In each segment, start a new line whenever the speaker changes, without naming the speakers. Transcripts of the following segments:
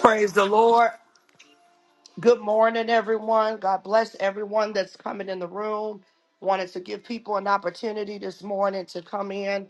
Praise the Lord. Good morning, everyone. God bless everyone that's coming in the room. Wanted to give people an opportunity this morning to come in.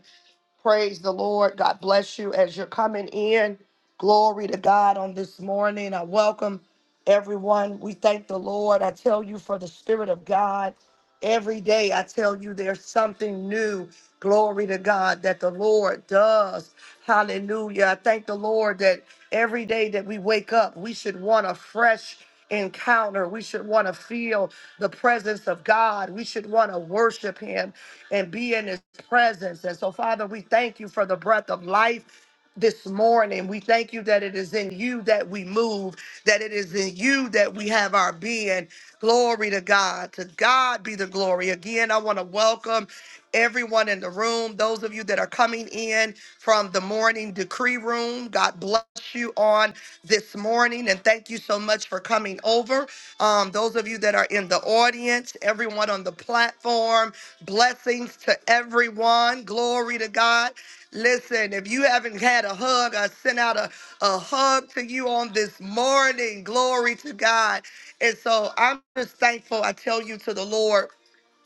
Praise the Lord. God bless you as you're coming in. Glory to God on this morning. I welcome everyone. We thank the Lord. I tell you for the Spirit of God. Every day, I tell you, there's something new. Glory to God that the Lord does. Hallelujah. I thank the Lord that every day that we wake up, we should want a fresh encounter. We should want to feel the presence of God. We should want to worship Him and be in His presence. And so, Father, we thank you for the breath of life this morning. We thank you that it is in you that we move, that it is in you that we have our being. Glory to God. To God be the glory. Again, I want to welcome everyone in the room, those of you that are coming in from the morning decree room. God bless you on this morning and thank you so much for coming over. Um, those of you that are in the audience, everyone on the platform, blessings to everyone. Glory to God. Listen, if you haven't had a hug, I sent out a, a hug to you on this morning. Glory to God. And so I'm just thankful. I tell you to the Lord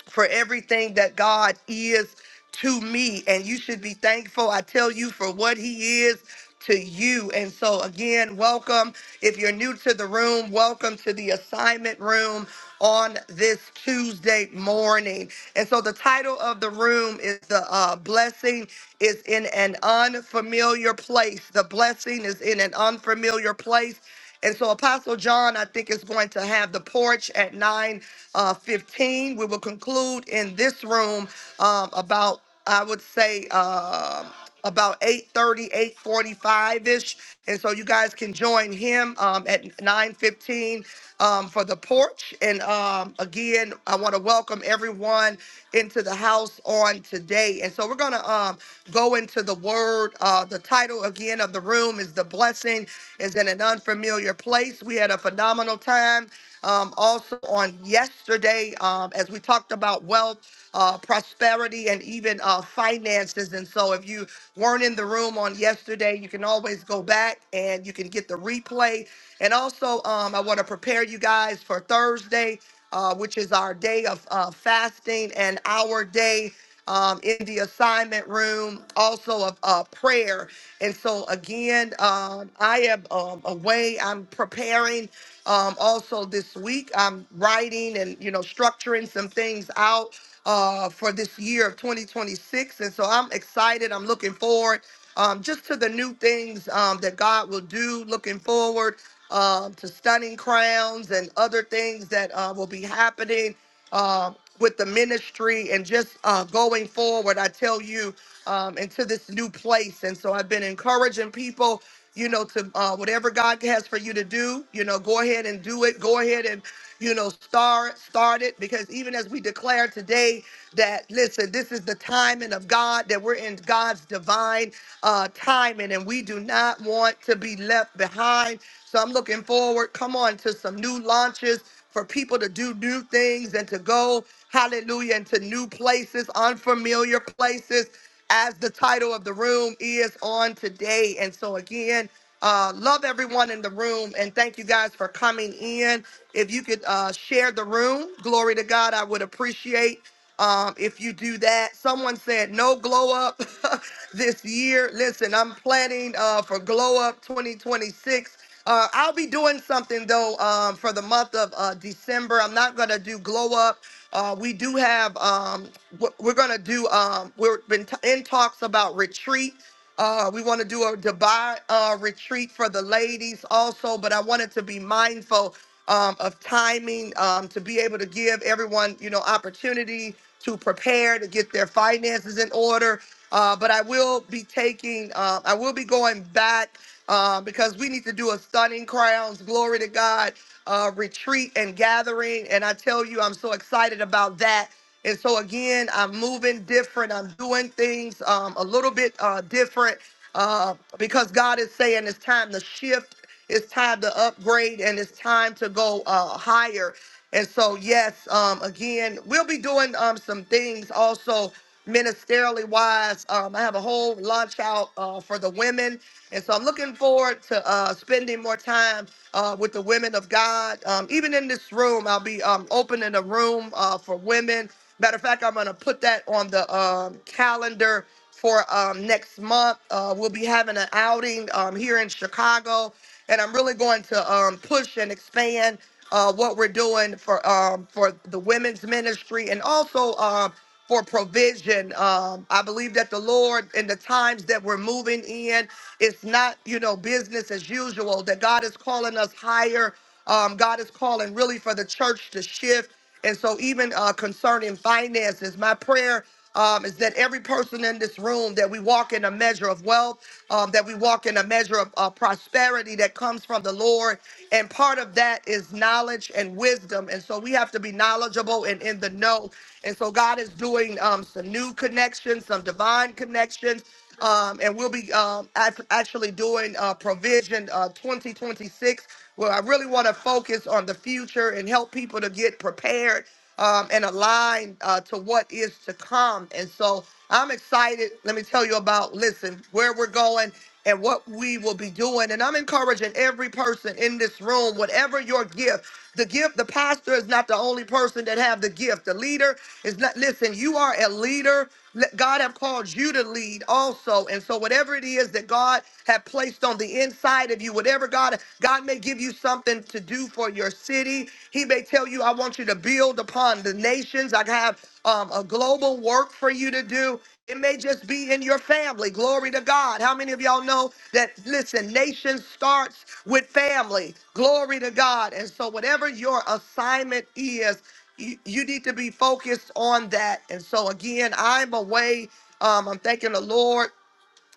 for everything that God is to me. And you should be thankful, I tell you, for what He is to you. And so, again, welcome. If you're new to the room, welcome to the assignment room on this Tuesday morning. And so, the title of the room is The uh, Blessing is in an Unfamiliar Place. The blessing is in an unfamiliar place. And so Apostle John, I think, is going to have the porch at 9 uh, 15. We will conclude in this room um, about, I would say, um about 8.30, 8.45-ish. And so you guys can join him um, at 9.15 um, for the porch. And um, again, I want to welcome welcome everyone into the house on today. And so we're going to um, go into the word. Uh, the title again of the room is The Blessing is in an Unfamiliar Place. We had a phenomenal time um, also on yesterday um, as we talked about wealth, uh, prosperity, and even uh, finances. And so if you weren't in the room on yesterday, you can always go back and you can get the replay. And also, um, I want to prepare you guys for Thursday uh, which is our day of uh, fasting and our day um, in the assignment room, also of uh, prayer. And so, again, um, I am um, away. I'm preparing. Um, also, this week, I'm writing and, you know, structuring some things out uh, for this year of 2026. And so I'm excited. I'm looking forward um, just to the new things um, that God will do, looking forward um, to stunning crowns and other things that uh, will be happening uh, with the ministry and just uh, going forward. I tell you, um, into this new place. And so I've been encouraging people, you know, to uh, whatever God has for you to do, you know, go ahead and do it. Go ahead and, you know, start start it because even as we declare today that listen, this is the timing of God that we're in God's divine uh, timing, and we do not want to be left behind. So I'm looking forward. Come on to some new launches for people to do new things and to go, hallelujah, into new places, unfamiliar places, as the title of the room is on today. And so, again, uh, love everyone in the room and thank you guys for coming in. If you could uh, share the room, glory to God, I would appreciate um, if you do that. Someone said no glow up this year. Listen, I'm planning uh, for glow up 2026. Uh, I'll be doing something though um, for the month of uh, December. I'm not gonna do glow up. Uh, we do have um, we're we're gonna do um, we've been t- in talks about retreat. Uh, we want to do a Dubai uh, retreat for the ladies also, but I wanted to be mindful um, of timing um, to be able to give everyone you know opportunity to prepare to get their finances in order. Uh, but I will be taking, uh, I will be going back uh, because we need to do a stunning crowns, glory to God, uh, retreat and gathering. And I tell you, I'm so excited about that. And so again, I'm moving different. I'm doing things um, a little bit uh, different uh, because God is saying it's time to shift. It's time to upgrade and it's time to go uh, higher. And so, yes, um, again, we'll be doing um, some things also ministerially wise. Um, I have a whole launch out uh, for the women. And so I'm looking forward to uh, spending more time uh, with the women of God. Um, even in this room, I'll be um, opening a room uh, for women. Matter of fact, I'm going to put that on the um, calendar for um, next month. Uh, we'll be having an outing um, here in Chicago, and I'm really going to um, push and expand uh, what we're doing for um, for the women's ministry and also um, for provision. Um, I believe that the Lord, in the times that we're moving in, it's not you know business as usual. That God is calling us higher. Um, God is calling really for the church to shift. And so, even uh, concerning finances, my prayer um, is that every person in this room that we walk in a measure of wealth, um, that we walk in a measure of uh, prosperity that comes from the Lord, and part of that is knowledge and wisdom. And so we have to be knowledgeable and in the know. And so God is doing um, some new connections, some divine connections. Um, and we'll be um, act- actually doing uh, provision uh, 2026 well, I really want to focus on the future and help people to get prepared um, and aligned uh, to what is to come. And so I'm excited. Let me tell you about, listen, where we're going and what we will be doing. And I'm encouraging every person in this room, whatever your gift, the gift, the pastor is not the only person that have the gift. The leader is not, listen, you are a leader. Let- God have called you to lead also. And so whatever it is that God have placed placed on the inside of you. Whatever God, God may give you something to do for your city. He may tell you, I want you to build upon the nations. I have um, a global work for you to do. It may just be in your family. Glory to God. How many of y'all know that, listen, nation starts with family. Glory to God. And so, whatever your assignment is, you, you need to be focused on that. And so, again, I'm away. Um, I'm thanking the Lord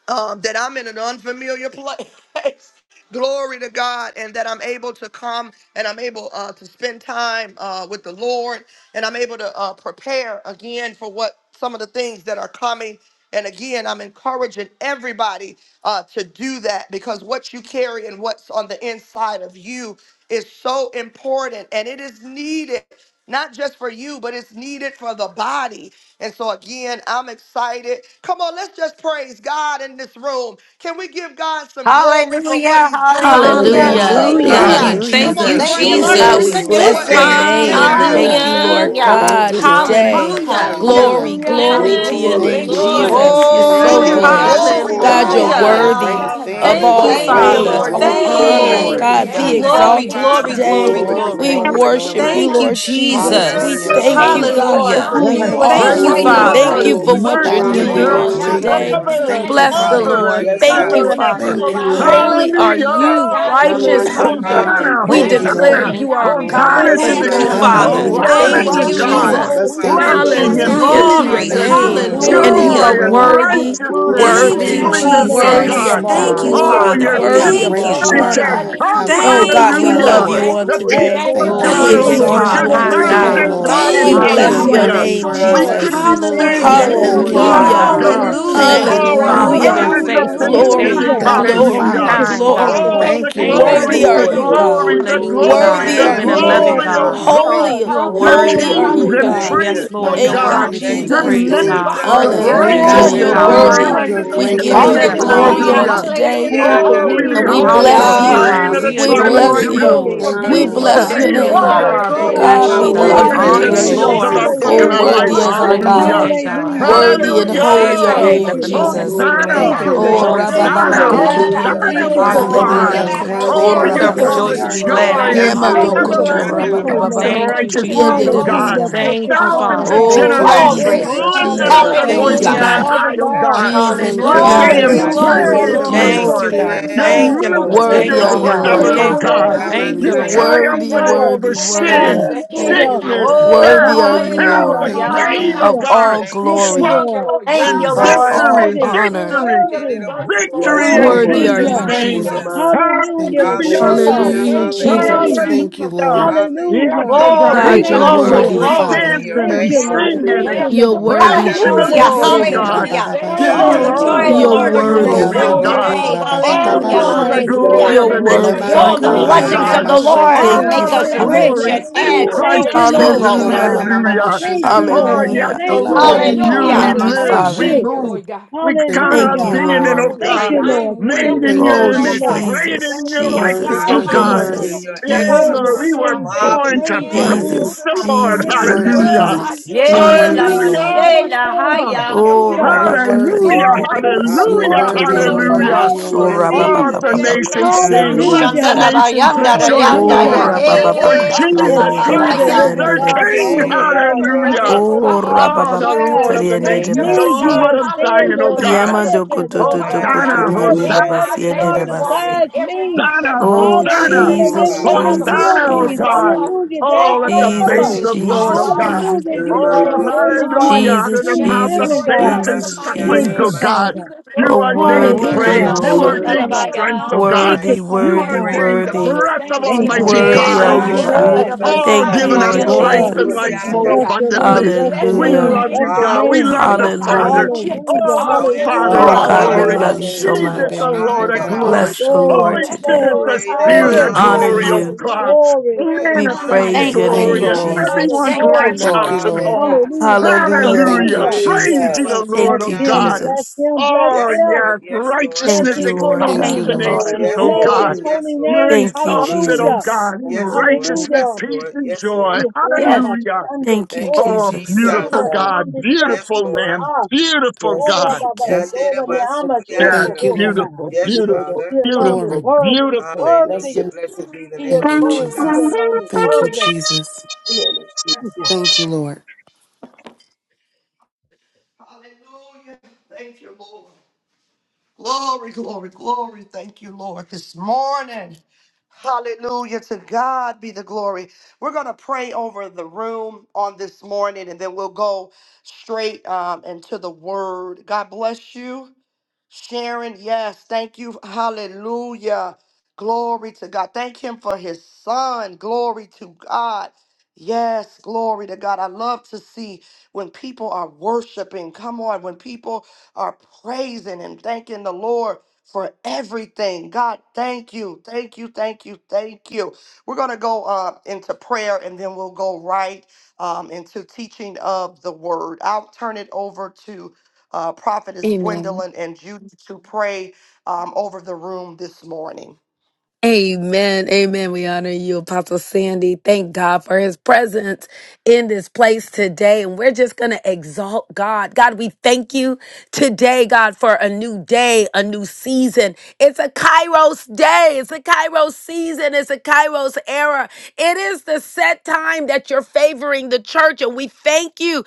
um, that I'm in an unfamiliar place. Glory to God, and that I'm able to come and I'm able uh, to spend time uh, with the Lord, and I'm able to uh, prepare again for what some of the things that are coming. And again, I'm encouraging everybody uh, to do that because what you carry and what's on the inside of you is so important and it is needed not just for you, but it's needed for the body. And so, again, I'm excited. Come on, let's just praise God in this room. Can we give God some glory for what
Hallelujah,
He's doing in the
Oh,
hallelujah,
room
yes.
this
Hallelujah.
morning?
Thank
Hallelujah.
you,
hallelujah.
Hallelujah.
Come
Hallelujah.
Thank
on,
you,
Jesus.
Hallelujah.
Thank
Thank
you,
you,
praise
Lord.
Lord,
Him
God,
for
we
Glory
the
Jesus.
to
for
Lord.
new
bless
what
God.
Thank
your
He
you,
has
things.
Thank
Thank
given
you,
name.
you,
Jesus.
you.
Thank
God.
you,
Lord.
Hallelujah.
Lord
Hallelujah.
Thank
God,
you,
Glory.
Yes,
Lord.
today.
Lord.
Hallelujah.
Hallelujah.
Hallelujah.
Glory,
Hallelujah.
Hallelujah,
glory to your
Yes,
Yes.
hallelujah.
Glory.
Thank
name,
Thank
you,
you for the
Glory.
Lord.
new things
Jesus.
Jesus.
You're
We
Thank
We
Thank
you,
so
bless
that
you,
give
your
Oh,
Him
you're
yeah,
Lord.
good.
name
na,
Yes,
this
na,
Jesus,
glory
na,
doing.
for
Lord.
this
You
God,
ma,
God,
Yes,
the
you're
morning.
you're
that
hi,
morning.
Anthony
doing
have
in
Hallelujah.
Lord.
worthy
place.
great
begun
ya.
a
Lord.
of
good
things.
Thank
all
you,
work.
Thank
Hallelujah.
you,
Glory,
Father.
praise,
Will
Lord.
Hallelujah.
all
Thank
glory,
you,
continue
honor.
until
Thank
glory.
Thank
Lord.
the
you,
you,
God,
day
Hallelujah.
be
of
Father.
Thank
Jesus.
you,
Christ.
Glory,
exalted
Thank you for
glory,
Father.
Thank you,
today.
glory,
Father.
choosing
Glory,
Glory,
us.
We
glory.
Thank
Thank you
glory,
you
glory,
for
for the
worship
glory.
you,
using
mighty
Thank
glory.
us.
you,
work
Lord
that's being
You
Jesus. We
thank
done,
Jesus.
you,
Hallelujah,
my
Yes,
Lord
thank
Thank
you,
Lord.
you,
Lord.
Jesus.
God,
Jesus.
for
Lord,
Hallelujah.
for
who
Yes,
you
new
Thank
and
Hallelujah.
you,
For
are.
Thank
praise
We
you,
Thank you,
waking
the
Father.
Glory,
exciting
us
just,
Lord.
up
Thank
Lord.
Father.
you
His
this
for
glory,
things.
what you're
morning.
mercy
God,
Father,
you're
glory,
Thank
we
you,
doing
endures
doing
Lord
on
Glory.
bless
God,
glory.
Hallelujah.
you,
great
for
today.
things.
Lord.
ever and
Thank you,
commanding the
Bless
Thank
the
you,
morning
Father.
ever and
Lord.
Hallelujah,
Yes,
and
Thank
God.
Jesus.
you,
ever
Lord.
and
shaking
Father.
ever.
evil
Thank
There's
you,
out
Hallelujah.
Hallelujah.
of it.
Thank
Lord.
We
Holy
you,
are
thank you, Lord
Jesus.
you,
Hallelujah.
God, in the
none
righteous
Glory
name
to
like
of
are
you,
Hallelujah.
God.
you.
Jesus.
God.
Thank
Thank
Hosanna,
you,
you,
We
Thank
Thank
you,
you
Hallelujah.
Father
Lord.
for
declare
Lord.
Hosanna,
God.
putting
you
Thank
our
you,
are
feet
Be
on a
Lord.
God
Hosanna
Thank
Bless
to
the
path
you,
and
the
Thank you,
name
God
glorified
Lord.
of
King,
of
Thank
the
today.
Father.
you,
alone.
Hallelujah.
King
rock.
of
Jesus.
You
Lord.
Hosanna
Thank
to
Thank
you,
are
Kings.
you,
Thank
that
you,
Hallelujah.
God,
Thank
rock.
Jesus.
Lord.
you,
Lord
Bless
We
the
Thank you,
thank
name
Father.
you,
Jesus.
of
blessing
Lord
Thank
and
God,
Hallelujah
in
Jesus.
you.
the
to
Jesus.
your
peace
Glory.
name of
and
Thank you,
You're
Jesus.
name.
Hallelujah.
Lord.
Thank you
Hallelujah,
And
worthy
for
Oh,
to
you
Thank
Lord.
joy
are
you,
Hallelujah.
be
being
and
Lord.
with us.
praised
worthy,
and
Ramanasha. Glory,
honored.
Thank
righteousness,
you
Yes,
Thank
for
Thank
you,
you,
worthy,
glory.
Lord.
Lord.
We
holiness,
manifesting
O
in us
worthy
praise
Hallelujah.
Jesus.
God.
of
this
you,
all
Hallelujah.
Thank you,
God.
morning. We
Hallelujah.
Oh,
glory,
Oh,
Father.
your
praise
We
How
you.
adore,
worthy
We
of
Thank
great
hallelujah.
all
you
you.
Thank
saints
are,
you,
honor.
have
glorify
Lord
you.
God.
We
How
come,
Jesus.
Oh
great
Thank
God,
Yes,
Thank
magnify
you
you,
we
you
you,
are,
God.
this
love
hallelujah.
Lord.
you
Lord.
Yes,
day.
Father.
on
The
Lord.
That's
today.
people
Yes,
Thank
your
you
of
Thank
God.
for
you,
the
Lord.
mighty
God,
We
We
Thank
O
blood
you,
lift you
Lord,
name.
exalt
Jesus.
of
on
you
your
on
Jesus,
high,
Father.
Thank
sons
Hallelujah.
you,
today.
God.
and
Hallelujah.
hallelujah,
Lord.
that
daughters,
We
Thank
Hallelujah.
bless
You're
you.
Hallelujah.
allows
Hallelujah.
your
us
Hallelujah.
hallelujah.
to
Thank
Thank
worthy,
you,
name,
you,
come
worthy,
We
Lord.
boldly
give
Father.
to the
Jesus.
you,
you
worthy.
Thank
Lord,
throne
for
you,
of
thanks
Yes,
being
Hallelujah.
grace
in
who
the
Lord.
that
Thank
you
we
Lord.
you,
may
are,
Lord,
Yes,
Lord.
O
Hallelujah.
God.
obtain
Lord.
God.
mercy and
Hallelujah.
Thank
Thank
you,
find
Hallelujah.
you,
Oh, a
grace
Lord.
Father, for
to
Yes,
being
Hallelujah.
help
harvest
Lord.
of
Hallelujah.
Yes,
faithful.
in
Hallelujah.
the
Lord.
Thank
Thank
Glory,
you,
thanksgiving,
time
you,
Hallelujah.
of
Father,
Thank you,
for
Lord.
need.
being
We
Thank
glory,
hallelujah.
you,
thank
Father.
you
kind,
for
Father
your
God.
glory.
God.
Oh,
grace.
the
Thank you,
We
Thank you,
Yes,
thank
Lord.
you
Lord.
Worthy
Thank
glory,
are
for
you,
the
Lord.
your
you,
Lord
God.
glory,
mercy
Glory,
this
the
Jesus.
Hallelujah,
glory,
morning.
Thank
glory,
you,
Worthy
God,
the
glory,
for
Thank
are
Yes,
being
you,
a
Lord.
In the
Lord
you.
loving
Lord.
Thank
glory.
glory,
name
you,
God.
Thank
oh
God.
you,
of
Lord.
Thank
God.
Jesus,
Lord.
Holy,
you.
You are
Thank you,
Your
Glory,
Lord
holy
hallelujah,
worthy.
are
kings
you,
glory,
You're-
Jesus.
and
hallelujah.
Thank
God.
glory.
you.
yes,
priests,
My
We
Lord,
oh
you're
Thank
God,
you,
God.
exalt
worthy
you're
to be
doing
you,
Thank
Your
you,
we
Jesus.
great
praised,
Glory to
God.
shabbat
things.
ministers
Jesus.
of
You're
Worthy
a
God.
you,
to be
great
Hallelujah.
Yes,
Praise
God.
adored,
You're
righteousness
your
God.
and
spotless,
name.
worthy.
Glory,
Worthy
Lord.
You're a
justice
We
and
to
unblemished
great
be
give you
glory,
God.
Praise
lifted
the
judgment.
Lamb
up,
your
Oriandarabasindedobosore.
of
Father.
glory
God,
name.
Hallelujah,
glory.
on
Hallelujah.
this
Hallelujah.
day
today.
in
hallelujah,
the
Praise your
name
Oh,
of
we
Glory,
name.
And
You
we
Jesus,
lift up
we
behold
your
glory,
bless
Thank
the
you,
Hallelujah,
worship
you.
hallelujah.
name.
lion
you,
God.
of the
glory,
we
We
Iandaramasandarabaque.
We
Jesus.
Your
tribe
praise
name
of
adore
is
bless
glory,
you
you,
Thank
Judah.
you.
you,
holy
Lord.
for
and
Thank you,
glory.
We
being
You
mighty
Father.
and
Lord.
bless your
seated
righteous
in
Hallelujah,
prevailed,
and
the
oh
name.
good
glory,
heavenly
God.
God
and
We
Thank
glory,
just.
you,
places
God,
bless
my
you,
we
in
God.
Lord.
We
love
Glory,
Christ
glory.
you
opening
honor
Thank
the
you,
you,
Jesus.
today.
Hallelujah.
seals
Thank
of
you
Lord.
our
for
glory,
Jesus.
book
Oh,
and our
caring
Hallelujah.
for
worthy
We
Rabasikandarabasho.
lives.
glory,
us
is
honor
our
that
you
glory
way.
to
Hallelujah.
God.
today,
God.
We
God.
Hallelujah.
thank you,
Worthy and
Lord
Hallelujah.
This
God, in
is
Yes,
holy
the
the
are
Hallelujah.
Glory
day
name
you,
that
of
Lord.
you,
the
Oriandarabasikandarabase.
Lord
Yes,
Lord.
Jesus
has
Jesus.
for
made, and
Lord.
we
being
Thank
Thank
Thank
Hosanna.
you,
our
you,
shall
you,
Oh,
thank
Lord.
Lord.
you,
rejoice and
Adonai,
Thank
be
Thank
thank
you,
you,
rabababa
Hosanna.
our
glad
you.
Lord.
in
Lord.
Lord,
it.
kotori
our
ende
Hallelujah.
Hosanna,
Thank
Yes,
you
Savior,
oh
for
debas
Yes,
this
Lord.
Hallelujah,
our
God.
Lord.
yamana
day.
Hallelujah.
Yes,
Lord.
Master.
Lord.
Thank
Worthy,
We
Oh,
you.
Thank
kotora
you
Yes,
Shall
worthy,
you for
come
worship
worthy
Lord.
basi.
rejoice
with
this
and
you,
are
be
you,
Lord
day.
glad
joy
Lord.
God.
in it.
Yes,
and
Orianda
Thank
Yamado
you
Lord.
for
Hallelujah,
Hallelujah.
Yes,
kotora
this
Lord.
Ramashanda
Thank
everlasting
you
day,
Lord.
for
peace
the
and
babababa
Lord.
Ramake.
Thank you,
ability to
kotori
righteousness,
Jesus.
come
ende
Thank
oh
Thank you,
you.
debas
boldly
God.
Hallelujah.
to
Lord.
your
yama.
Thank you,
Thank you,
throne of
Father
Thousands
Father.
grace
of
Thank
God.
you.
Thank
Oh,
you,
that
Thank
we
Lord.
you.
generations
may
Thank
Glory.
Jesus,
you,
Thank
Bless
you,
the
obtain
Father
lifting
name
up
Jesus,
of
favor
their
Father.
God.
and
Thank
find
you,
Thank
voices
you,
Hallelujah.
Jesus.
Jesus,
on
Hallelujah.
God.
find
Father
high,
grace
oh
God.
God.
and
Danderable
find
Jesus,
Thank
We're
you,
Bless
Hallelujah,
favor
the
Sorianda
to
Lord.
name
saying
Glory,
Jesus,
of
help
Jesus.
Hallelujah.
You're
Rabashi.
glory,
in
Jesus,
praise
Jesus.
the
moving by
the
your
time
glory.
of
Hallelujah.
Thank
Jesus.
need.
you,
Lord.
Thank
spirit,
God.
you,
We
Your
thank
Yes,
Thank
Father,
you
Lord.
you,
my
for the
Lord.
Bless
mercy
Lord.
your
the
favor
Worthy
Thank
are
endures
name
you,
of the
of
you,
power,
God.
Lord
Lord.
forever,
Thank
oh
God.
Yeah,
God.
you,
Jesus.
God.
God.
Hallelujah.
Lord
We
Thank
You
you,
Jesus.
thank
Lord.
Ramasanda
you,
Hallelujah.
Thank you,
Lord
triumphed
Worthy,
God,
it
Ramashiki.
Lord.
over
worthy,
for making
Thank
us
sin
worthy,
the
Yes,
head
Thank
Thank
and
Hallelujah.
you,
Lord.
you.
not
Yes,
sickness,
the
Lord.
Lord.
tail,
Whoa,
worthy
death,
are you,
placing us
Thank
hell,
Hallelujah.
the
Lord,
on
you.
Thank
top
you,
hallelujah.
and
grave
God.
of
not
of
Hallelujah.
beneath.
God,
all
Thank
Thank
We
you.
you,
glory,
thank
swung
you,
Lord.
up
Lord
Thank
in
God.
you,
of
You're
Jesus.
Lord.
all
victory,
Ramasanda
worthy.
Hallelujah. For
You're
honor.
your
victory,
Ramashende
healing
worthy.
Rabo
virtue for
Soria.
victory
Yes,
in
walking
Thank
Worthy
you,
in
Lord.
are
Jesus'
you,
Hallelujah.
Lord.
divine
Thank
name.
Lord,
health,
you.
am
Jesus.
I.
holiness,
Thank you,
Hallelujah.
and
Glory,
healing
Glorify
Hallelujah!
and
Hallelujah.
Jesus.
Hallelujah,
this
praise your
day in the
glory.
Jesus.
name.
Hallelujah.
Thank
name
you,
of
Hallelujah!
Lord.
Jesus. We
Yes,
Hallelujah.
oh
Hallelujah.
Yes,
thank you,
God,
Glory,
Lord
God,
Lord.
you're
even
Thank
the
God,
you,
Oh,
for
glory,
our
Thank you,
worthy.
Lord.
glory
children
names
be
glory.
to
Father.
being
your
dancing
Thank
written
and
you,
name.
down
Lord.
in
singing
the
Thank
and
you,
Hallelujah.
Lamb's
You're
book
Lord.
of
worthy,
praising
life.
Yanda
the
We
Hallelujah,
Lord,
Jesus.
oh
bless
Hallelujah.
Ramasende
you
God,
this
Rabo
hallelujah.
day in the
giving you
Oh,
Yes,
the
Sorianda.
name
Ikorabababashite.
of
joy of
Hallelujah.
the
Lord.
You're
Jesus
all
You
Lord
the
is our
alone
for
are
glory,
Yes,
worthy.
oh
power,
strength
worthy
Lord.
of
God.
today.
all
love, a
praise and
Thank
sound
Hallelujah,
you,
All
Lord.
mind.
Ilabanekorabababashe.
honor
the
and
Yes,
Thank you,
We
hallelujah.
glory
Lord.
Lord.
of
You're
glory,
the
Thank
thank
you,
you, Lord
Lord.
nations
worthy, oh
are
God,
Oh,
Hilabane
Thank
the
for
yours,
you,
the
oh
kora
recognition,
God.
blessings
mama
mind
Lord.
of
God.
of
the
Christ.
Kandaramasuri
Lord
mashete.
Thank
adoration.
you,
Ah,
make
We
the
us
bless
Father.
your
rich
Hallelujah.
glory
and
andererabase.
Yes,
name. We
in
adds
Lord.
hold
Christ
no
Thank
your
you, Lord
thoughts,
Yes,
Jesus.
sorrow.
Ikora
feelings,
Lord.
Hallelujah.
Jesus.
and
mama mama
Hallelujah.
purposes
Thank you,
shete.
and the
Oh,
Lord.
Iandarabasandaramase.
yes,
Hallelujah.
oh
Thank
engines
you,
of
Lord,
Ah,
Lord
in
Thank
Hilabane
you,
your
you
Hallelujah.
we
kora
heart.
Thank
Jesus.
you,
Father.
mama
live,
Thank
We
we
Father.
you.
thank
mashe.
you,
yes.
move.
Lord God.
We
Thank
got
you,
our
Thank
Thank you,
you,
Hallelujah.
Lord.
being
God,
in,
Father,
our
oh
Lord.
for
will,
Thank
Thank
great
God,
you,
you,
Lord.
work,
thine
Lord
great
will
made
Thank
Jesus.
be
in
work,
Thank you,
Oh,
done,
your
Thank you,
great
oh
image,
God.
Lord.
work.
Jesus.
created
Jesus,
in
Thank you,
your
Lord
Worthy,
you,
likeness,
Jesus,
God.
oh
Thank
worthy,
you,
God.
Lord.
Hallelujah.
Lord.
Hallelujah.
worthy,
Jesus,
Your
Yea,
For how
Oh,
you're
excellent
we
Lord, we
work,
Jesus,
bringing
were
your
our
praise you.
Thank
families
born
you.
marvelous
to
Praise
in,
work.
your
our
worthy,
praise
name.
Jesus,
children,
the
our
Your
Lord.
children's
name
Jesus,
is
Thank you. Thank you.
worthy
children,
Hallelujah.
God.
worthy.
God's
You
Jesus,
children.
You're
Ye la
worthy,
are
Thank you
Jesus.
for
Oriandaramashikandaramase.
Lord.
mashe
doing a
la
new
Hallelujah.
Thank
thing,
haya.
you,
and
Oh,
Lord
now
You're
it's
Master.
coming
worthy.
Hallelujah,
Rabakatariende
forth.
de
Thank
We
Basso,
You're
hallelujah,
worthy
thank
worthy.
you,
to
Hallelujah.
You're
Lord
Cotoriende
be praised. Hallelujah. Hallelujah. Hallelujah.
de
God.
worthy.
hallelujah.
We
You're
Worthy
will
Basso,
is
Blessed
worthy.
be
All
stand
he.
the
the
name of
Rabababa,
the Lord
nations
steadfast,
sing.
God.
Cotoriende de
Let the
Hallelujah.
unmovable,
Bassi.
nations
Thank
Shandarabayanda
always
you,
rejoice, O
Oh,
ya
Hallelujah
you.
abounding
God.
Father.
in the
Thank you,
Rabababa,
work
For
ye
Lord.
of
la
the
the
Jesus
Cotoriende
mama
Lord
de
true
Christ
by
and
and
haya.
is
Ikora
living
Bassiende
through
their
de
the
mama
God, the
blood
King.
Basso.
you
only
have
mashete.
Hey,
God.
given
There's
us
no
Hallelujah.
this
other
Oh,
hallelujah.
God
Oh, the
opportunity.
Rabababa,
besides
Lord
We
of the
Catariende
thank
de
Thank
you,
nations, the
you,
me.
Lord
You
God.
Bassi.
Lord
have
Father.
of
said,
Thank
Zion,
Hallelujah.
O
you.
The
Lord. You
God.
blood
Yama
of
said
do
that,
Jesus
Cotodo,
Lord God.
covering us
Hosanna,
Oh,
There's
glory.
Cotoriende
in
de
Hosanna.
no
our
other
Bassiende
God
de
daily walk
Bassi.
and
Mandarabashandirabasoria.
besides me.
everything that
Hosanna,
we
Oh,
do.
Hallelujah.
Hosanna,
We're
Thank you,
And there
covered
Jesus,
never
by
Father.
the
oh,
Jesus,
will
Hosanna,
blood,
Glory.
O
be.
not
Jesus,
just
God.
us.
Glory.
Hallelujah. There's
Oh,
Thank
All
let
you,
no
the
that's
my
other.
on
babes
Jesus,
Lord.
this
Thank
of
you,
Lord,
call,
O
Jesus,
all of
God.
Jesus.
our
Hallelujah.
Jesus,
Yeah,
family,
You
You
la,
are a
are
la,
Oh,
the
friends,
la,
good,
bo-
and
good
only
loved
sha.
God,
hallelujah,
ones.
the
Father.
out of the
Jesus,
true
mouth
Thank you,
living
of
Jesus,
Lord
Yes,
God.
God,
babes
in
and
the
God.
Jesus,
mighty
Yes,
Thank
Ramasyana
sucklings, O
you,
God.
name
Glory,
Jesus.
of
God.
Ramasa.
Father.
Jesus, for
You
Oh,
filling
You
us
are
ordained
worthy
with
my
are
the
you,
praise.
Urama
Hallelujah.
knowledge
Yeah,
You
shepherd,
of
Lord.
la,
your
ordained
la,
Hallelujah.
will and
strength,
shandarabaya.
O
all
God.
Thank
my
wisdom
you,
Worthy,
Father
You
exceeding
and
worthy,
God.
great
ordained
spiritual
the
worthy,
reward.
breath of
understanding
you,
Thank
that
you,
Almighty
God.
we
Lord.
Ye
might
worthy
God,
la
are
O
walk
Thank
you,
you,
Lord.
worthy
God.
Lord.
of
la.
mashandaraba
you,
Yes,
Oh,
Thank
God,
God.
you,
giving
Thank
us
you,
Lord
Yes,
fully
life
God.
Lord.
sandarabayande.
and
Yes,
Thank
Jesus.
you,
pleasing
life
to
God.
you,
more
Yes,
Jesus.
God.
Bless
Andirabasindirabosoriandaraba.
your
God.
name,
abundantly.
We
bless your
bless
We
your
glory.
name,
Hallelujah.
love
bless
you,
name.
your
God. We
Marvelous
name.
are
love
Thank
the
Yes,
Hallelujah.
your
you, Lord.
God.
works.
Hallelujah,
Father.
Hallelujah.
Oh,
Hallelujah,
Jesus.
All
the
How
glory,
Thank
Father
excellent
Oh,
of
hallelujah.
you,
all
is
God,
thy
honor
we
glory.
work.
love
Hallelujah.
goes
you
to
so
Jesus,
you
the
Hallelujah.
much.
and
Lord
you
of
alone.
glory.
Bless the
Andaramasa.
We
Lord
Glory,
Holy
bless you,
today.
Spirit,
glory,
Lord.
the
Great and
We
Spirit
glory,
of
honor
Hallelujah.
marvelous.
glory
Jesus.
of
you.
God,
Hallelujah.
glory to
There's
Great
the
We
and
none
manifest
King
like
the
of
praise
you,
Thank
marvelous
your
are
you,
God.
Thank
your
glory
name,
you,
Kings,
in
the
None
works.
Lord.
Lord.
Lord
like
of
Jesus.
you,
everyone's
Thank you,
Lords.
God.
life,
Thank
None
you,
Lord.
house, and
like you,
Lord.
home.
God.
Hallelujah.
Hallelujah,
Thank you, Lord.
Hallelujah.
Thank you,
Hallelujah.
hallelujah.
Praise
Hallelujah.
ye
Jesus.
the
And
Lord,
Thank
bless
you,
O
him,
God.
Mandirabasuriandaraba.
bless
Jesus.
him, bless
Oh,
Yes,
him.
Lord.
yes,
Yes, Lord.
Bless
Thank
righteousness
his
you,
Yes,
Lord
holy
Lord.
exalts
Thank you,
Thank
God.
the
you,
name.
Lord.
Lord.
nations, O
Yes,
Bless
Lord.
his
God.
Glory,
holy
Yes, Lord.
You're
name.
Thank
Yes,
you,
Lord.
exalted, O
Hallelujah,
Jesus.
God, in
Yes,
glory,
Lord.
glory.
righteousness,
hallelujah.
Yes,
peace,
Lord.
and
Yes,
joy.
Lord.
Yes, one of
Yes.
us,
Hallelujah.
Sunday,
Thank you,
Thank
oh,
you,
Oh,
Jesus.
Yes,
round
beautiful
the
Jesus.
God.
God,
time to be our
Yes,
beautiful
people.
Lord.
Lamb,
Ah,
beautiful
Yes,
Oh,
Lord.
God.
Rabba,
Thank
Ba,
you.
Yes,
Soda,
Lord. Yes,
Mehama,
Yes,
Shoko,
Thank you,
Yandirabasuriandaraba.
Ho,
Lord.
Rabba.
beautiful,
Yes,
Lord.
beautiful,
He
Father.
alone is
Glory.
beautiful,
worthy. He's
beautiful.
Bless
worthy.
Hallelujah.
your name. Bless
Blessed be the
He
name of
is
the
Thank you,
Lord
worthy. He
Jesus.
God.
alone is
Thank you,
worthy.
Jesus.
your name. Bless your name.
Thank
Yes,
you.
Lord.
Thank you, Lord.
Hallelujah. Thank you, Lord. Glory, glory, glory. Thank you, Lord, this morning. Hallelujah. To God be the glory. We're going to pray over the room on this morning and then we'll go straight um, into the word. God bless you. Sharon, yes. Thank you. Hallelujah. Glory to God. Thank Him for His Son. Glory to God. Yes, glory to God. I love to see when people are worshiping. Come on, when people are praising and thanking the Lord for everything. God, thank you. Thank you. Thank you. Thank you. We're going to go uh, into prayer and then we'll go right um, into teaching of the word. I'll turn it over to uh, Prophetess
Amen.
Gwendolyn and Judy to pray um, over the room this morning.
Amen. Amen. We honor you, Apostle Sandy. Thank God for his presence in this place today. And we're just going to exalt God. God, we thank you today, God, for a new day, a new season. It's a Kairos day. It's a Kairos season. It's a Kairos era. It is the set time that you're favoring the church. And we thank you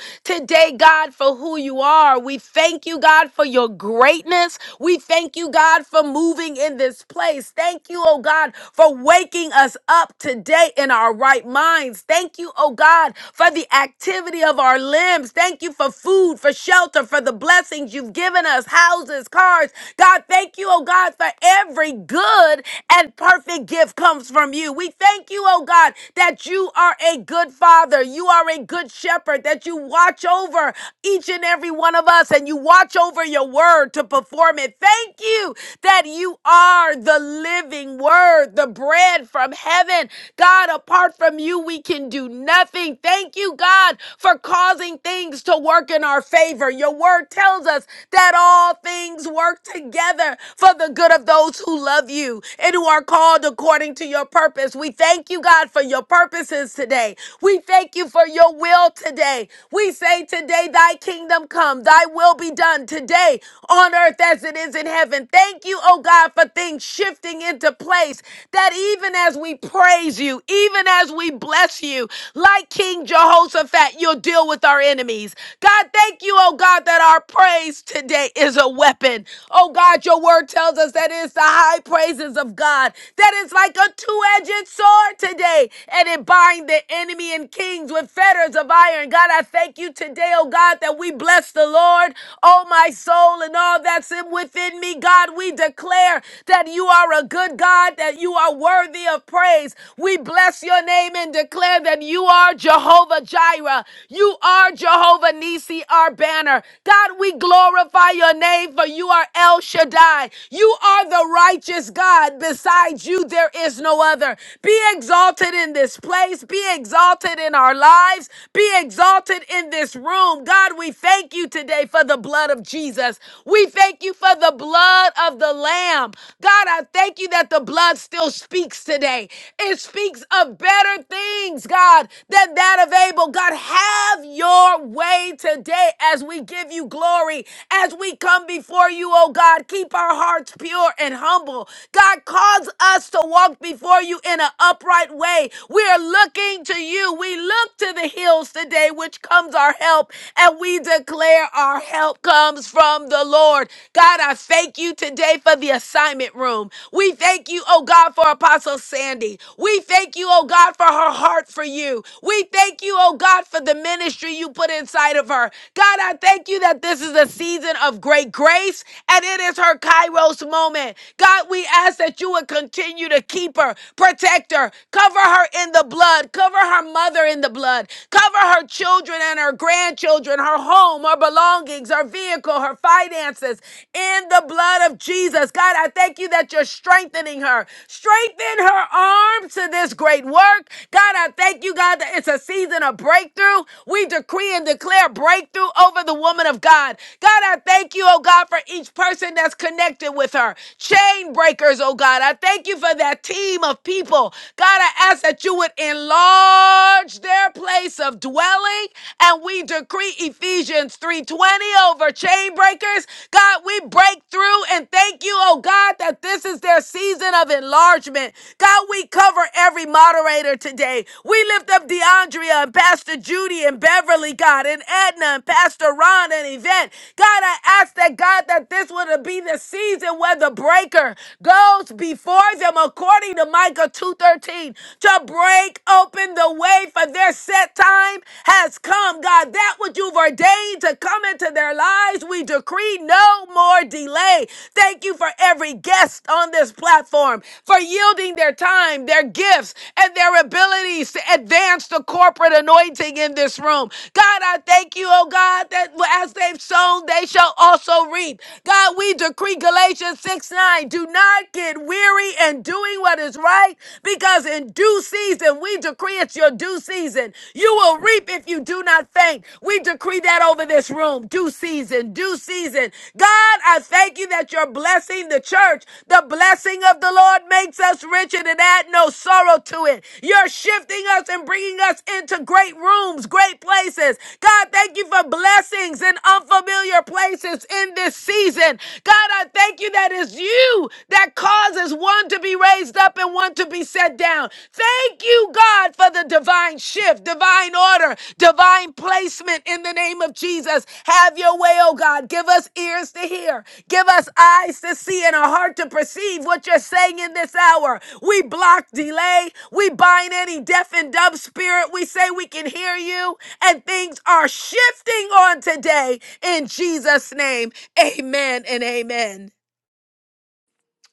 today, God, for who who you are. We thank you, God, for your greatness. We thank you, God, for moving in this place. Thank you, oh God, for waking us up today in our right minds. Thank you, oh God, for the activity of our limbs. Thank you for food, for shelter, for the blessings you've given us, houses, cars. God, thank you, oh God, for every good and perfect gift comes from you. We thank you, oh God, that you are a good father. You are a good shepherd, that you watch over each and every one of us, and you watch over your word to perform it. Thank you that you are the living word, the bread from heaven God, apart from you, we can do nothing. Thank you, God, for causing things to work in our favor. Your word tells us that all things work together for the good of those who love you and who are called according to your purpose. We thank you, God, for your purposes today. We thank you for your will today. We say today, thy kingdom come, thy will be done today on earth as it is in heaven. Thank you, oh God, for things shifting into place. That even as we praise you, even as we bless you, like King Jehoshaphat, you'll deal with our enemies. God, thank you, oh God, that our praise today is a weapon. Oh God, your word tells us that it's the high praises of God. That is like a two-edged sword today, and it binds the enemy and kings with fetters of iron. God, I thank you today, oh God, that we bless the the Lord, oh my soul, and all that's in within me. God, we declare that you are a good God, that you are worthy of praise. We bless your name and declare that you are Jehovah Jireh. You are Jehovah Nisi, our banner. God, we glorify your name for you are El Shaddai. You are the righteous God. Besides you, there is no other. Be exalted in this place. Be exalted in our lives. Be exalted in this room. God, we thank you today for the blood of Jesus. We thank you for the blood of the Lamb. God, I thank you that the blood still speaks today. It speaks of better things, God, than that of Abel. God, have your way today as we give you glory, as we come before you, oh God. Keep our hearts pure and humble. God, cause us to walk before you in an upright way. We are looking to you. We look look to the hills today, which comes our help, and we declare our help comes from the Lord. God, I thank you today for the assignment room. We thank you, oh God, for Apostle Sandy. We thank you, oh God, for her heart for you. We thank you, oh God, for the ministry you put inside of her. God, I thank you that this is a season of great grace and it is her Kairos moment. God, we ask that you would continue to keep her, protect her, cover her in the the blood. Cover her mother in the blood. Cover her children and her grandchildren, her home, her belongings, her vehicle, her finances in the blood of Jesus. God, I thank you that you're strengthening her. Strengthen her arm to this great work. God, I thank you, God, that it's a season of breakthrough. We decree and declare breakthrough over the woman of God. God, I thank you, oh God, for each person that's connected with her. Chain breakers, oh God. I thank you for that team of people people. God, I ask that you would enlarge their place of dwelling. And we decree Ephesians 3:20 over chain breakers. God, we break through and thank you, oh God, that this is their season of enlargement. God, we cover every moderator today. We lift up DeAndrea and Pastor Judy and Beverly, God, and Edna and Pastor Ron and Yvette. God, I ask that God that this would be the season where the breaker goes what's before them according to Micah 2:13 to break open the way for their set time has come. God, that which you've ordained to come into their lives, we decree no more delay. Thank you for every guest on this platform for yielding their time, their gifts, and their abilities to advance the corporate anointing in this room. God, I thank you, oh God, that as they've sown, they shall also reap. God, we decree Galatians. Galatians 6 9. Do not get weary in doing what is right, because in due season, we decree it's your due season. You will reap if you do not faint. We decree that over this room. Due season, due season. God, I thank you that you're blessing the church. The blessing of the Lord makes us rich and it add no sorrow to it. You're shifting us and bringing us into great rooms, great places. God, thank you for blessings in unfamiliar places in this this season. God, I thank you that it's you that causes one to be raised up and one to be set down. Thank you, God, for the divine shift, divine order, divine placement in the name of Jesus. Have your way, oh God. Give us ears to hear, give us eyes to see, and a heart to perceive what you're saying in this hour. We block delay, we bind any deaf and dumb spirit. We say we can hear you, and things are shifting on today in Jesus' name. Amen and amen.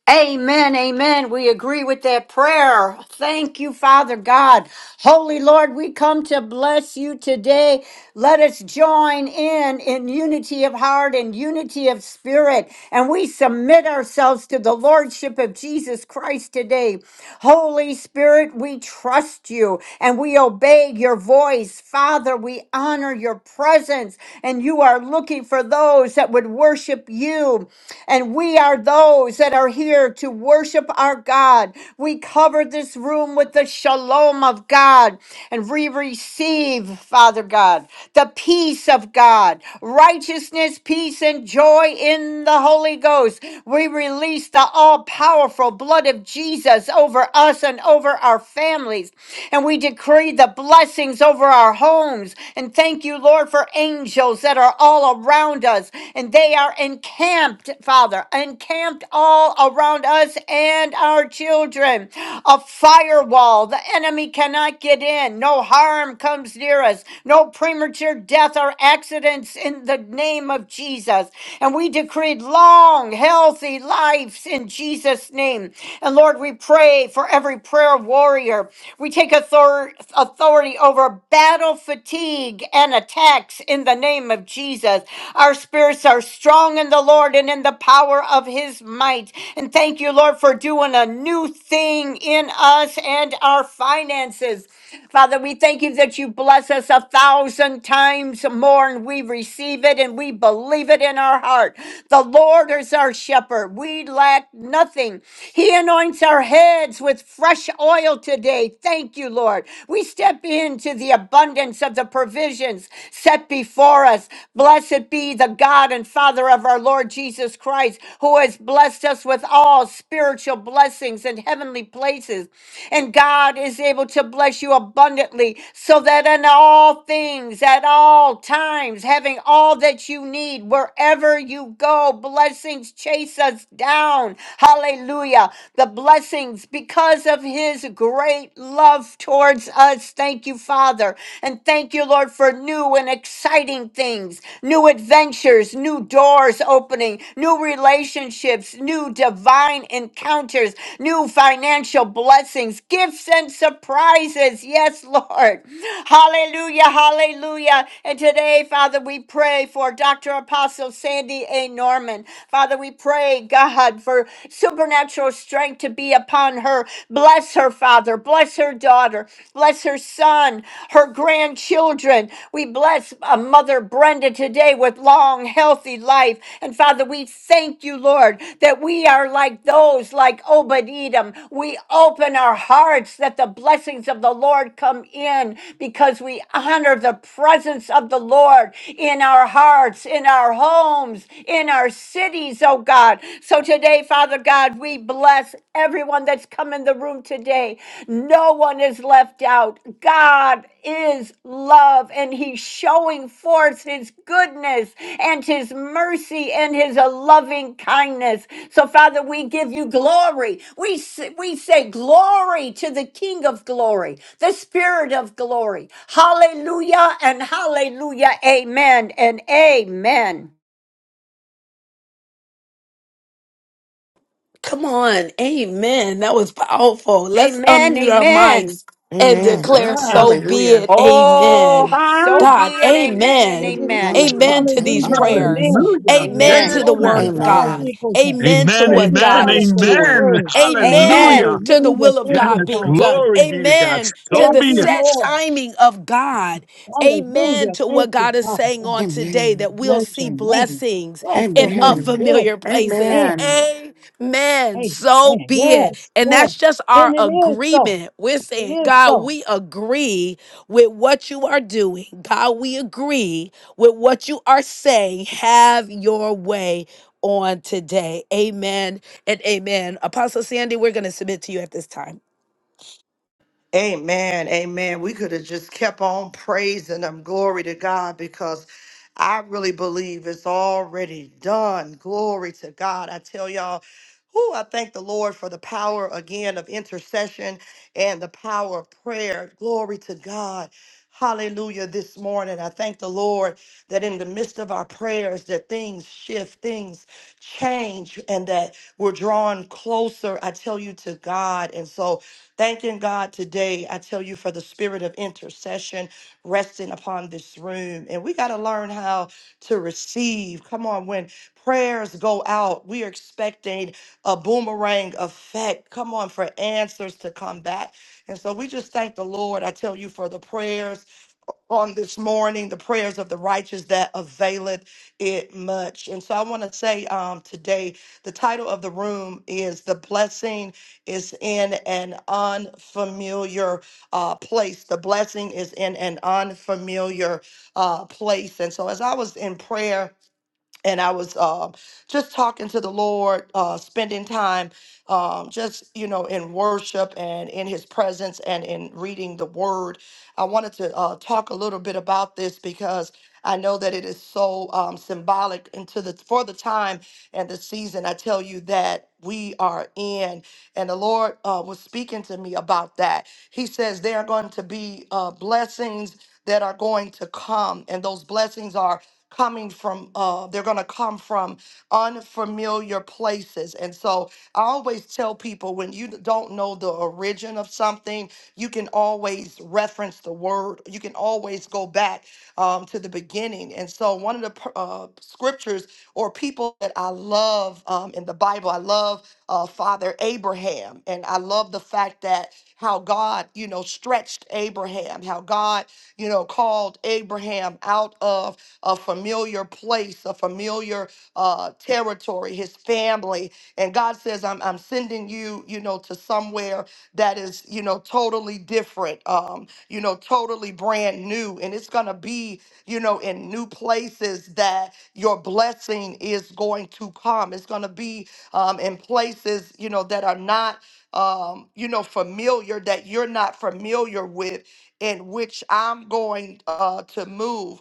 Amen, amen. We agree with that prayer. Thank you, Father God. Holy Lord, we come to bless you today. Let us join in in unity of heart and unity of spirit. And we submit ourselves to the Lordship of Jesus Christ today. Holy Spirit, we trust you and we obey your voice. Father, we honor your presence and you are looking for those that would worship you. And we are those that are here to worship our God. We cover this room with the shalom of God and we receive, Father God, the peace of God, righteousness, peace, and joy in the Holy Ghost. We release the all powerful blood of Jesus. Jesus over us and over our families. And we decree the blessings over our homes. And thank you, Lord, for angels that are all around us. And they are encamped, Father, encamped all around us and our children. A firewall. The enemy cannot get in. No harm comes near us. No premature death or accidents in the name of Jesus. And we decreed long, healthy lives in Jesus' name name. And Lord, we pray for every prayer warrior. We take author- authority over battle fatigue and attacks in the name of Jesus. Our spirits are strong in the Lord and in the power of his might. And thank you, Lord, for doing a new thing in us and our finances. Father, we thank you that you bless us a thousand times more, and we receive it and we believe it in our heart. The Lord is our shepherd. We lack lack nothing. He anoints our heads with fresh oil today. Thank you, Lord. We step into the abundance of the provisions set before us. Blessed be the God and Father of our Lord Jesus Christ, who has blessed us with all spiritual blessings in heavenly places. And God is able to bless you abundantly so that in all things, at all times, having all that you need, wherever you go, blessings chase us us down. Hallelujah. The blessings because of his great love towards us. Thank you, Father. And thank you, Lord, for new and exciting things, new adventures, new doors opening, new relationships, new divine encounters, new financial blessings, gifts and surprises. Yes, Lord. Hallelujah. Hallelujah. And today, Father, we pray for Dr. Apostle Sandy A. Norman. Father, we pray, God, for supernatural strength to be upon her. Bless her, Father. Bless her daughter. Bless her son, her grandchildren. We bless uh, Mother Brenda today with long, healthy life. And Father, we thank you, Lord, that we are like those like Obed Edom. We open our hearts that the blessings of the Lord come in because we honor the presence of the Lord in our hearts, in our homes, in our cities, oh God. So today, Father God, we bless everyone that's come in the room today. No one is left out. God is love and He's showing forth His goodness and His mercy and His loving kindness. So, Father, we give you glory. We, s- we say glory to the King of glory, the Spirit of glory. Hallelujah and hallelujah. Amen and amen.
Come on. Amen. That was powerful. Let's
Amen.
unmute our
Amen.
mics and
Amen.
declare,
Yes.
so be
Hallelujah.
it.
Oh,
Amen.
so
God,
be it. Amen and
It-
amen.
it is.
amen.
Amen
Hallelujah.
to these
Hallelujah.
Amen.
prayers.
Amen.
Hallelujah. Yay
Amen to
Amen.
the
and
Glory
word
to
amen.
of
God's
Amen.
God.
equals.
Amen to
Amen,
Thank
what
you,
amen,
God
Father,
is
for your
doing.
amen.
word.
Amen
Hallelujah.
Amen.
to the
Hallelujah.
will of
Thank
Yes,
you,
God being
Father. God.
done.
glory be to God.
Amen to
So
Thank
the
be
you,
it.
set
Lord.
timing of God. Amen
Hallelujah.
to
Thank
what
you,
God is
Father.
saying
God.
on today that
Amen.
we'll
Bless
see
your name.
blessings.
Bless your
in
name.
Amen.
Yes.
unfamiliar places.
Amen.
Amen.
Amen. So
Amen.
be it.
Yes.
And
Yes.
that's just
And
our
it is so.
agreement. We're
It
saying,
is
God,
so.
we agree with what you are doing. God, we agree with what you are saying. Have your way on today. Amen and amen. Apostle Sandy, we're going to submit to you at this time.
Amen. Amen. We could have just kept on praising them. Glory to God because I really believe it's already done. Glory to God. I tell y'all, who I thank the Lord for the power again of intercession and the power of prayer. Glory to God. Hallelujah this morning. I thank the Lord that in the midst of our prayers that things shift, things change and that we're drawn closer I tell you to God. And so Thanking God today, I tell you, for the spirit of intercession resting upon this room. And we got to learn how to receive. Come on, when prayers go out, we are expecting a boomerang effect. Come on, for answers to come back. And so we just thank the Lord, I tell you, for the prayers on this morning, the prayers of the righteous that availeth it much. And so I want to say um, today, the title of the room is The Blessing is in an Unfamiliar uh, Place. The blessing is in an unfamiliar uh, place. And so as I was in prayer, and I was um, just talking to the Lord, uh, spending time um, just, you know, in worship and in his presence and in reading the word. I wanted to uh, talk a little bit about this because I know that it is so um, symbolic into the for the time and the season. I tell you that we are in, and the Lord uh, was speaking to me about that. He says there are going to be uh, blessings that are going to come, and those blessings are coming from uh they're going to come from unfamiliar places and so i always tell people when you don't know the origin of something you can always reference the word you can always go back um, to the beginning and so one of the pr- uh, scriptures or people that i love um, in the bible i love uh, Father Abraham. And I love the fact that how God, you know, stretched Abraham, how God, you know, called Abraham out of a familiar place, a familiar uh, territory, his family. And God says, I'm, I'm sending you, you know, to somewhere that is, you know, totally different, um, you know, totally brand new. And it's going to be, you know, in new places that your blessing is going to come. It's going to be um, in places, you know, that are not, um, you know, familiar, that you're not familiar with, in which I'm going uh, to move.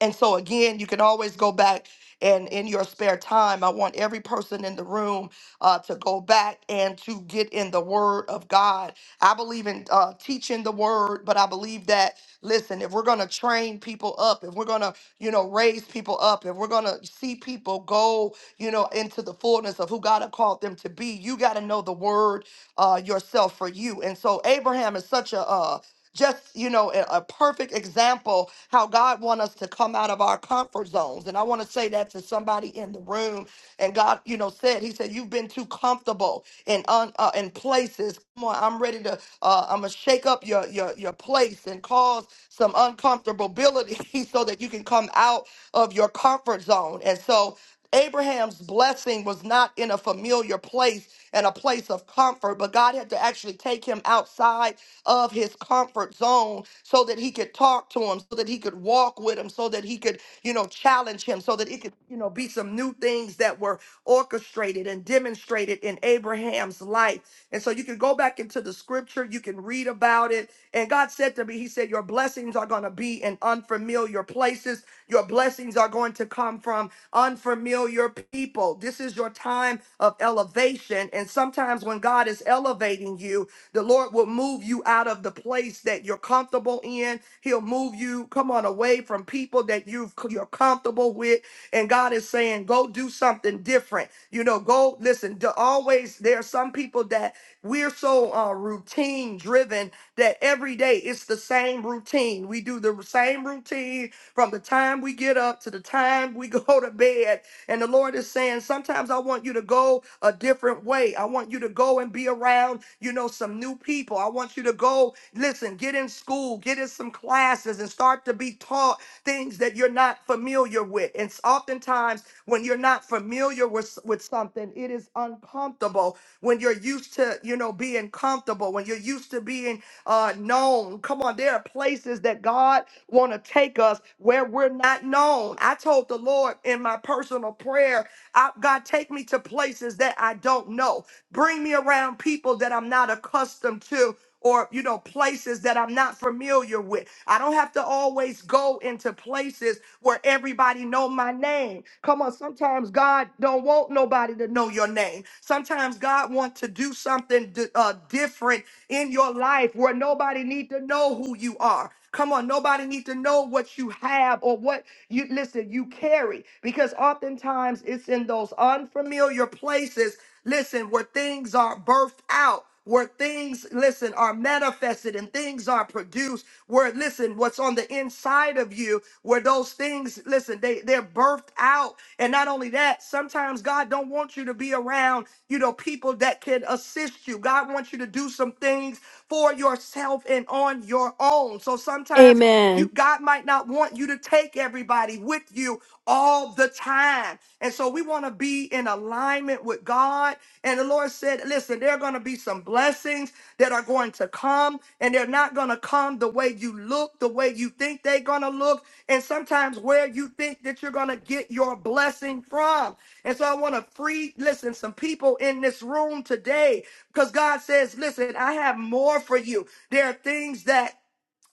And so, again, you can always go back and in your spare time, I want every person in the room uh, to go back and to get in the Word of God. I believe in uh, teaching the Word, but I believe that, listen, if we're going to train people up, if we're going to, you know, raise people up, if we're going to see people go, you know, into the fullness of who God has called them to be, you got to know the Word uh, yourself for you. And so, Abraham is such a, a just you know a, a perfect example how god wants us to come out of our comfort zones and i want to say that to somebody in the room and god you know said he said you've been too comfortable in un, uh, in places come on i'm ready to uh, i'm gonna shake up your your your place and cause some uncomfortability so that you can come out of your comfort zone and so Abraham's blessing was not in a familiar place and a place of comfort, but God had to actually take him outside of his comfort zone so that he could talk to him, so that he could walk with him, so that he could, you know, challenge him, so that it could, you know, be some new things that were orchestrated and demonstrated in Abraham's life. And so you can go back into the scripture, you can read about it. And God said to me, He said, Your blessings are going to be in unfamiliar places. Your blessings are going to come from unfamiliar people. This is your time of elevation. And sometimes when God is elevating you, the Lord will move you out of the place that you're comfortable in. He'll move you, come on, away from people that you've, you're comfortable with. And God is saying, go do something different. You know, go listen. To always, there are some people that we're so uh, routine driven that every day it's the same routine. We do the same routine from the time we get up to the time we go to bed. And the Lord is saying, sometimes I want you to go a different way. I want you to go and be around, you know, some new people. I want you to go, listen, get in school, get in some classes and start to be taught things that you're not familiar with. And s- oftentimes, when you're not familiar with, s- with something, it is uncomfortable when you're used to, you know, being comfortable, when you're used to being uh, known. Come on, there are places that God want to take us where we're not known. I told the Lord in my personal prayer, I, God, take me to places that I don't know. Bring me around people that I'm not accustomed to or you know places that I'm not familiar with. I don't have to always go into places where everybody know my name. Come on, sometimes God don't want nobody to know your name. Sometimes God wants to do something di- uh, different in your life where nobody need to know who you are. Come on, nobody need to know what you have or what you listen, you carry because oftentimes it's in those unfamiliar places, listen, where things are birthed out, where things listen are manifested and things are produced, where listen, what's on the inside of you, where those those things, listen, they, they're birthed out. And not only that, sometimes God don't want you to be around, you know, people that can assist you. God wants you to do some things for yourself and on your own. So sometimes Amen. you
Amen.
God might not want you to take everybody with you all the time. And so we want to be in alignment with God. God. And the Lord said, Listen, there are going to be some blessings that are going to come, and they're not going to come the way you look, the way you think they're going to look, and sometimes where you think that you're going to get your blessing from. And so I want to free, listen, some people in this room today because God says, Listen, I have more for you. There are things that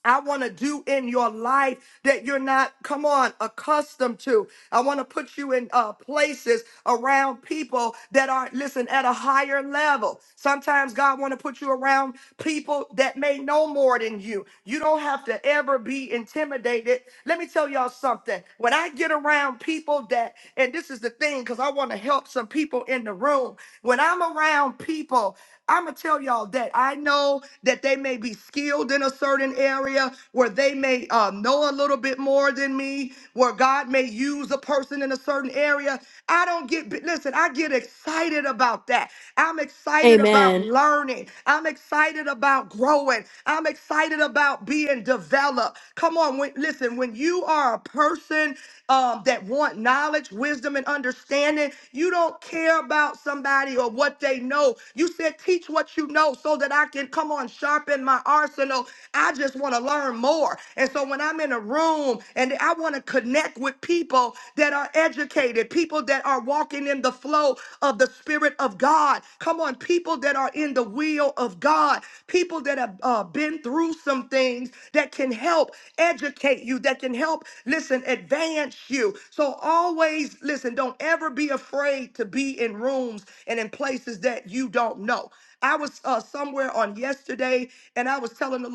I want to do in your life that you're not, come on, accustomed to. I want to put you in uh, places around people that are, listen, at a higher level. Sometimes God want to put you around people that may know more than you. You don't have to ever be intimidated. Let me tell y'all something. When I get around people that, and this is the thing, because I want to help some people in the room. When I'm around people, I'm going to tell y'all that I know that they may be skilled in a certain certain area where they may uh, know a little bit more than me, where God may use a person in a certain area. I don't get, listen, I get excited about that. I'm excited about Amen.
Amen.
learning. I'm excited about growing. I'm excited about being developed. Come on, when, listen, when you are a person um, that want knowledge, wisdom, and understanding, you don't care about somebody or what they know. You said, teach what you know so that I can come on, sharpen my arsenal emotional. I just want to learn more. And so when I'm in a room and I want to connect with people that are educated, people that are walking in the flow of the Spirit of God. Come on, people that are in the will of God, people that have uh, been through some things that can help educate you, that can help, listen, advance you. So always, listen, don't ever be afraid to be in rooms and in places that you don't know. I was uh, somewhere on yesterday and I was telling the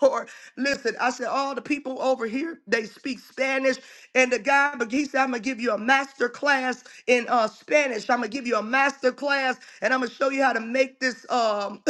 Lord, listen, I said, all the people over here, they speak Spanish. And the guy, but he said, I'm going to give you a master class in uh, Spanish. I'm going to give you a master class and I'm going to show you how to make this. Um,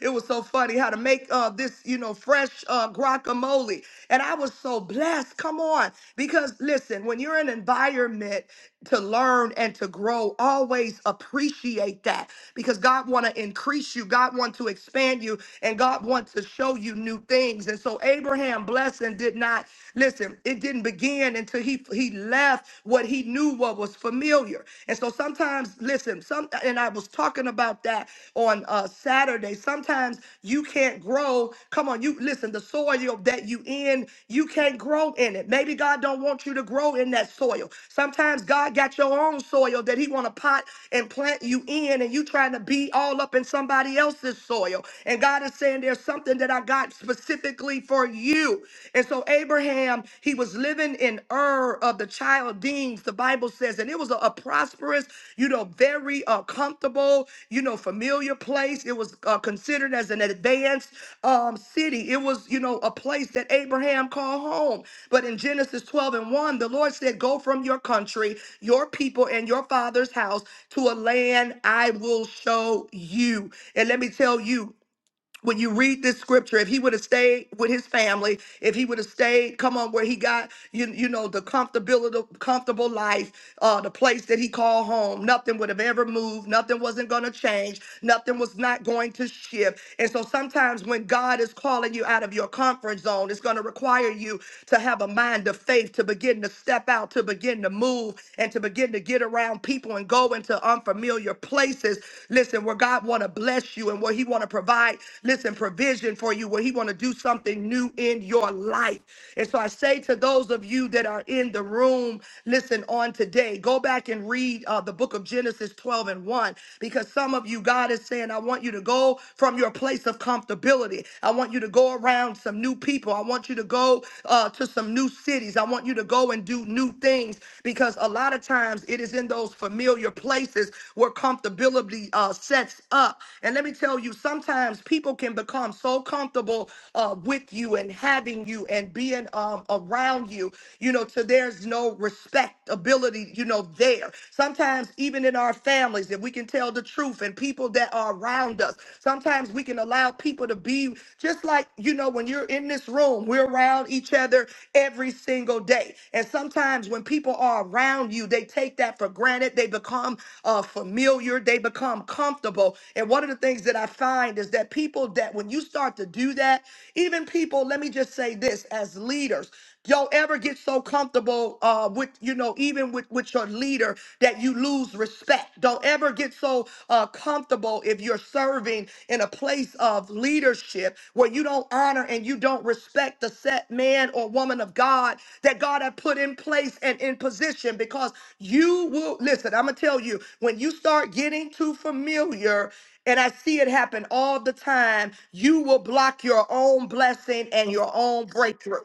it was so funny how to make uh, this, you know, fresh uh, guacamole. And I was so blessed. Come on. Because listen, when you're in an environment to learn and to grow, always appreciate that because God want to increase you, God want to expand you, and God wants to show you new things. And so Abraham blessing did not listen, it didn't begin until he he left what he knew what was familiar. And so sometimes listen, some and I was talking about that on uh Saturday. Saturday. Sometimes you can't grow. Come on, you listen, the soil that you in, you can't grow in it. Maybe God don't want you to grow in that soil. Sometimes God got your own soil that he want to pot and plant you in and you trying to be all up in somebody else's soil. And God is saying there's something that I got specifically for you. And so Abraham, he was living in Ur of the of the Chaldeans, the Bible says, and it was a, a prosperous, you know, very uh, comfortable, you know, familiar place. It was uh, considered as an advanced um, city. It was, you know, a place that Abraham called home. But in Genesis 12 and 1, the Lord said, Go from your country, your people, and your father's house to a land I will show you. And let me tell you, when you read this scripture, if he would have stayed with his family, if he would have stayed, come on, where he got you, you know, the comfortability, comfortable life, uh, the place that he called home, nothing would have ever moved, nothing wasn't gonna change, nothing was not going to shift. And so sometimes when God is calling you out of your comfort zone, it's gonna require you to have a mind of faith to begin to step out, to begin to move, and to begin to get around people and go into unfamiliar places. Listen, where God wanna bless you and where He wanna want to provide, listen, provision for you, where he want to do something new in your life. And so I say to those of you that are in the room, listen, on today, go back and read uh, the book of Genesis 12 and 1, because some of you, God is saying, I want you to go from your place of comfortability. I want you to go around some new people. I want you to go uh, to some new cities. I want you to go and do new things, because a lot of times it is in those familiar places where comfortability uh, sets up. and. And let me tell you, sometimes people can become so comfortable uh, with you and having you and being um, around you, you know, to there's no respectability, you know, there. Sometimes, even in our families, if we can tell the truth and people that are around us, sometimes we can allow people to be just like, you know, when you're in this room, we're around each other every single day. And sometimes when people are around you, they take that for granted. They become uh, familiar, they become comfortable available. And one of the things that I find is that people that when you start to do that, even people, let me just say this as leaders, y'all ever get so comfortable uh, with, you know, even with, with your leader that you lose respect. Don't ever get so uh, comfortable if you're serving in a place of leadership where you don't honor and you don't respect the set man or woman of God that God had put in place and in position because you will, listen, I'm going to tell you, when you start getting to too familiar, and I see it happen all the time, you will block your own blessing and your own breakthrough.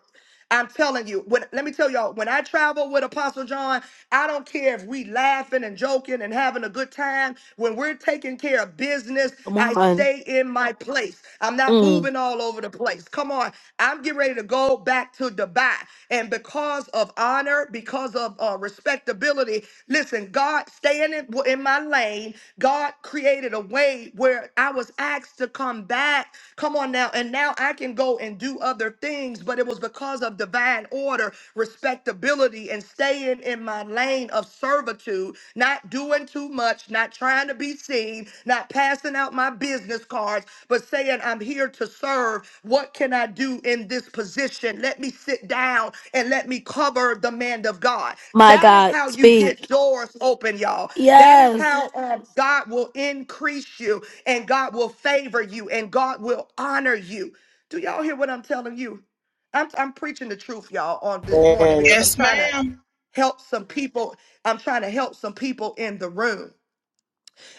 I'm telling you, when let me tell y'all, when I travel with Apostle John, I don't care if we laughing and joking and having a good time. When we're taking care of business,
Come
I
on.
stay in my place. I'm not
Mm.
moving all over the place. Come on. I'm getting ready to go back to Dubai. And because of honor, because of uh, respectability, listen, God staying in, in my lane, God created a way where I was asked to come back. Come on now. And now I can go and do other things, but it was because of divine order, respectability, and staying in my lane of servitude, not doing too much, not trying to be seen, not passing out my business cards, but saying, I'm here to serve. What can I do in this position? Let me sit down and let me cover the man of God.
My
That is
God,
how you
speak.
get doors open, y'all. That is
Yes.
how um, God will increase you and God will favor you and God will honor you. Do y'all hear what I'm telling you? I'm, I'm preaching the truth, y'all, on this
Jesus.
morning
Man,
because I'm
Yes,
trying to
ma'am.
help some people. I'm trying to help some people in the room.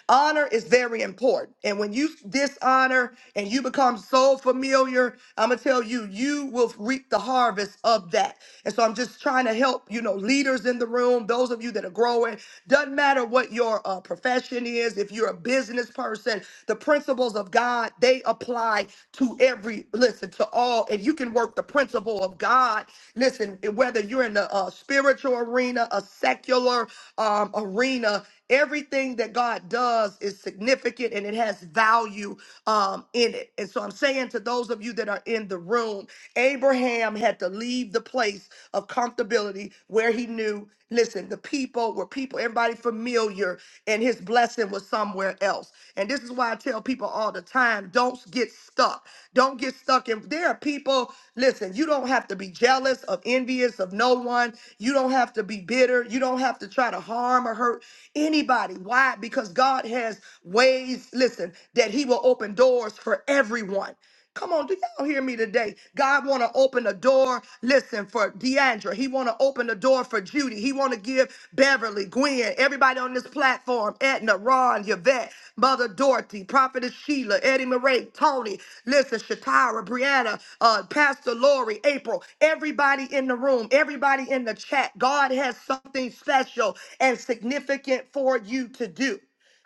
Honor is very important. And when you dishonor and you become so familiar, I'm going to tell you, you will reap the harvest of that. And so I'm just trying to help, you know, leaders in the room, those of you that are growing. Doesn't matter what your uh, profession is, if you're a business person, the principles of God, they apply to every, listen, to all. And you can work the principle of God, listen, whether you're in the uh, spiritual arena, a secular um, arena, Everything that God does is significant and it has value um, in it. And so I'm saying to those of you that are in the room, Abraham had to leave the place of comfortability where he knew, listen, the people were people, everybody familiar, and his blessing was somewhere else. And this is why I tell people all the time don't get stuck. Don't get stuck stuck in. There are people, listen, you don't have to be jealous of envious of no one. You don't have to be bitter. You don't have to try to harm or hurt anybody. Why? Because God has ways, listen, that He will open doors for everyone. Come on, do y'all hear me today? God want to open a door. Listen for Deandra. He want to open a door for Judy. He want to give Beverly, Gwen, everybody on this platform, Edna, Ron, Yvette, Mother Dorothy, Prophetess Sheila, Eddie Marie, Tony, listen, Shatara, Brianna, uh, Pastor Lori, April, everybody in the room, everybody in the chat. God has something special and significant for you to do.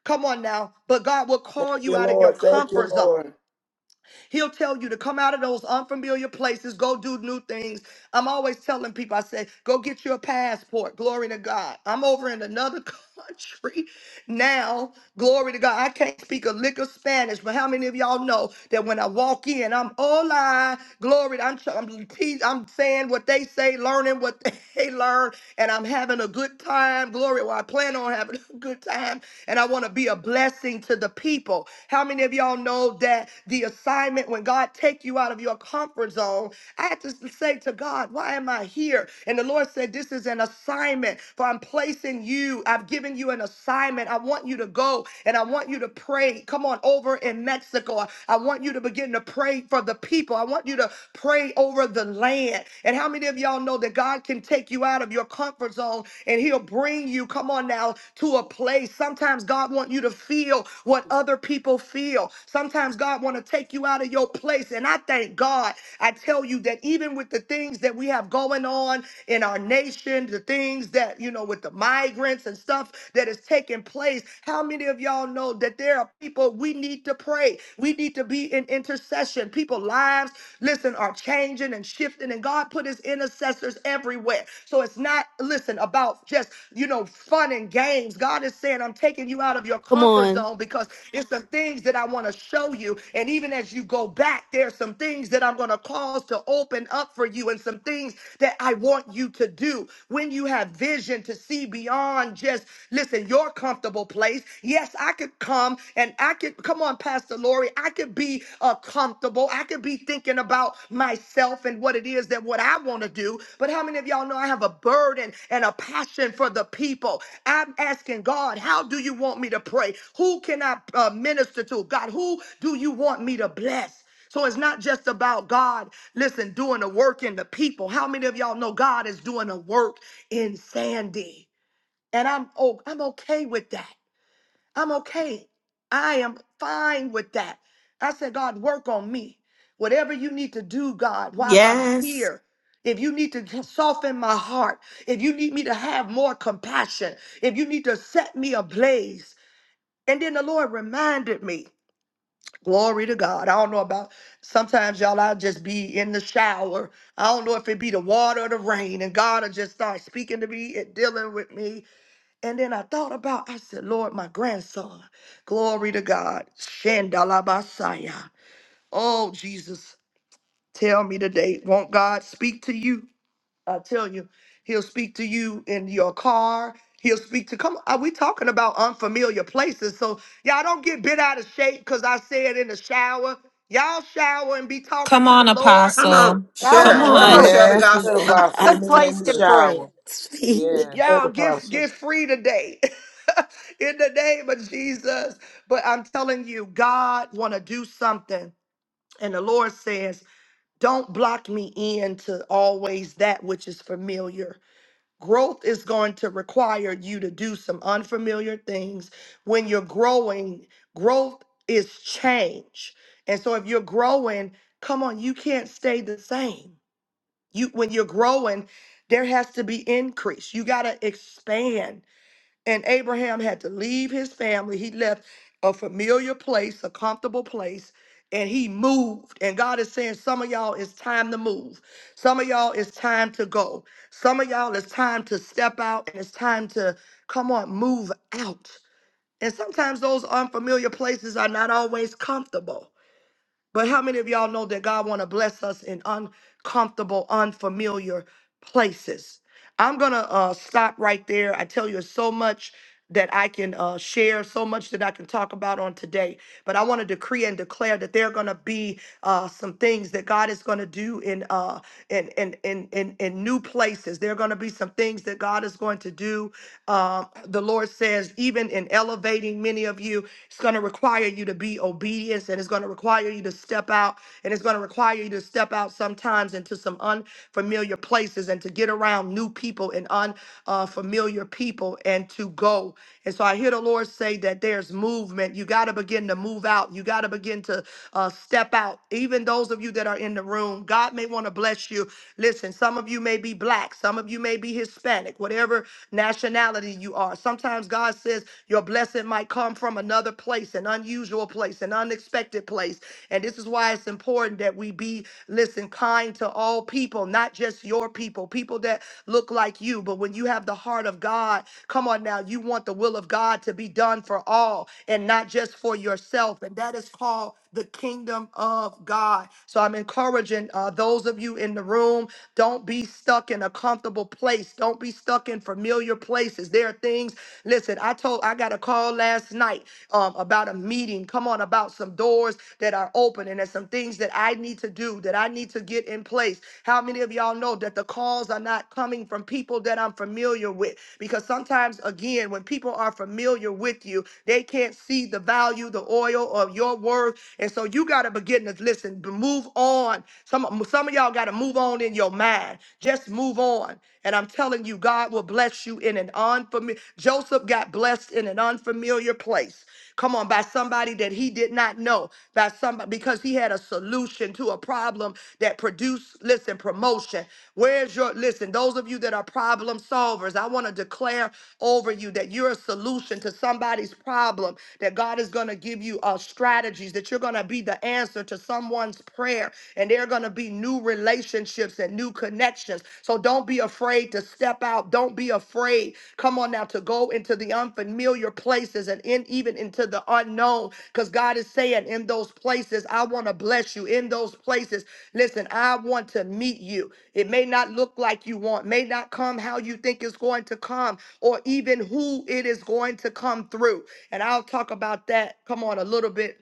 Come on now. But God will
thank
call you
you,
out of your
Lord. Thank you,
comfort zone.
Lord.
He'll tell you to come out of those unfamiliar places, go do new things. I'm always telling people, I say, go get your passport. Glory to God. I'm over in another country now. Glory to God. I can't speak a lick of Spanish, but how many of y'all know that when I walk in, I'm hola, glory. I'm, tr- I'm, repeat- I'm saying what they say, learning what they learn, and I'm having a good time. Glory. Well, I plan on having a good time. And I want I want to be a blessing to the people. How many of y'all know that the assignment when God take you out of your comfort zone, I had to say to God, why am I here? And the Lord said, this is an assignment for I'm placing you. I've given you an assignment. I want you to go and I want you to pray. Come on over in Mexico. I want you to begin to pray for the people. I want you to pray over the land. And how many of y'all know that God can take you out of your of your comfort zone and he'll bring you, come on now, to a place. Sometimes God wants you to feel what other people feel. Sometimes God want to take you out of your place. And I thank God. I tell you that even with the things that we have going on in our nation, the things that, you know, with the migrants and stuff that is taking place, how many of y'all know that there are people we need to pray? We need to be in intercession. People lives listen, are changing and shifting. And God put his intercessors everywhere. So it's not, listen, about just, you know, fun and games. God is saying, I'm taking you out of your
Come
comfort
on.
zone because it's the things that I want to show you. And even as you go back, there's some things that I'm going to cause to open up for you and some things that I want you to do when you have vision to see beyond just, listen, your comfortable place. Yes, I could come and and I could come on, Pastor Lori. I could be uh, comfortable. I could be thinking about myself and what it is that what I want to do. But how many of y'all know I have a burden and a passion for the people? I'm asking God, how do you want me to pray? Who can I uh, minister to? God, who do you want me to bless? So it's not just about God, listen, doing the work in the people. How many of y'all know God is doing a work in Sandy? And I'm oh, I'm okay with that. I'm okay. I am fine with that. I said, God, work on me. Whatever you need to do, God, while I'm Yes.
Yes.
here. If you need to soften my heart, if you need me to have more compassion, if you need to set me ablaze. And then the Lord reminded me, glory to God. I don't know about sometimes y'all, I'll just be in the shower. I don't know if it be the water or the rain, and God will just start speaking to me and dealing with me. And then I thought about, I said, Lord, my grandson, glory to God, Shandalabasaya. Oh, Jesus, tell me today, won't God speak to you? I tell you, he'll speak to you in your car. He'll speak to, come on, we talking about unfamiliar places. So y'all don't get bit out of shape because I said in the shower. Y'all shower and be talking
Come
to the
on,
Lord.
Come on.
Apostle.
Come
Dollar
Come
Come
share. Come
on.
on.
on,
on.
share the
Joe's.
You
Yes, He
said
gospel.
speaks
apostle.
to
Good
me in
place
the
to
You
pray.
shower.
speak.
Yes.
said
Y'all get
apostle.
get free today. In the name of Jesus. But I'm telling you, God want to do something. And the Lord says, don't block me in to always that which is familiar. Growth is going to require you to do some unfamiliar things. When you're growing, growth is change. And so if you're growing, come on, you can't stay the same. You when you're growing, there has to be increase. You got to expand and Abraham had to leave his family. He left a familiar place, a comfortable place, and he moved. And God is saying, Some of y'all, it's time to move. Some of y'all, it's time to go. Some of y'all, it's time to step out and it's time to, come on, move out. And sometimes those unfamiliar places are not always comfortable. But how many of y'all know that God want to bless us in uncomfortable, unfamiliar places? I'm gonna uh, stop right there. I tell you so much that I can uh, share, so much that I can talk about on today. But I want to decree and declare that there are gonna be uh, some things that God is gonna do in uh, in, in in in in new places. There are gonna be some things that God is going to do. Uh, the Lord says, even in elevating many of you, it's going to require you to be obedient and it's going to require you to step out and it's going to require you to step out sometimes into some unfamiliar places and to get around new people and unfamiliar people and to go. And so I hear the Lord say that there's movement. You got to begin to move out. You got to begin to uh, step out. Even those of you that are in the room, God may want to bless you. Listen, some of you may be black, some of you may be Hispanic, whatever nationality you are. Sometimes sometimes God says your blessing might come from another place, an unusual place, an unexpected place. And this is why it's important that we be, listen, kind to all people, not just your people, people that look like you. But when you have the heart of God, come on now, you want the will of God to be done for all and not just for yourself. And that is called the kingdom of God. So I'm encouraging uh, those of you in the room, don't be stuck in a comfortable place. Don't be stuck in familiar places. There are things, listen, I told, I got a call last night um, about a meeting. Come on, about some doors that are open and there's some things that I need to do, that I need to get in place. How many of y'all know that the calls are not coming from people that I'm familiar with? Because sometimes, again, when people are familiar with you, they can't see the value, the oil of your worth earth. And so you got to begin to listen, move on. Some, some of y'all got to move on in your mind. Just move on. And I'm telling you, God will bless you in an unfamiliar. Joseph got blessed in an unfamiliar place. Come on, by somebody that he did not know, by somebody because he had a solution to a problem that produced, listen, promotion. Where's your listen? Those of you that are problem solvers, I want to declare over you that you're a solution to somebody's problem, that God is going to give you a strategy strategies that you're going to be the answer to someone's prayer and there are going to be new relationships and new connections. So don't be afraid to step out. Don't be afraid. Come on now to go into the unfamiliar places and in, even into the unknown because God is saying, in those places, I want to bless you. In those places, listen, I want to meet you. It may not look like you want, may not come how you think it's going to come, or even who it is going to come through. And I'll talk about that, come on, a little bit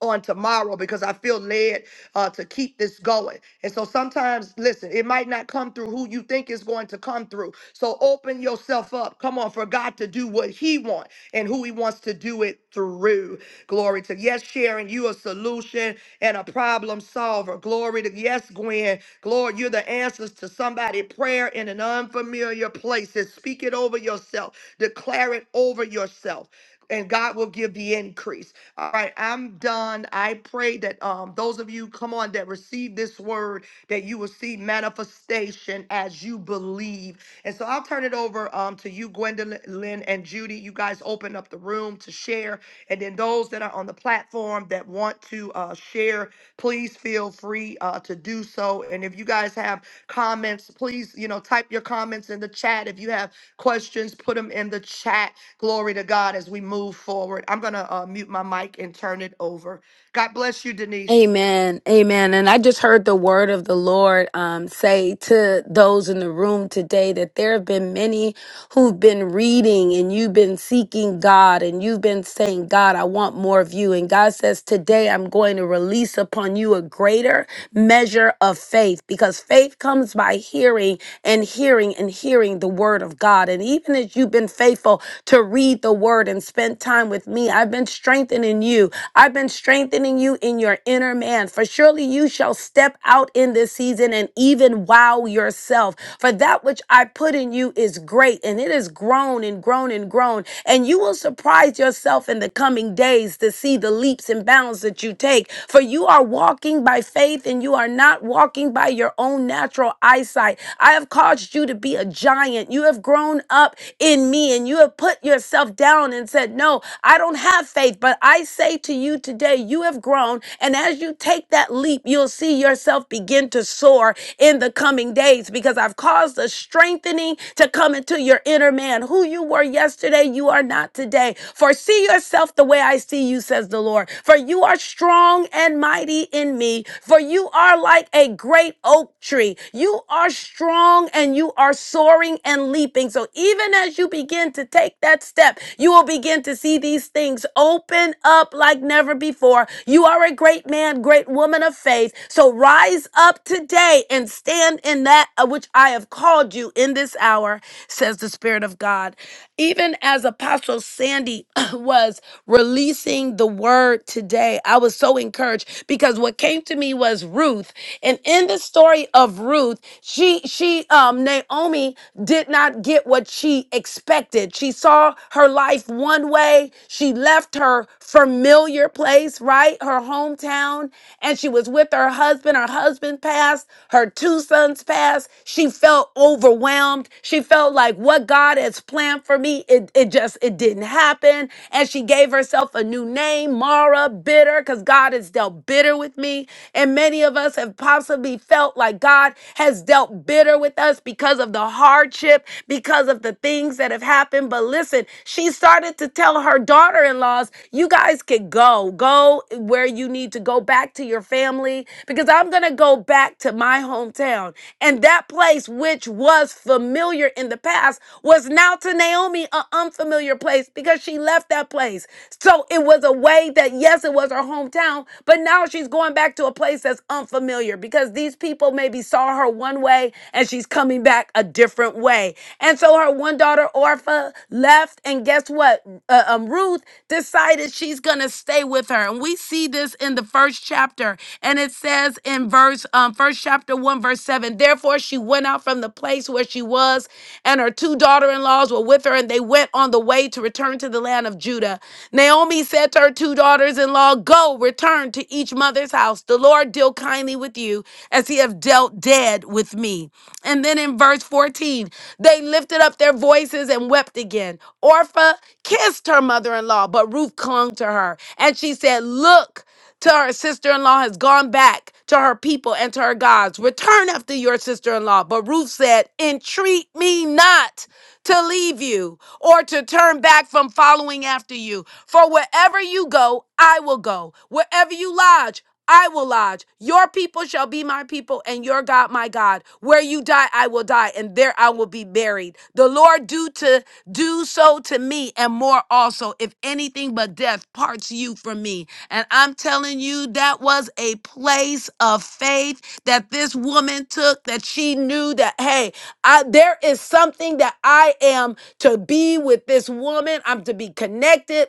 on tomorrow because I feel led uh, to keep this going. And so sometimes, listen, it might not come through who you think is going to come through. So open yourself up. Come on, for God to do what He wants and who He wants to do it through. Glory to yes, Sharon, you a solution and a problem solver. Glory to yes, Gwen. Glory, you're the answers to somebody' prayer in an unfamiliar place? places. Speak it over yourself. Declare it over yourself and God will give the increase. All right, I'm done. I pray that um those of you come on that receive this word that you will see manifestation as you believe. And so I'll turn it over um to you, Gwendolyn Lynn, and Judy. You guys open up the room to share. And then those that are on the platform that want to uh share, please feel free uh to do so. And if you guys have comments, please, you know, type your comments in the chat. If you have questions, put them in the chat Glory to God as we move forward. I'm going to uh, mute my mic and turn it over. God bless you, Denise.
Amen. Amen. And I just heard the word of the Lord um, say to those in the room today that there have been many who've been reading and you've been seeking God and you've been saying, God, I want more of you. And God says, Today I'm going to release upon you a greater measure of faith because faith comes by hearing and hearing and hearing the word of God. And even as you've been faithful to read the word and spend time with me, I've been strengthening you. I've been strengthening you in your inner man. For surely you shall step out in this season and even wow yourself. For that which I put in you is great and it has grown and grown and grown. And you will surprise yourself in the coming days to see the leaps and bounds that you take. For you are walking by faith and you are not walking by your own own natural eyesight. I have caused you to be a giant. You have grown up in me and you have put yourself down and said, No, I don't have faith. But I say to you today, you have grown. And as you take that leap, you'll see yourself begin to soar in the coming days because I've caused a strengthening to come into your inner man. Who you were yesterday, you are not today. For see yourself the way I see you, says the Lord. For you are strong and mighty in me. For you you are like a great oak tree. You are strong and you are soaring and leaping. So even as you begin to take that step, you will begin to see these things open up like never before. You are a great man, great woman of faith. So rise up today and stand in that of which I have called you in this hour, says the Spirit of God. Even as Apostle Sandy was releasing the word today, I was so encouraged because what came to me was Ruth. And in the story of Ruth, she she um Naomi did not get what she expected. She saw her life one way. She left her familiar place, right? Her hometown, and she was with her husband. Her husband passed, her two sons passed. She felt overwhelmed. She felt like what God has planned plan for me. It, it just, it didn't happen. And she gave herself a new name, Mara, bitter, because God has dealt bitter with me. And many of us have possibly felt like God has dealt bitter with us because of the hardship, because of the things that have happened. But listen, she started to tell her daughter in laws, you guys could go, go where you need to go back to your family, because I'm going to go back to my hometown. And that place, which was familiar in the past, was now now to Naomi, an unfamiliar place because she left that place. So it was a way that, yes, it was her hometown, but now she's going back to a place that's unfamiliar because these people maybe saw her one way and she's coming back a different way. And so her one daughter, Orpha, left. And guess what? Uh, um, Ruth decided she's going to stay with her. And we see this in the first chapter. And it says in verse, um, first chapter 1, verse 7, therefore she went out from the place where she was, and her two daughters daughter in laws were with her, and they went on the way to return to the land of Judah. Naomi said to her two daughters in law, Go, return to each mother's house. The Lord deal kindly with you as he have dealt dead with me. And then in verse 14, they lifted up their voices and wept again. Orpha kissed her mother in law, but Ruth clung to her. And she said, Look, to her sister in law has gone back to her people and to her gods. Return after your sister in law. But Ruth said, Entreat me not to leave you or to turn back from following after you. For wherever you go, I will go. Wherever you lodge, I will lodge. Your people shall be my people, and your God my God. Where you die, I will die, and there I will be buried. The Lord do to do so to me, and more also, if anything but death parts you from me. And I'm telling you, that was a place of faith that this woman took. That she knew that, hey, I, there is something that I am to be with this woman. I'm to be connected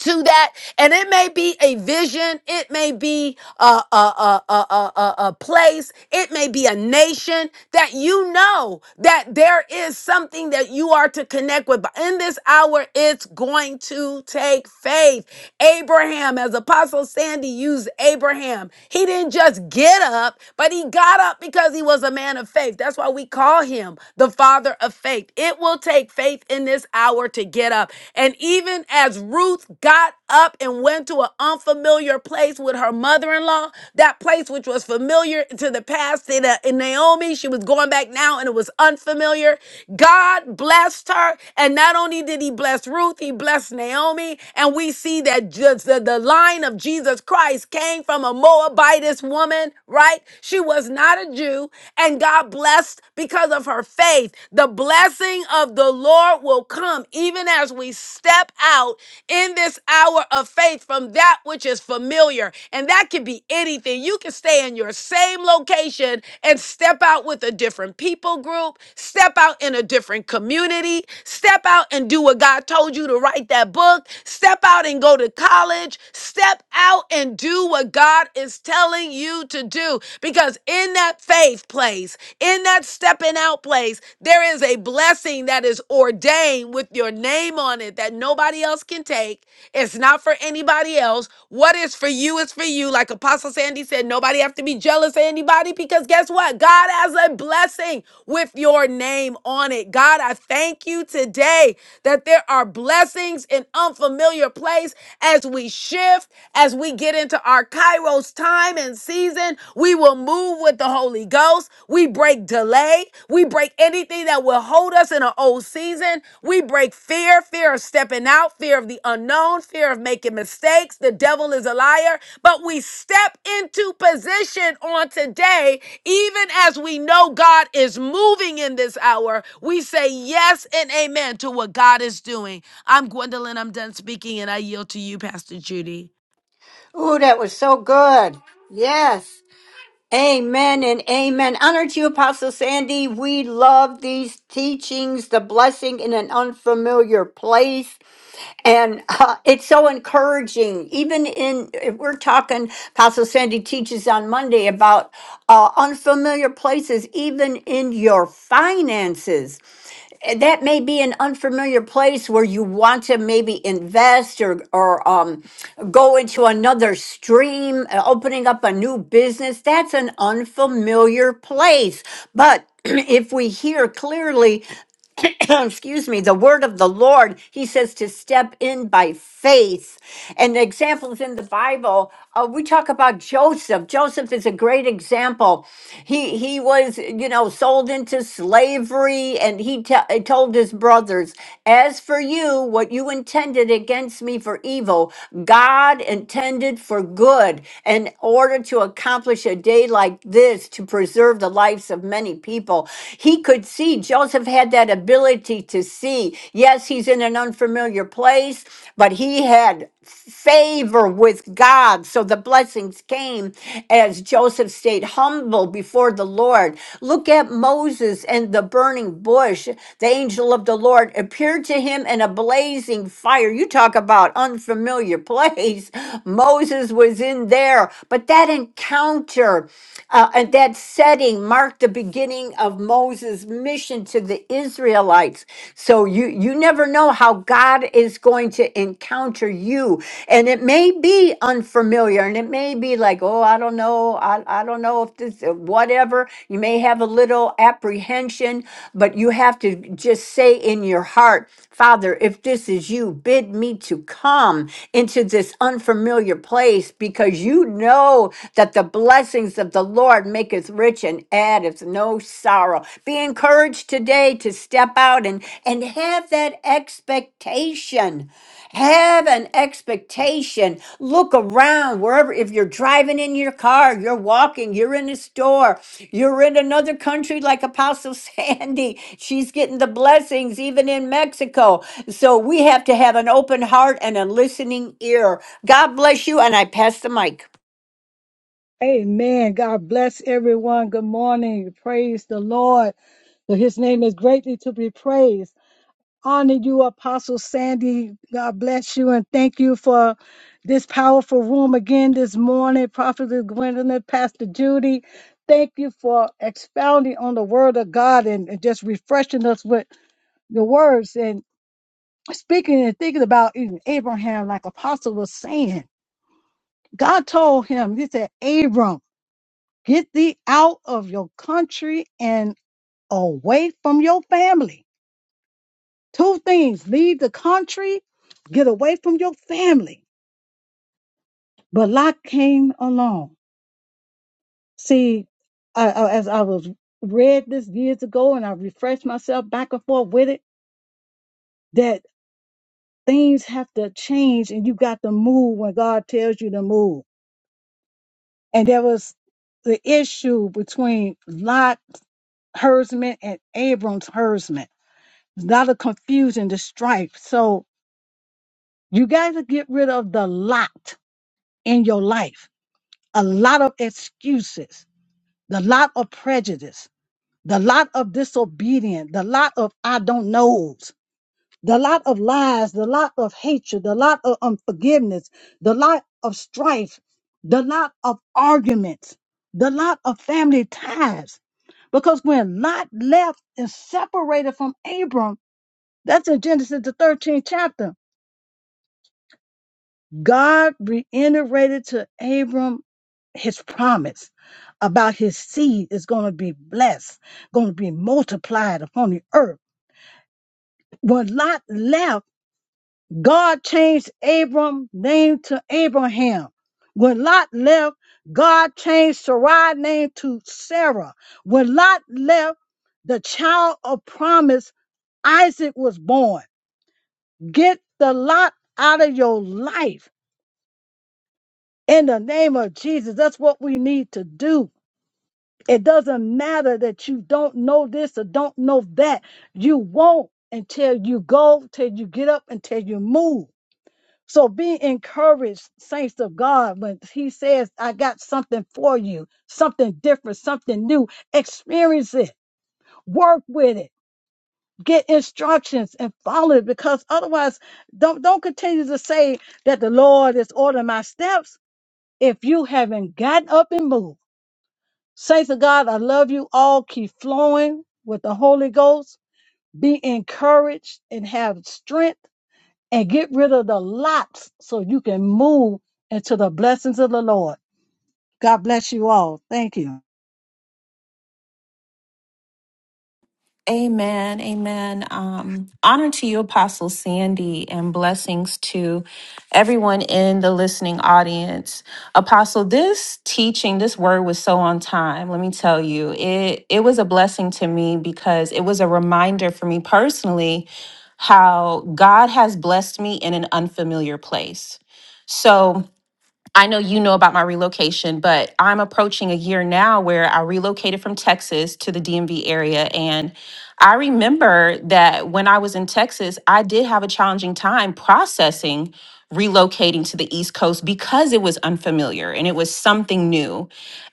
to that and it may be a vision it may be a a, a, a, a, a a place it may be a nation that you know that there is something that you are to connect with but in this hour it's going to take faith abraham as apostle sandy used abraham he didn't just get up but he got up because he was a man of faith that's why we call him the father of faith it will will take faith in this hour to get up. And even as Ruth got up and went to an unfamiliar place with her mother in law, that place which was familiar to the past, to the, in Naomi, she was going back now and it was unfamiliar. God blessed her. And not only did he bless Ruth, he blessed Naomi. And we see that just the, the line of Jesus Christ came from a Moabitess woman, right? She was was not a Jew, and God blessed because of her faith. The blessing of the Lord will come even as we step out in this hour of faith from that which is familiar. And that can be anything. You can stay in your same location and step out with a different people group, step out in a different community, step out and do what God told you to write that book, step out and go to college knowledge. Step out and do what God is telling you to do. Because in that faith place, in that stepping out place, there is a blessing that is ordained with your name on it that nobody else can take. It's not for anybody else. What is for you is for you. Like Apostle Sandy said, nobody have to be jealous of anybody because guess what? God has a blessing with your name on it. God, I thank thank you today that there are blessings in unfamiliar place as we shift, as we get into our Kairos time and season. We will move with the Holy Ghost. We break delay. We break anything that will hold us in an old season. We break fear, fear of stepping out, fear of the unknown, fear of making mistakes. The devil is a liar, but we step into position on today even as we know God is moving in this hour, we say yes and amen to what God is doing. I'm Gwendolyn. I'm done speaking, and I yield to you, Pastor Judy.
Ooh, that was so good. Yes. Amen and amen. Honor to you, Apostle Sandy. We love these teachings, the blessing in an unfamiliar place. And uh, it's so encouraging. Even in, if we're talking, Apostle Sandy teaches on Monday about uh, unfamiliar places, even in your finances that may be an unfamiliar place where you want to maybe invest or or um, go into another stream, uh, opening up a new business. That's an unfamiliar place, but if we hear clearly excuse me, the word of the Lord, he says to step in by faith. And examples in the Bible, uh, we talk about Joseph. Joseph is a great example. He he was, you know, sold into slavery, and he te- uh, told his brothers, "As for you, what you intended against me for evil, God intended for good, in order to accomplish a day like this to preserve the lives of many people." He he could see. Joseph had that ability to see. Yes, he's in an unfamiliar place, but he had favor with God. So the blessings came as Joseph stayed humble before the Lord. Look at Moses and the burning bush. The angel of the Lord appeared to him in a blazing fire. You talk about unfamiliar place. Moses was in there, but that encounter uh, and that setting marked the beginning of Moses' mission to the Israelites. So you you never know how God is going to encounter you. And it may be unfamiliar and it may be like, oh, I don't know. I, I don't know if this whatever. You may have a little apprehension, but you have to just say in your heart, Father, if this is you, bid me to come into this unfamiliar place because you know that the blessings blessings of the Lord maketh rich and addeth no sorrow. Be encouraged today to step out and, and have that expectation. Have an expectation. Look around wherever, if you're driving in your car, you're walking, you're in a store, you're in another country like Apostle Sandy. She's getting the blessings even in Mexico. So we have to have an open heart and a listening ear. God bless you. And I pass the mic.
Amen. God bless everyone. Good morning. Praise the Lord. For his name is greatly to be praised. Honor you, Apostle Sandy. God bless you and thank you for this powerful room again this morning. Prophet Gwendolyn, Pastor Judy, thank you for expounding on the word of God and, and just refreshing us with the words and speaking and thinking about even Abraham, like Apostle was saying. God told him, he said, Abram. Get thee out of your country and away from your family. Two things leave the country, get away from your family. But Lot came along. See, I, I- as I was read this years ago and I refreshed myself back and forth with it, that things have to change and you got to move when God tells you to move. And there was the issue between Lot herdsmen and Abram's herdsmen It's not a confusion, the strife. So you got to get rid of the lot in your life, a lot of excuses, the lot of prejudice, the lot of disobedience, the lot of I don't knows, the lot of lies, the lot of hatred, the lot of unforgiveness, the lot of strife, the lot of arguments, the lot of family ties. Because when Lot left and separated from Abram, that's in Genesis the 13th chapter God reiterated to Abram his promise about his seed is going to be blessed, going to be multiplied upon the earth. When Lot left, God changed Abram's name to Abraham. When Lot left, God changed Sarai's name to Sarah. When Lot left, the child of promise, Isaac, was born. Get the Lot out of your life In the name of Jesus, that's what we need to do. It doesn't matter that you don't know this or don't know that. You won't until you go, till you get up, until you move. So be encouraged, saints of God, when he says, I got something for you, something different, something new. Experience it, work with it, get instructions and follow it because otherwise don't don't continue to say that the Lord is ordering my steps if you haven't gotten up and moved. Saints of God, I love you all. Keep flowing with the Holy Ghost. Be encouraged and have strength and get rid of the lots so you can move into the blessings of the Lord. God bless you all. Thank you.
Amen. Amen. Um, honor to you, Apostle Sandy, and blessings to everyone in the listening audience. Apostle, this teaching, this word was so on time. Let me tell you, it it was a blessing to me because it was a reminder for me personally how God has blessed me in an unfamiliar place. So I know you know about my relocation, but I'm approaching a year now where I relocated from Texas to the DMV area. And I remember that when I was in Texas, I did have a challenging time processing relocating to the East Coast because it was unfamiliar and it was something new.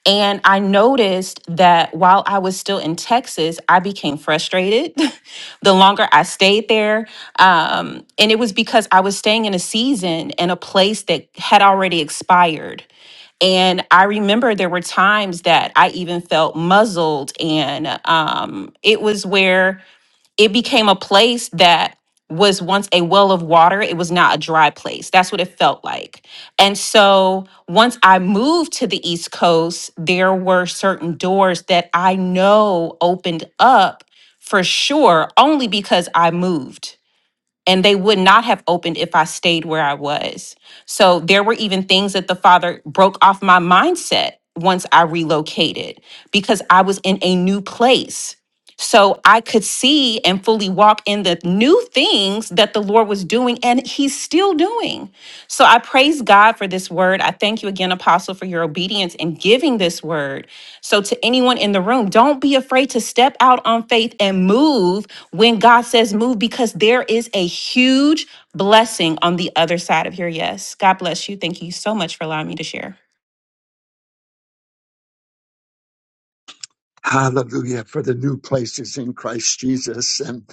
And I noticed that while I was still in Texas, I became frustrated. the longer I stayed there. Um, and it was because I was staying in a season and a place that had already expired. And I remember there were times that I even felt muzzled. And um, it was where it became a place that was once a well of water. It was not a dry place. That's what it felt like. And so once I moved to the East Coast, there were certain doors that I know opened up for sure only because I moved and they would not have opened if I stayed where I was. So there were even things that the Father broke off my mindset once I relocated because I was in a new place. So I could see and fully walk in the new things that the Lord was doing and He's still doing. So I praise God for this word. I thank you again, Apostle, for your obedience in giving this word. So to anyone in the room, don't be afraid to step out on faith and move when God says move because there is a huge blessing on the other side of your yes. God bless you. Thank you so much for allowing me to share.
Hallelujah for the new places in Christ Jesus. And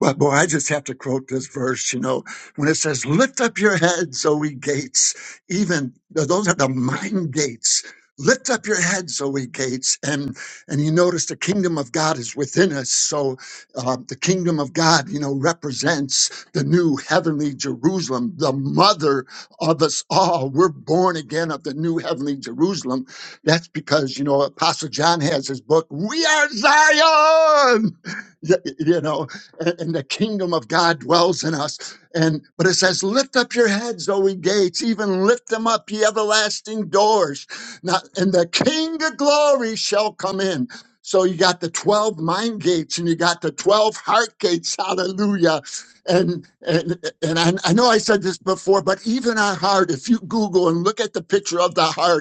but boy, I just have to quote this verse, you know, when it says, Lift up your heads, O ye gates, even those are the mind gates. Lift up your heads, O ye gates, and and you notice the kingdom of God is within us. So uh, the kingdom of God, you know, represents the new heavenly Jerusalem, the mother of us all. We're born again of the new heavenly Jerusalem, that's because, you know, Apostle John has his book, We Are Zion, Y- you know, and, and the kingdom of God dwells in us. And, but it says, lift up your heads, O ye gates, even lift them up, ye everlasting doors. Now, and the King of glory shall come in. So you got the 12 mind gates and you got the 12 heart gates. Hallelujah. And and and I, I know I said this before, but even our heart, if you Google and look at the picture of the heart,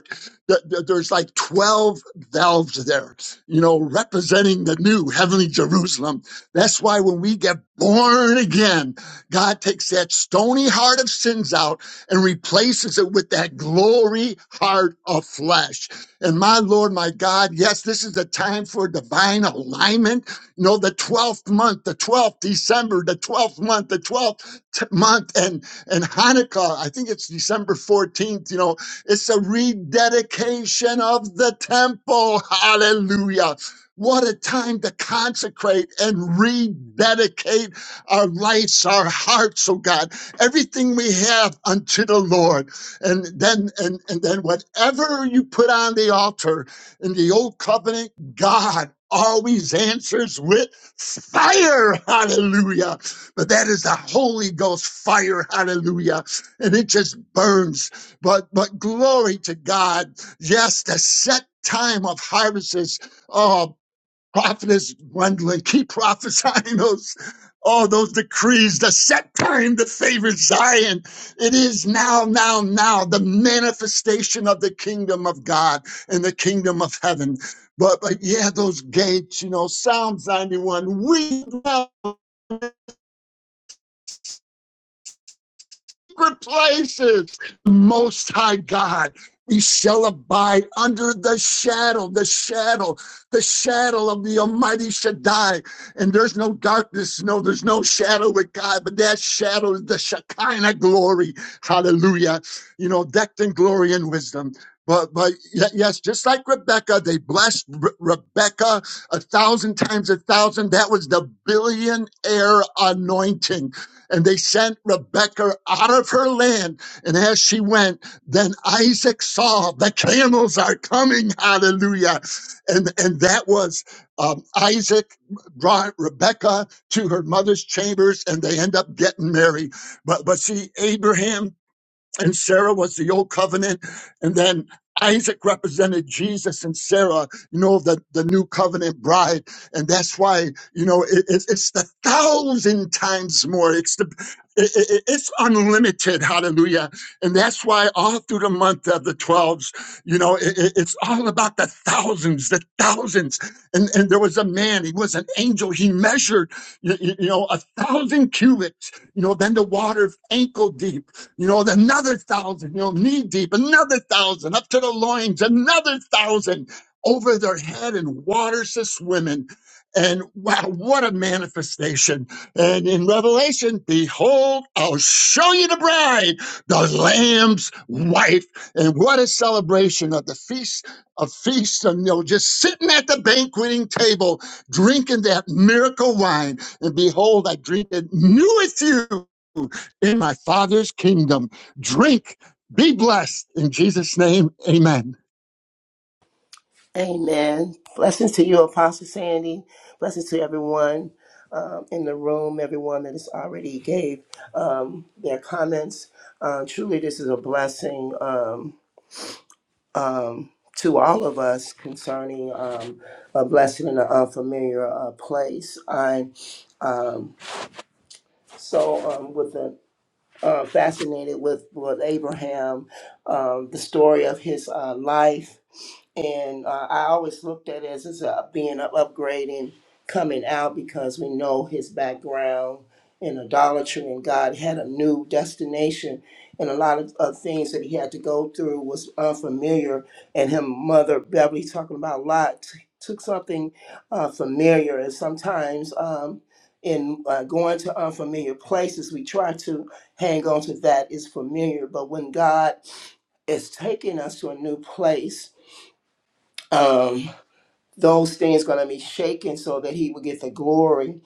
Th- th- There's like 12 valves there, you know, representing the new heavenly Jerusalem. That's why when we get born again, God takes that stony heart of sins out and replaces it with that glory heart of flesh. And my Lord, my God, yes, this is a time for divine alignment. You know, the 12th month, the 12th December, the 12th month, the 12th t- month, and, and Hanukkah, I think it's December 14th, you know, it's a rededication of the temple. Hallelujah. What a time to consecrate and rededicate our lives, our hearts, oh God, everything we have unto the Lord. And then and, and then whatever you put on the altar in the old covenant, God always answers with fire. Hallelujah. But that is the Holy Ghost fire. Hallelujah. And it just burns but but glory to God. Yes, the set time of harvest is oh prophetess Gwendolyn, keep prophesying those all those decrees, the set time, the favored Zion. It is now, now, now, the manifestation of the kingdom of God and the kingdom of heaven. But but yeah, those gates, you know, Psalms 91, We now secret places. The Most High God, we shall abide under the shadow, the shadow, the shadow of the Almighty Shaddai. And there's no darkness, no, there's no shadow with God, but that shadow is the Shekinah glory. Hallelujah. You know, decked in glory and wisdom. But, but yes, just like Rebecca, they blessed Re- Rebecca a thousand times a thousand. That was the billionaire anointing and they sent Rebekah out of her land. And as she went, then Isaac saw the camels are coming. Hallelujah. And, and that was um, Isaac brought Rebekah to her mother's chambers and they end up getting married. But, but see, Abraham and Sarah was the old covenant, and then Isaac represented Jesus and Sarah, you know, the, the new covenant bride. And that's why, you know, it, it, it's the thousand times more. It's the, it, it- it's unlimited. Hallelujah. And that's why all through the month of the 12s, you know, it, it- it's all about the thousands, the thousands. And, and there was a man, he was an angel. He measured, you, you know, a thousand cubits, you know, then the water ankle deep you know, another thousand, you know, knee deep, another thousand, up to the loins, another thousand over their head and waters to swim in. And wow, what a manifestation. And in Revelation, behold, I'll show you the bride, the Lamb's wife. And what a celebration of the feast of feasts, and you know, just sitting at the banqueting table, drinking that miracle wine. And behold, I drink it new with you in my Father's kingdom. Drink, be blessed. In Jesus' name, amen.
Amen. Blessings to you, Apostle Sandy. Blessings to everyone um, in the room, everyone that has already gave um, their comments. Uh, truly, this is a blessing. Um, um, to all of us concerning um, a blessing in an unfamiliar uh, place. I um, so um, with the uh, fascinated with, with Abraham, um, the story of his uh, life. And uh, I always looked at it as, as a, being an upgrading coming out because we know his background in idolatry and God had a new destination. And a lot of uh, things that he had to go through was unfamiliar. And him, Mother Beverly, talking about Lot, t- took something uh, familiar. And sometimes um, in uh, going to unfamiliar places, we try to hang on to that is familiar. But when God is taking us to a new place, um, those things going to be shaken so that He will get the glory.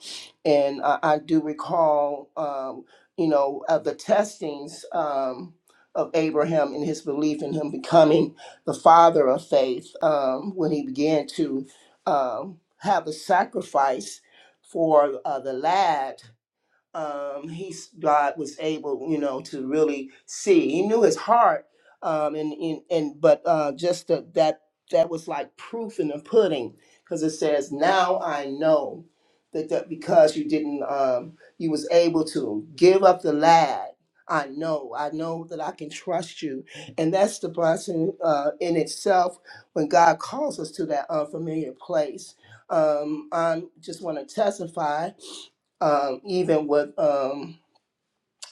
And I, I do recall, um, you know, of the testings um, of Abraham and his belief in him becoming the father of faith um, when he began to um, have a sacrifice for uh, the lad um, he's God was able, you know, to really see. He knew his heart, um, and, and and but uh, just the, that that was like proof in the pudding, because it says, "Now I know that, that because you didn't, um, you was able to give up the lad." I know, I know that I can trust you, and that's the blessing uh, in itself when God calls us to that unfamiliar place. Um, I just want to testify um, even with um,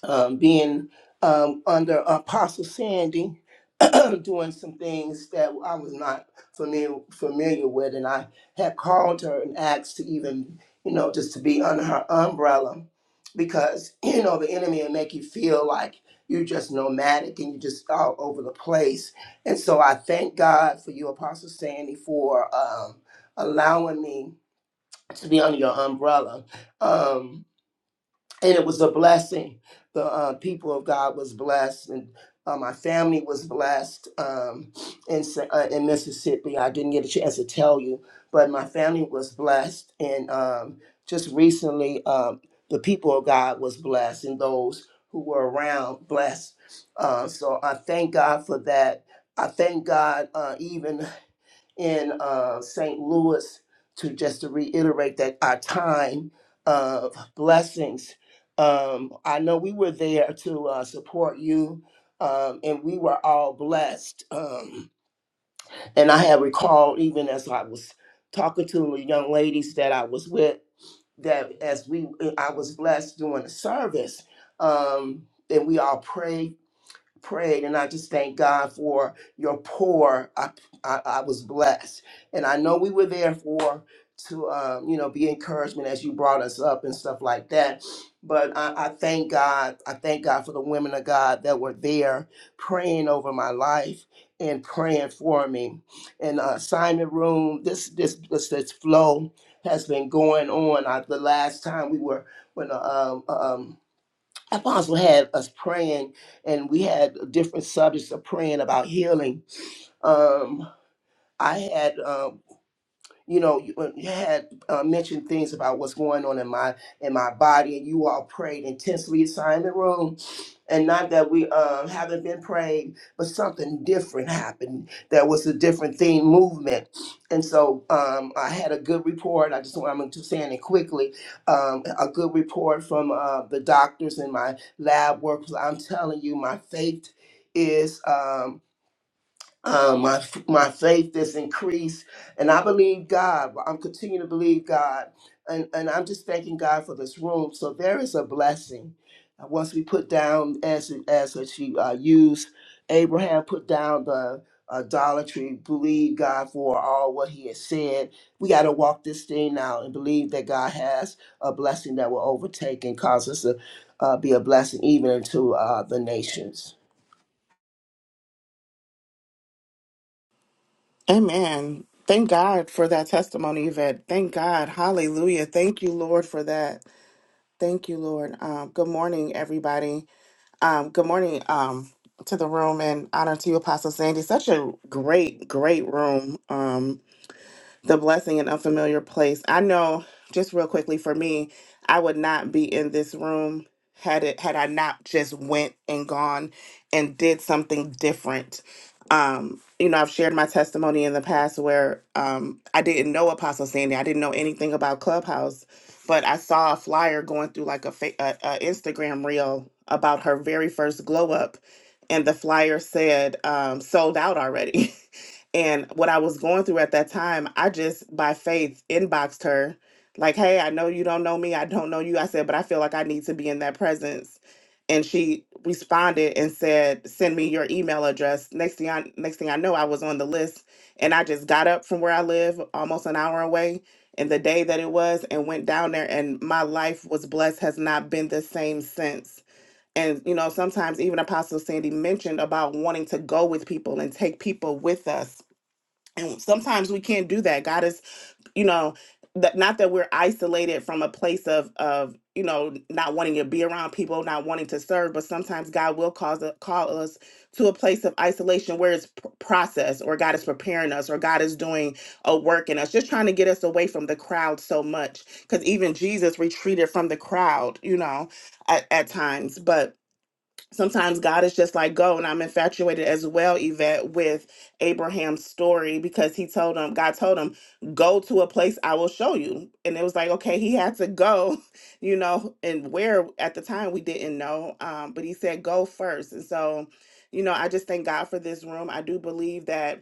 um, being um, under Apostle Sandy, doing some things that I was not familiar familiar with, and I had called her and asked to even, you know, just to be under her umbrella, because you know the enemy will make you feel like you're just nomadic and you're just all over the place. And so I thank God for you, Apostle Sandy, for um, allowing me to be under your umbrella. Um, and it was a blessing. The uh, people of God was blessed, and uh, my family was blessed um, in Sa- uh, in Mississippi. I didn't get a chance to tell you, but my family was blessed, and um, just recently, um, the people of God was blessed, and those who were around blessed. Uh, so I thank God for that. I thank God uh, even in uh, St. Louis to just to reiterate that our time of blessings. Um, I know we were there to uh, support you, um, and we were all blessed. Um, and I have recalled even as I was talking to the young ladies that I was with that as we I was blessed during the service, um, and we all prayed prayed and i just thank god for your pour i i, I was blessed and i know we were there for to um, you know be encouragement as you brought us up and stuff like that but I, I thank god i thank god for the women of god that were there praying over my life and praying for me and uh, assignment room this this this, this flow has been going on I, the last time we were when uh, um, um Apostle had us praying, and we had different subjects of praying about healing. Um, I had um, you know, you, uh, you had uh, mentioned things about what's going on in my in my body, and you all prayed intensely, inside the room, and not that we um, haven't been praying, but something different happened. There was a different theme movement, and so um, I had a good report. I just want I'm just saying it quickly. Um, a good report from uh, the doctors and my lab workers. I'm telling you, my faith is. Um, uh, my my faith is increased, and I believe God. I'm continuing to believe God, and and I'm just thanking God for this room. So there is a blessing. Uh, Once we put down, as as she uh, used, Abraham put down the idolatry, believe God for all what He has said. We got to walk this thing out and believe that God has a blessing that will overtake and cause us to uh, be a blessing even to uh, the nations.
Amen. Thank God for that testimony, Yvette. Thank God. Hallelujah. Thank you, Lord, for that. Thank you, Lord. Um, good morning, everybody. Um, good morning um, to the room and honor to you, Apostle Sandy. Such a great, great room. Um, the blessing in unfamiliar place. I know just real quickly for me, I would not be in this room had it had I not just went and gone and did something different. Um, you know, I've shared my testimony in the past where um I didn't know Apostle Sandy. I didn't know anything about Clubhouse, but I saw a flyer going through like a, fa- a, a Instagram reel about her very first glow up and the flyer said um sold out already. And what I was going through at that time, I just by faith inboxed her, like, hey, I know you don't know me. I don't know you. I said, but I feel like I need to be in that presence. And she responded and said, send me your email address. Next thing I next thing I know, I was on the list. And I just got up from where I live, almost an hour away, and the day that it was, and went down there. And my life was blessed, has not been the same since and you know sometimes even apostle sandy mentioned about wanting to go with people and take people with us and sometimes we can't do that god is you know that not that we're isolated from a place of of you know not wanting to be around people not wanting to serve but sometimes god will cause a, call us to a place of isolation where it's p- process or god is preparing us or god is doing a work in us just trying to get us away from the crowd so much because even jesus retreated from the crowd you know at, at times but sometimes God is just like, go. And I'm infatuated as well, Yvette, with Abraham's story because he told him, God told him, go to a place I will show you. And it was like, okay, he had to go, you know, and where at the time we didn't know. Um, but he said, go first. And so, you know, I just thank God for this room. I do believe that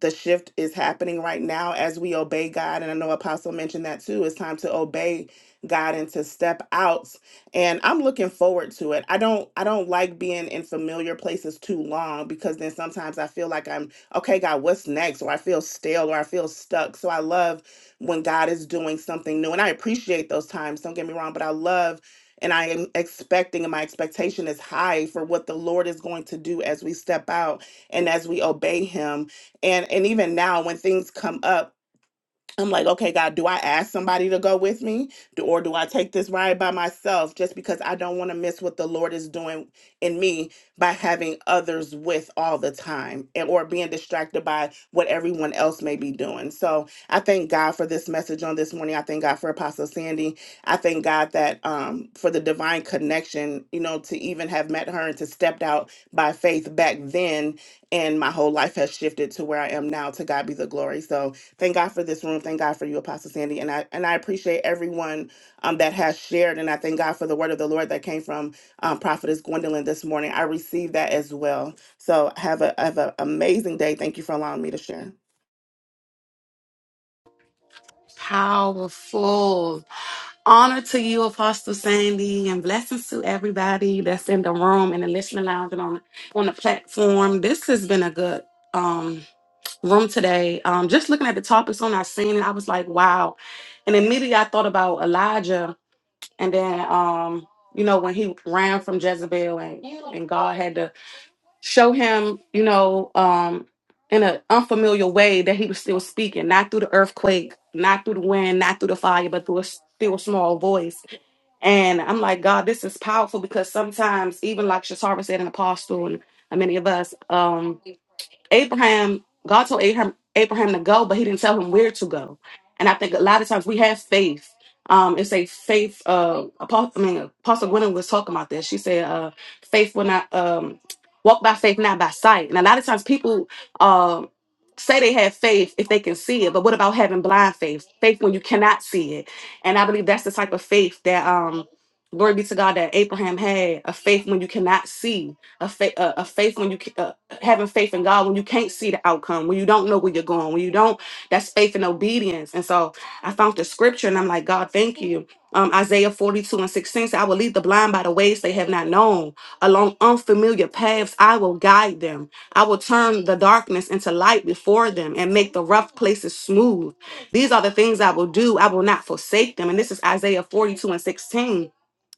the shift is happening right now as we obey God. And I know Apostle mentioned that too. It's time to obey God and to step out. And I'm looking forward to it. I don't I don't like being in familiar places too long because then sometimes I feel like I'm okay, God, what's next? Or I feel stale or I feel stuck. So I love when God is doing something new. And I appreciate those times. Don't get me wrong, but I love and I am expecting, and my expectation is high for what the Lord is going to do as we step out and as we obey Him and and even now when things come up I'm like, okay, God, do I ask somebody to go with me? Do- Or do I take this ride by myself just because I don't want to miss what the Lord is doing in me by having others with all the time and, or being distracted by what everyone else may be doing? So I thank God for this message on this morning. I thank God for Apostle Sandy. I thank God that um, for the divine connection, you know, to even have met her and to stepped out by faith back then. And my whole life has shifted to where I am now. To God be the glory. So, Thank God for this room. Thank God for you, Apostle Sandy. And I and I appreciate everyone um, that has shared. And I thank God for the word of the Lord that came from um, Prophetess Gwendolyn this morning. I received that as well. So have a have an amazing day. Thank you for allowing me to share.
Powerful. Honor to you, Apostle Sandy, and blessings to everybody that's in the room and the listening lounge and on on the platform. This has been a good um room today. Um just looking at the topics on our scene, I was like, wow. And immediately I thought about Elijah and then um, you know, when he ran from Jezebel and, and God had to show him, you know, um in an unfamiliar way that he was still speaking, not through the earthquake, not through the wind, not through the fire, but through a still small voice and I'm like, God, this is powerful because sometimes, even like Shatara said, an apostle, and many of us, um, Abraham, God told Abraham, Abraham to go, but he didn't tell him where to go. And I think a lot of times we have faith. Um, it's a faith. Uh, Apostle, I mean, Apostle Gwendolyn was talking about this. She said, uh, "Faith will not um, walk by faith, not by sight." And a lot of times people um say they have faith if they can see it, but what about having blind faith? Faith when you cannot see it. And I believe that's the type of faith that, um, glory be to God, that Abraham had—a faith when you cannot see, a faith, a, a faith when you ca- a, having faith in God when you can't see the outcome, when you don't know where you're going, when you don't, that's faith and obedience. And so I found the scripture and I'm like, God, thank you. Um, Isaiah 42 and 16 said, I will lead the blind by the ways they have not known. Along unfamiliar paths, I will guide them. I will turn the darkness into light before them and make the rough places smooth. These are the things I will do. I will not forsake them. And this is Isaiah 42 and 16.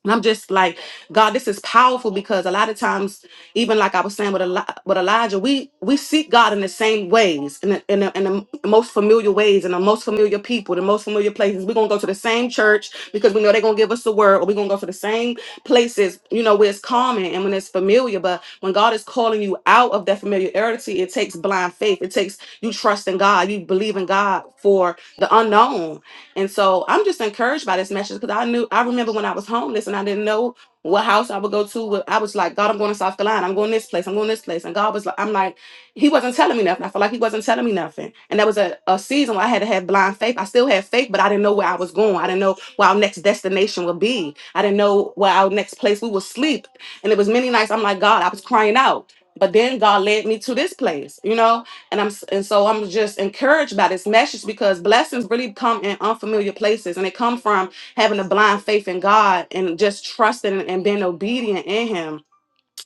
And I'm just like, God, this is powerful because a lot of times, even like I was saying with, Eli- with Elijah, we we seek God in the same ways, in the, in, the, in the most familiar ways, in the most familiar people, the most familiar places. We're gonna go to the same church because we know they're gonna give us the word, or we're gonna go to the same places, you know, where it's common and when it's familiar. But when God is calling you out of that familiarity, it takes blind faith. It takes you trust in God, you believe in God for the unknown and so I'm just encouraged by this message because I knew I remember when I was homeless and I didn't know what house I would go to. what- I was like, God, I'm going to South Carolina. I'm going this place. I'm going this place. And God was like, I'm like, He wasn't telling me nothing. I felt like He wasn't telling me nothing. And there was a, a season where I had to have blind faith. I still had faith, but I didn't know where I was going. I didn't know where our next destination would be. I didn't know where our next place we would sleep. And it was many nights I'm like, God, I was crying out. But then God led me to this place, you know? and I'm s- and so I'm just encouraged by this message because blessings really come in unfamiliar places, and they come from having a blind faith in God and just trusting and being obedient in Him.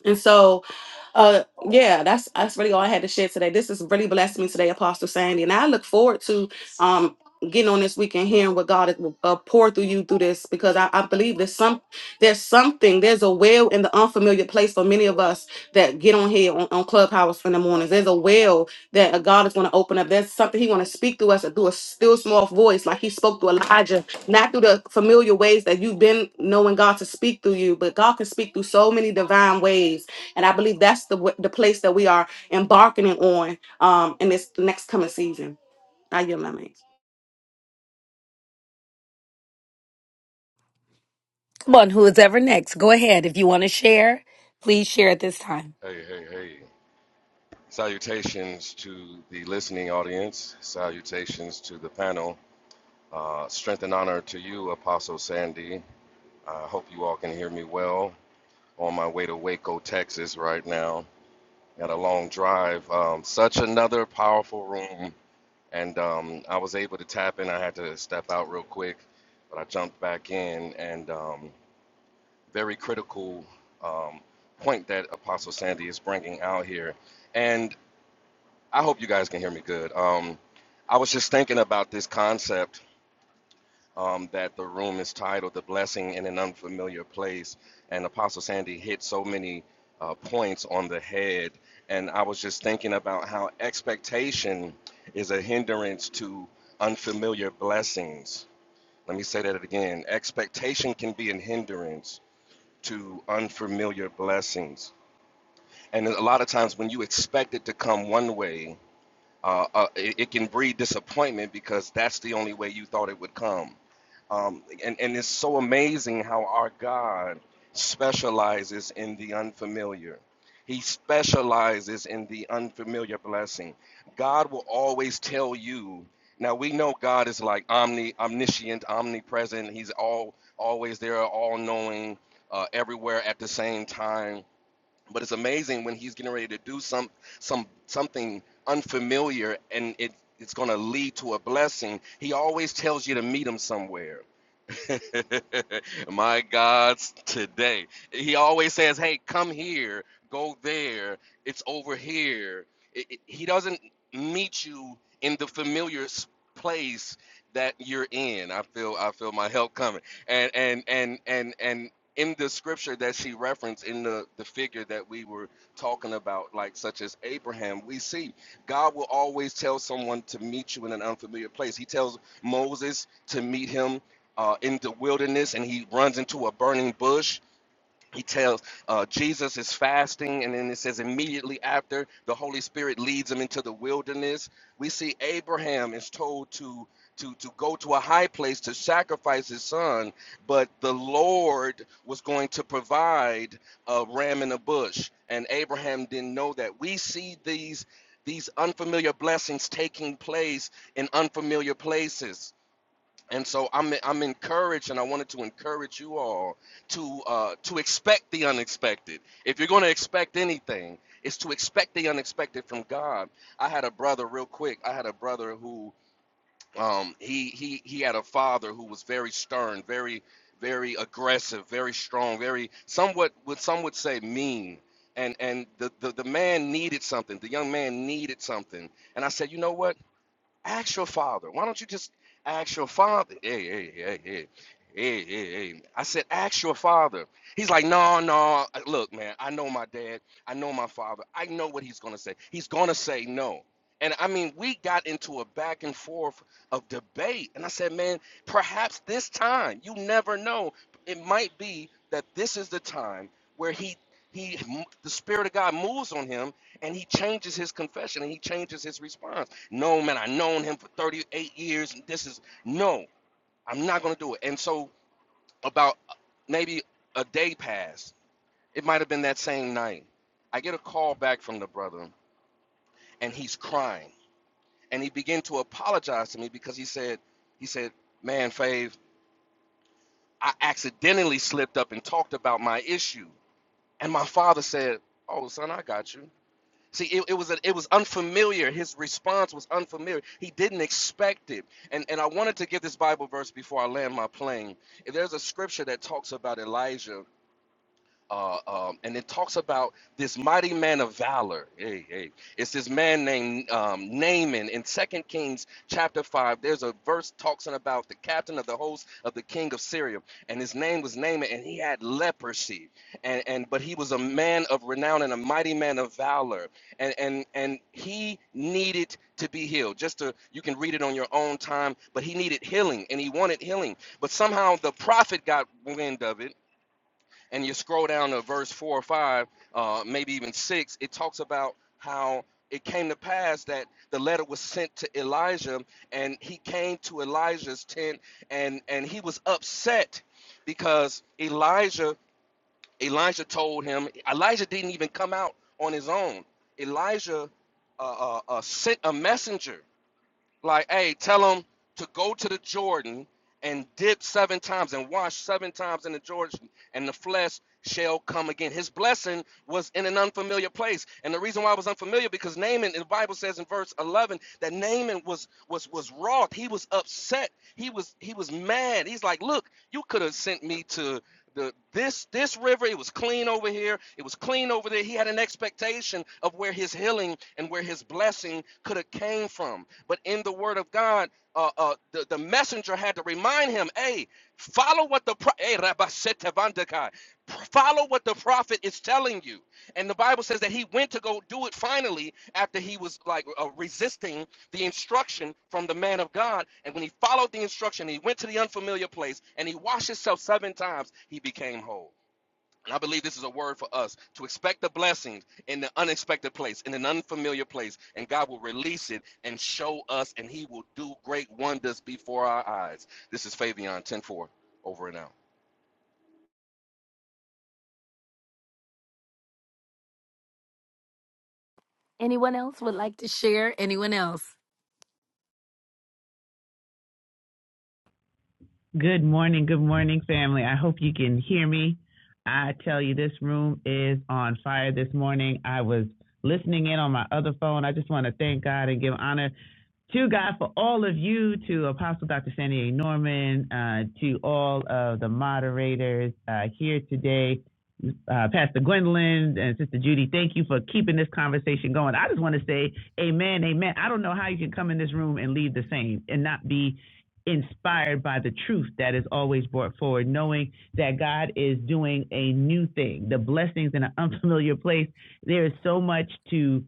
And so uh, yeah, that's that's really all I had to share today. This has really blessed me today, Apostle Sandy, and I look forward to um getting on this weekend, hearing what God is will uh, pour through you through this, because I, I believe there's some there's something there's a well in the unfamiliar place for many of us that get on here on, on Clubhouse in the mornings. There's a well that uh, God is going to open up. There's something He want to speak through us through a still small voice, like He spoke to Elijah, not through the familiar ways that you've been knowing God to speak through you, but God can speak through so many divine ways and I believe that's the w- the place that we are embarking on um, in this next coming season. I yield my mic.
Come on, who is ever next? Go ahead. If you want to share, please share at this time.
Hey, hey, hey. Salutations to the listening audience. Salutations to the panel. Uh, strength and honor to you, Apostle Sandy. I hope you all can hear me well. On my way to Waco, Texas, right now. Got a long drive. Um, such another powerful room. And um, I was able to tap in. I had to step out real quick, but I jumped back in. And um, very critical um, point that Apostle Sandy is bringing out here. And I hope you guys can hear me good. Um, I was just thinking about this concept um, that the room is titled "The Blessing in an Unfamiliar Place," and Apostle Sandy hit so many uh, points on the head. And I was just thinking about how expectation is a hindrance to unfamiliar blessings. Let me say that again: expectation can be a hindrance to unfamiliar blessings. And a lot of times, when you expect it to come one way, uh, uh, it, it can breed disappointment because that's the only way you thought it would come. Um, and, and it's so amazing how our God specializes in the unfamiliar. He specializes in the unfamiliar blessing. God will always tell you. Now we know God is like omni, omniscient, omnipresent. He's all always there, all knowing, uh, everywhere at the same time but it's amazing when he's getting ready to do some some something unfamiliar and it it's going to lead to a blessing he always tells you to meet him somewhere My God's today. He always says, "Hey, come here, go there. It's over here." It- it- he doesn't meet you in the familiar s- place that you're in. I feel I feel my help coming. And and and and and in the scripture that she referenced in the the figure that we were talking about like such as Abraham, we see God will always tell someone to meet you in an unfamiliar place. He tells Moses to meet him uh, in the wilderness and he runs into a burning bush. He tells uh, Jesus is fasting, and then it says immediately after the Holy Spirit leads him into the wilderness. We see Abraham is told to to to go to a high place to sacrifice his son, but the Lord was going to provide a ram in a bush, and Abraham didn't know that. We see these these unfamiliar blessings taking place in unfamiliar places and so I'm I'm encouraged, and I wanted to encourage you all to uh, to expect the unexpected. If you're going to expect anything, it's to expect the unexpected from God. I had a brother, real quick. I had a brother who um, he he he had a father who was very stern, very very aggressive, very strong, very somewhat what some would say mean. And and the, the the man needed something. The young man needed something. And I said, you know what? Ask your father. Why don't you just ask your father? Hey, hey, hey, hey. Hey, hey, hey. I said, ask your father. He's like, no, no. uh, Look, man, I know my dad. I know my father. I know what he's going to say. He's going to say no. And I mean, we got into a back and forth of debate. And I said, man, perhaps this time, you never know. It might be that this is the time where he, he, the Spirit of God moves on him and he changes his confession and he changes his response. No, man, I known him for 38 years, and this is no, I'm not gonna do it. And so about uh, maybe a day passed. It might have been that same night. I get a call back from the brother, and he's crying, and he began to apologize to me because he said, he said, man, Fave, I accidentally slipped up and talked about my issue, and my father said, oh son, I got you. See, it, it was a, it was unfamiliar. His response was unfamiliar. He didn't expect it. And and I wanted to give this Bible verse before I land my plane. There's a scripture that talks about Elijah uh, um, and it talks about this mighty man of valor. Hey, hey, it's this man named um, Naaman in Second Kings chapter five. There's a verse talking about the captain of the host of the king of Syria, and his name was Naaman, and he had leprosy, and and but he was a man of renown and a mighty man of valor, and and and he needed to be healed. Just to you can read it on your own time, but he needed healing, and he wanted healing, but somehow the prophet got wind of it and you scroll down to verse four or five, uh, maybe even six, it talks about how it came to pass that the letter was sent to Elijah, and he came to Elijah's tent, and and he was upset because Elijah Elijah told him Elijah didn't even come out on his own. Elijah uh, uh, uh, sent a messenger like, hey, tell them to go to the Jordan and dip seven times and wash seven times in the Jordan, and the flesh shall come again. His blessing was in an unfamiliar place, and the reason why it was unfamiliar because Naaman, the Bible says in verse eleven that Naaman was was was wroth. He was upset. He was he was mad. He's like, look, you could have sent me to the, this this river, it was clean over here. It was clean over there. He had an expectation of where his healing and where his blessing could have came from. But in the Word of God, uh, uh, the, the messenger had to remind him, "Hey, follow what the pro- hey, Rabba Sete follow what the prophet is telling you." And the Bible says that he went to go do it finally after he was like uh, resisting the instruction from the man of God. And when he followed the instruction, he went to the unfamiliar place and he washed himself seven times, he became whole. And I believe this is a word for us to expect the blessings in the unexpected place, in an unfamiliar place, and God will release it and show us, and He will do great wonders before our eyes. This is Fabian Ten Four over and out.
Like to share? Anyone else?
Good morning, good morning, family. I hope you can hear me. I tell you, this room is on fire this morning. I was listening in on my other phone. I just want to thank God and give honor to God for all of you, to Apostle Dr. Sandy A. Norman, uh, to all of the moderators uh, here today uh, Pastor Gwendolyn and Sister Judy, thank you for keeping this conversation going. I just want to say, Amen, Amen. I don't know how you can come in this room and leave the same and not be inspired by the truth that is always brought forward, knowing that God is doing a new thing, the blessings in an unfamiliar place. There is so much to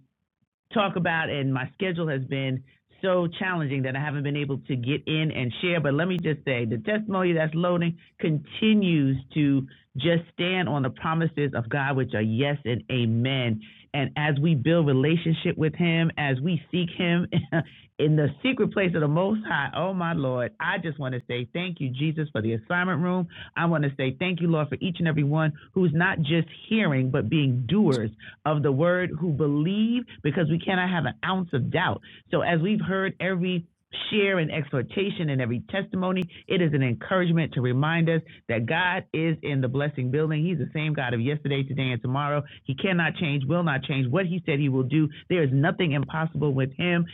talk about, and my schedule has been so challenging that I haven't been able to get in and share. But let me just say the testimony that's loading continues to just stand on the promises of God, which are yes and amen. And as we build relationship with Him, as we seek Him in the secret place of the Most High, oh my Lord, I just want to say thank you, Jesus, for the assignment room. I want to say thank you, Lord, for each and every one who's not just hearing, but being doers of the word who believe because we cannot have an ounce of doubt. So as we've heard every share and exhortation and every testimony, it is an encouragement to remind us that God is in the blessing building. He's the same God of yesterday, today, and tomorrow. He cannot change, will not change what he said he will do. There is nothing impossible with him.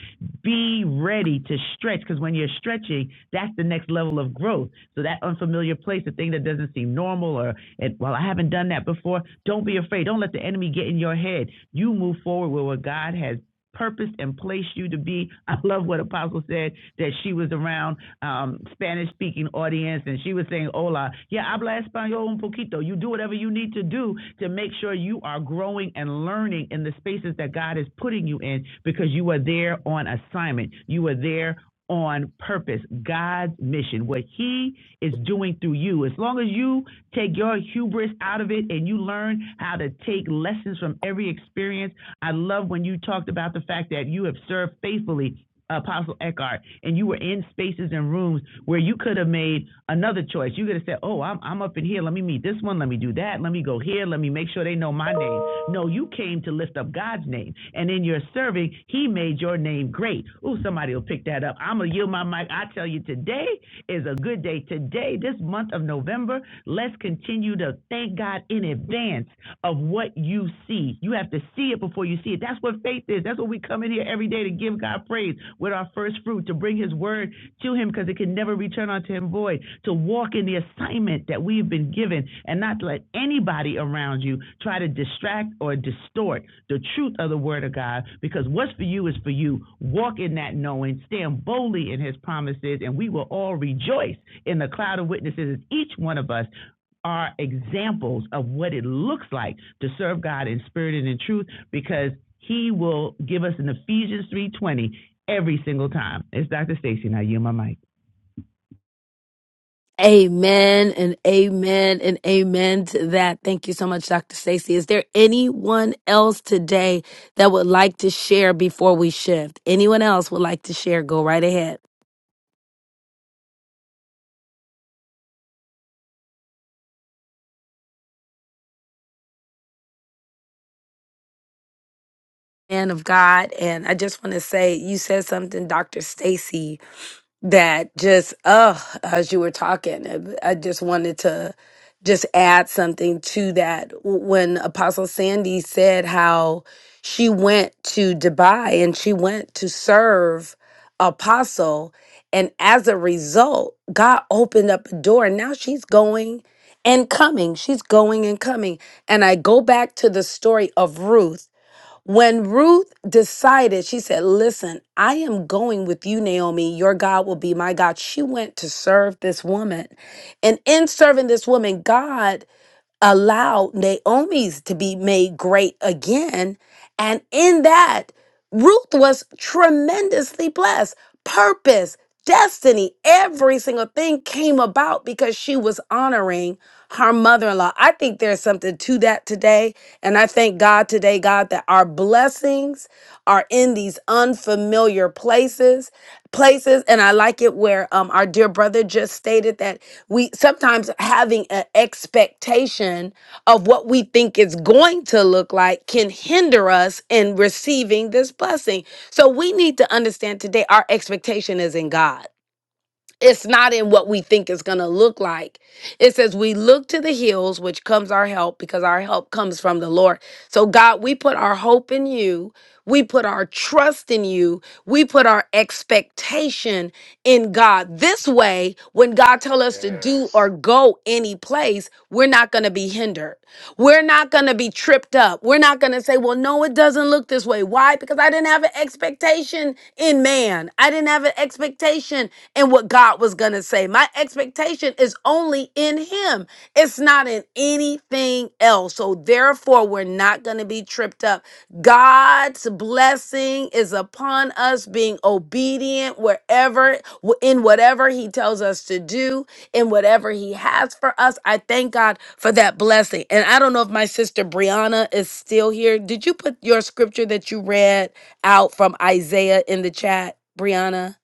Be ready to stretch because when you're stretching, that's the next level of growth. So that unfamiliar place, the thing that doesn't seem normal, or and, well, I haven't done that before. Don't be afraid. Don't let the enemy get in your head. You move forward with what God has purposed and placed you to be. I love what Apostle said that she was around um, Spanish speaking audience and she was saying, Hola, yeah, habla español un poquito. You do whatever you need to do to make sure you are growing and learning in the spaces that God is putting you in because you are there on assignment. You are there on purpose, God's mission, what He is doing through you. As long as you take your hubris out of it and you learn how to take lessons from every experience, I love when you talked about the fact that you have served faithfully. Apostle Eckhart, and you were in spaces and rooms where you could have made another choice. You could have said, "Oh, I'm I'm up in here. Let me meet this one. Let me do that." that. Let me go here. Let me make sure they know my name. No, you came to lift up God's name. And in your serving, He made your name great. Ooh, somebody will pick that up. I'm going to yield my mic. I tell you, today is a good day. Today, this month of November, let's continue to thank God in advance of what you see. You have to see it before you see it. That's what faith is. That's what we come in here every day to give God God praise with our first fruit, to bring his word to him because it can never return unto him void, to walk in the assignment that we've been given and not let anybody around you try to distract or distort the truth of the word of God because what's for you is for you. Walk in that knowing, stand boldly in his promises, and we will all rejoice in the cloud of witnesses, as each one of us are examples of what it looks like to serve God in spirit and in truth because he will give us an Ephesians 3:20 every single time. It's Dr. Stacy now you my mic.
Amen and amen and amen to that. Thank you so much, Dr. Stacy. Is there anyone else today that would like to share before we shift? Anyone else would like to share? Go right ahead. man of God. And I just want to say, you said something, Dr. Stacy, that just, uh, as you were talking, I I just wanted to just add something to that. When Apostle Sandy said how she went to Dubai and she went to serve Apostle, and as a result, God opened up a door, and now she's going and coming. She's going and coming. And I go back to the story of Ruth when Ruth decided, she said, Listen, I am going with you, Naomi. Your God will be my God. She went to serve this woman. And in serving this woman, God allowed Naomi's to be made great again. And in that, Ruth was tremendously blessed. Purpose, destiny, every single thing came about because she was honoring her mother in law. I think there's something to that today. And I thank God today, God, that our blessings are in these unfamiliar places. Places, and I like it where um, our dear brother just stated that we sometimes having an expectation of what we think is going to look like can hinder us in receiving this blessing. So we need to understand today our expectation is in God. It's not in what we think it's going to look like. It says, We look to the hills, which comes our help, because our help comes from the Lord. So, God, we put our hope in you. We put our trust in you. We put our expectation in God. This way, when God tells us to do or
Yes.
go any place, we're not going to be hindered. We're not going to be tripped up. We're not going to going to say, well, no, it doesn't look this way. Why? Because I didn't have an expectation in man. I didn't have an expectation in what God was going to say. My expectation is only in Him, it's not in anything else. So therefore, we're not going to be tripped up. God's blessing is upon us being obedient wherever, in whatever He tells us to do in whatever he has for us. I thank God for that blessing. And I don't know if my sister Brianna is still here. Did you put your scripture that you read out from Isaiah in the chat, Brianna?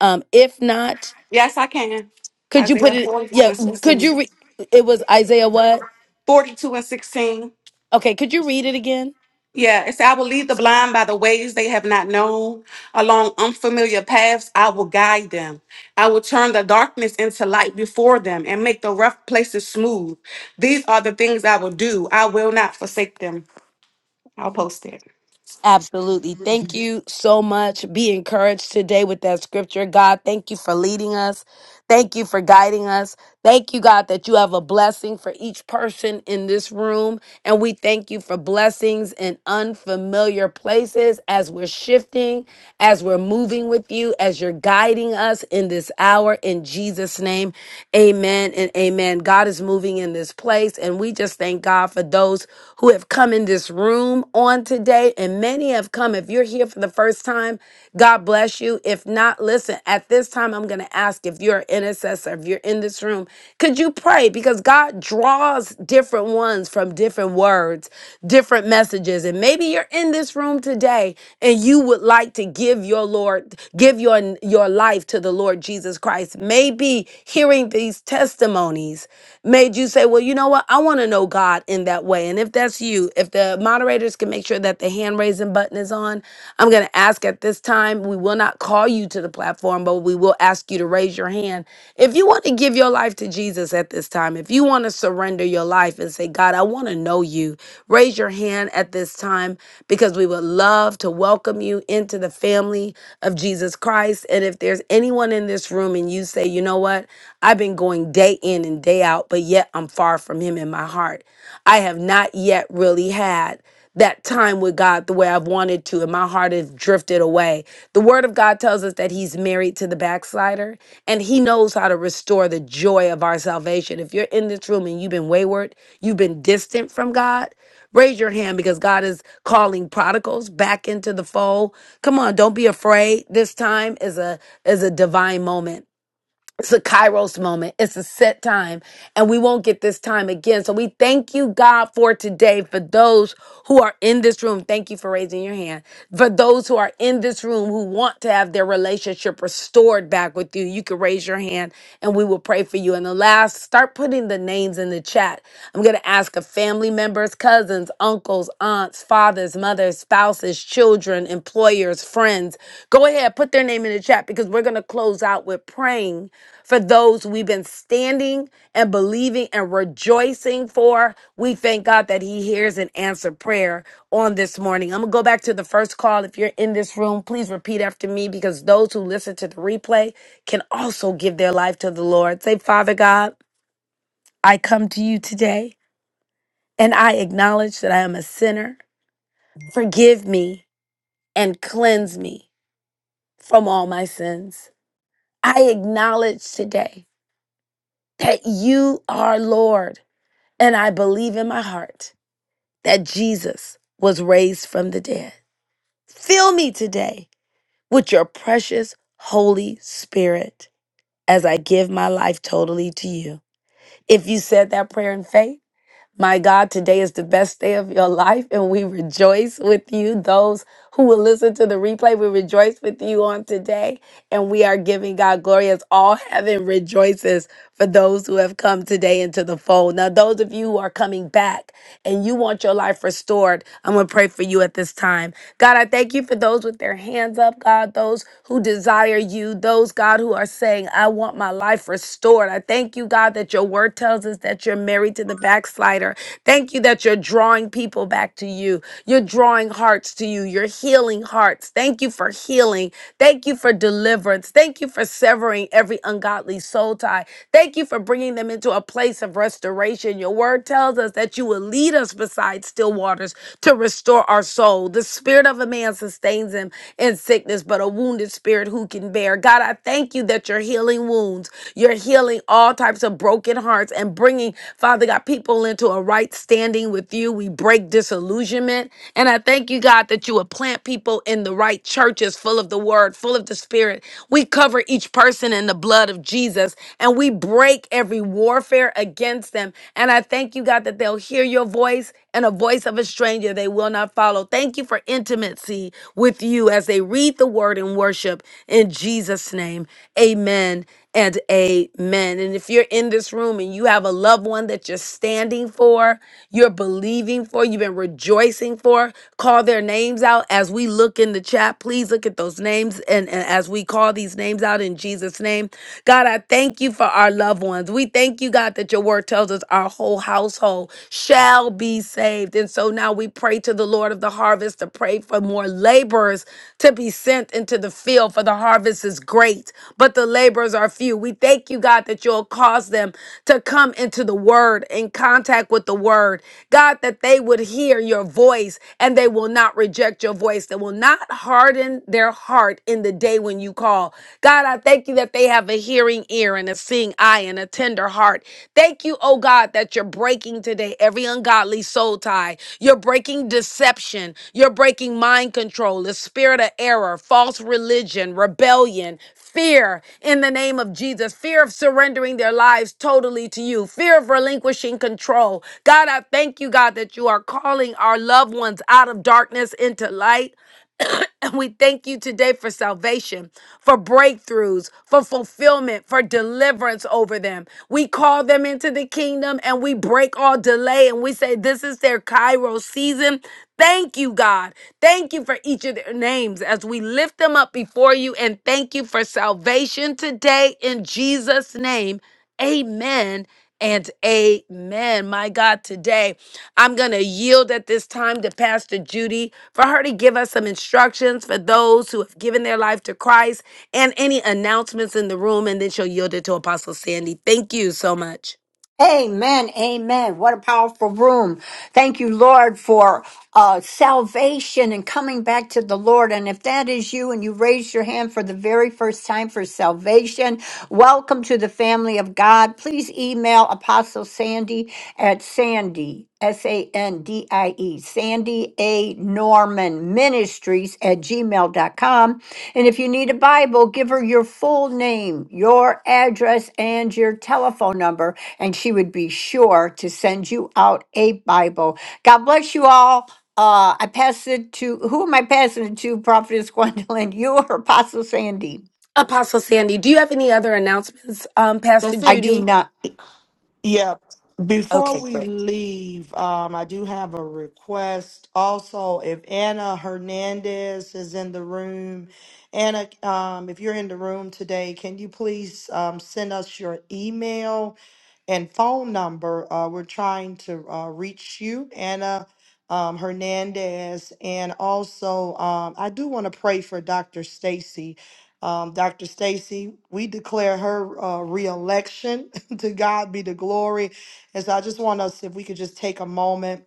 Um if not,
Yes, I can.
could you put
Isaiah
it
42
yeah,
and
could
16.
you re- it was Isaiah what?
42 and 16.
Okay, could you read it again?
Yeah, it's I will lead the blind by the ways they have not known. Along unfamiliar paths, I will guide them. I will turn the darkness into light before them and make the rough places smooth. These are the things I will do. I will not forsake them. I'll post it.
Absolutely. Thank you so much. Be encouraged today with that scripture. God, thank you for leading us. Thank you for guiding us. Thank you, God, that you have a blessing for each person in this room. And we thank you for blessings in unfamiliar places as we're shifting, as we're moving with you, as you're guiding us in this hour. In Jesus' name, amen and amen. God is moving in this place. And we just thank God for those who have come in this room on today. And many have come. If you're here for the first time, God bless. God bless you. If not, listen, at this time, I'm going to ask if you're an intercessor, if you're in this room, could you pray? Because God draws different ones from different words, different messages. And maybe you're in this room today and you would like to give your Lord, give your, your life to the Lord Jesus Christ. Maybe hearing these testimonies made you say, well, you know what? I want to know God in that way. And if that's you, if the moderators can make sure that that the hand raising button is on. I'm going to ask at this time, we will not call you to the platform, but we will ask you to raise your hand. If you want to give your life to Jesus at this time, if you want to surrender your life and say, God, I want to know you, raise your hand at this time because we would love to welcome you into the family of Jesus Christ. And if there's anyone in this room and you say, you know what, I've been going day in and day out, but yet I'm far from him in my heart. I have not yet really had that time with God the way I've wanted to, and my heart has drifted away. The Word of God tells us that He's married to the backslider, and He knows how to restore the joy of our salvation. If you're in this room and you've been wayward, you've been distant from God, raise your hand because God is calling prodigals back into the fold. Come on, don't be afraid. This time is a is a divine moment. It's a Kairos moment. It's a set time, and we won't get this time again. So we thank you, God, for today. For those who are in this room, thank you for raising your hand. For those who are in this room who want to have their relationship restored back with you, you can raise your hand and we will pray for you. And the last, start putting the names in the chat. I'm going to ask of family members, cousins, uncles, aunts, fathers, mothers, spouses, children, employers, friends. Go ahead, put their name in the chat because we're going to close out with praying for those we've been standing and believing and rejoicing for. We thank God that He hears and answers prayer on this morning. I'm going to go back to the first call. If you're in this room, please repeat after me because those who listen to the replay can also give their life to the Lord. Say, Father God, I come to you today and I acknowledge that I am a sinner. Forgive me and cleanse me from all my sins. I acknowledge today that you are Lord And I believe in my heart that Jesus was raised from the dead. Fill me today with your precious Holy Spirit as I give my life totally to you. If you said that prayer in faith, my God, today is the best day of your life, and we rejoice with you. Those who will listen to the replay, we rejoice with you on today, and we are giving God glory as all heaven rejoices for those who have come today into the fold. Now, those of you who are coming back and you want your life restored, I'm going to pray for you at this time. God, I thank you for those with their hands up, God, those who desire you, those, God, who are saying, I want my life life restored. I thank you, God, that your word tells us that you're married to the backslider. Thank you that you're drawing people back to you. You're drawing hearts to you. You're healing hearts. Thank you for healing. Thank you for deliverance. Thank you for severing every ungodly soul tie. Thank you for bringing them into a place of restoration. Your word tells us that you will lead us beside still waters to restore our soul. The spirit of a man sustains him in sickness there's but a wounded spirit who can bear. God, I thank you that you're healing wounds. You're healing all types of broken hearts and bringing, Father God, people into a right standing with you. We break disillusionment. And I thank you, God, that you would plant people in the right churches full of the word, full of the spirit. We cover each person in the blood of Jesus and we break every warfare against them. And I thank you, God, that they'll hear your voice and a voice of a stranger stranger they will not follow. Thank you for intimacy with you as they read the word and worship in Jesus' name. Amen and amen. And if you're in this room and you have a loved one that you're standing for, you're believing for, you've been rejoicing for, call their names out as we look in the chat. Please look at those names and, and as we call these names out in Jesus' name. God, I thank you for our loved ones. We thank you, God, that your word word tells us our whole household shall be saved. And so now we pray to the Lord of the harvest to pray for more laborers to be sent into the field, for the harvest is great, but the laborers are few. We thank you, God, that you'll cause them to come into the word, in contact with the word. God, that they would hear your voice and they will not reject your voice, they will not harden their heart in the day when you call. God, I thank you that they have a hearing ear and a seeing eye and a tender heart. Thank you, oh God, that you're breaking today every ungodly soul tie. You're breaking deception. You're breaking mind control, the spirit of error, false religion, rebellion, fear in the name of Jesus, fear of surrendering their lives totally to you, fear of relinquishing control. God, I thank you, God, that you are calling our loved ones out of darkness into light. And we thank you today for salvation, for breakthroughs, for fulfillment, for deliverance over them. We call them into the kingdom and we break all delay and we say, This is their Cairo season. Thank you, God. Thank you for each of their names as we lift them up before you and thank you for salvation today in Jesus' name. Amen and amen. My God, today I'm going to yield at this time to Pastor Judy for her to give us some instructions for those who have given their life to Christ and any announcements in the room, and then she'll yield it to Apostle Sandy. Thank you so much.
Amen. Amen. What a powerful room. Thank you, Lord, for uh, salvation and coming back to the Lord. And if that is you and you raise your hand for the very first time for salvation, welcome to the family of God. Please email Apostle Sandy at Sandy, S A N D I E, Sandy A. Norman Ministries at gmail dot com. And if you need a Bible, give her your full name, your address, and your telephone number and she would be sure to send you out a Bible. God bless you all. Uh, I pass it to who am I passing it to? Prophetess Gwendolyn, you or Apostle Sandy?
Apostle Sandy, do you have any other announcements, um, Pastor
That's
I
it.
do
Judy?
not.
Yeah. Before
Okay,
we
great.
leave, um, I do have a request. Also, if Anna Hernandez is in the room, Anna, um, if you're in the room today, can you please um, send us your email? and phone number. Uh, we're trying to uh, reach you, Anna um, Hernandez, and also um, I do want to pray for Dr. Stacy. Um, Dr. Stacy, we declare her uh, reelection. to God be the glory. And so I just want us, if we could just take a moment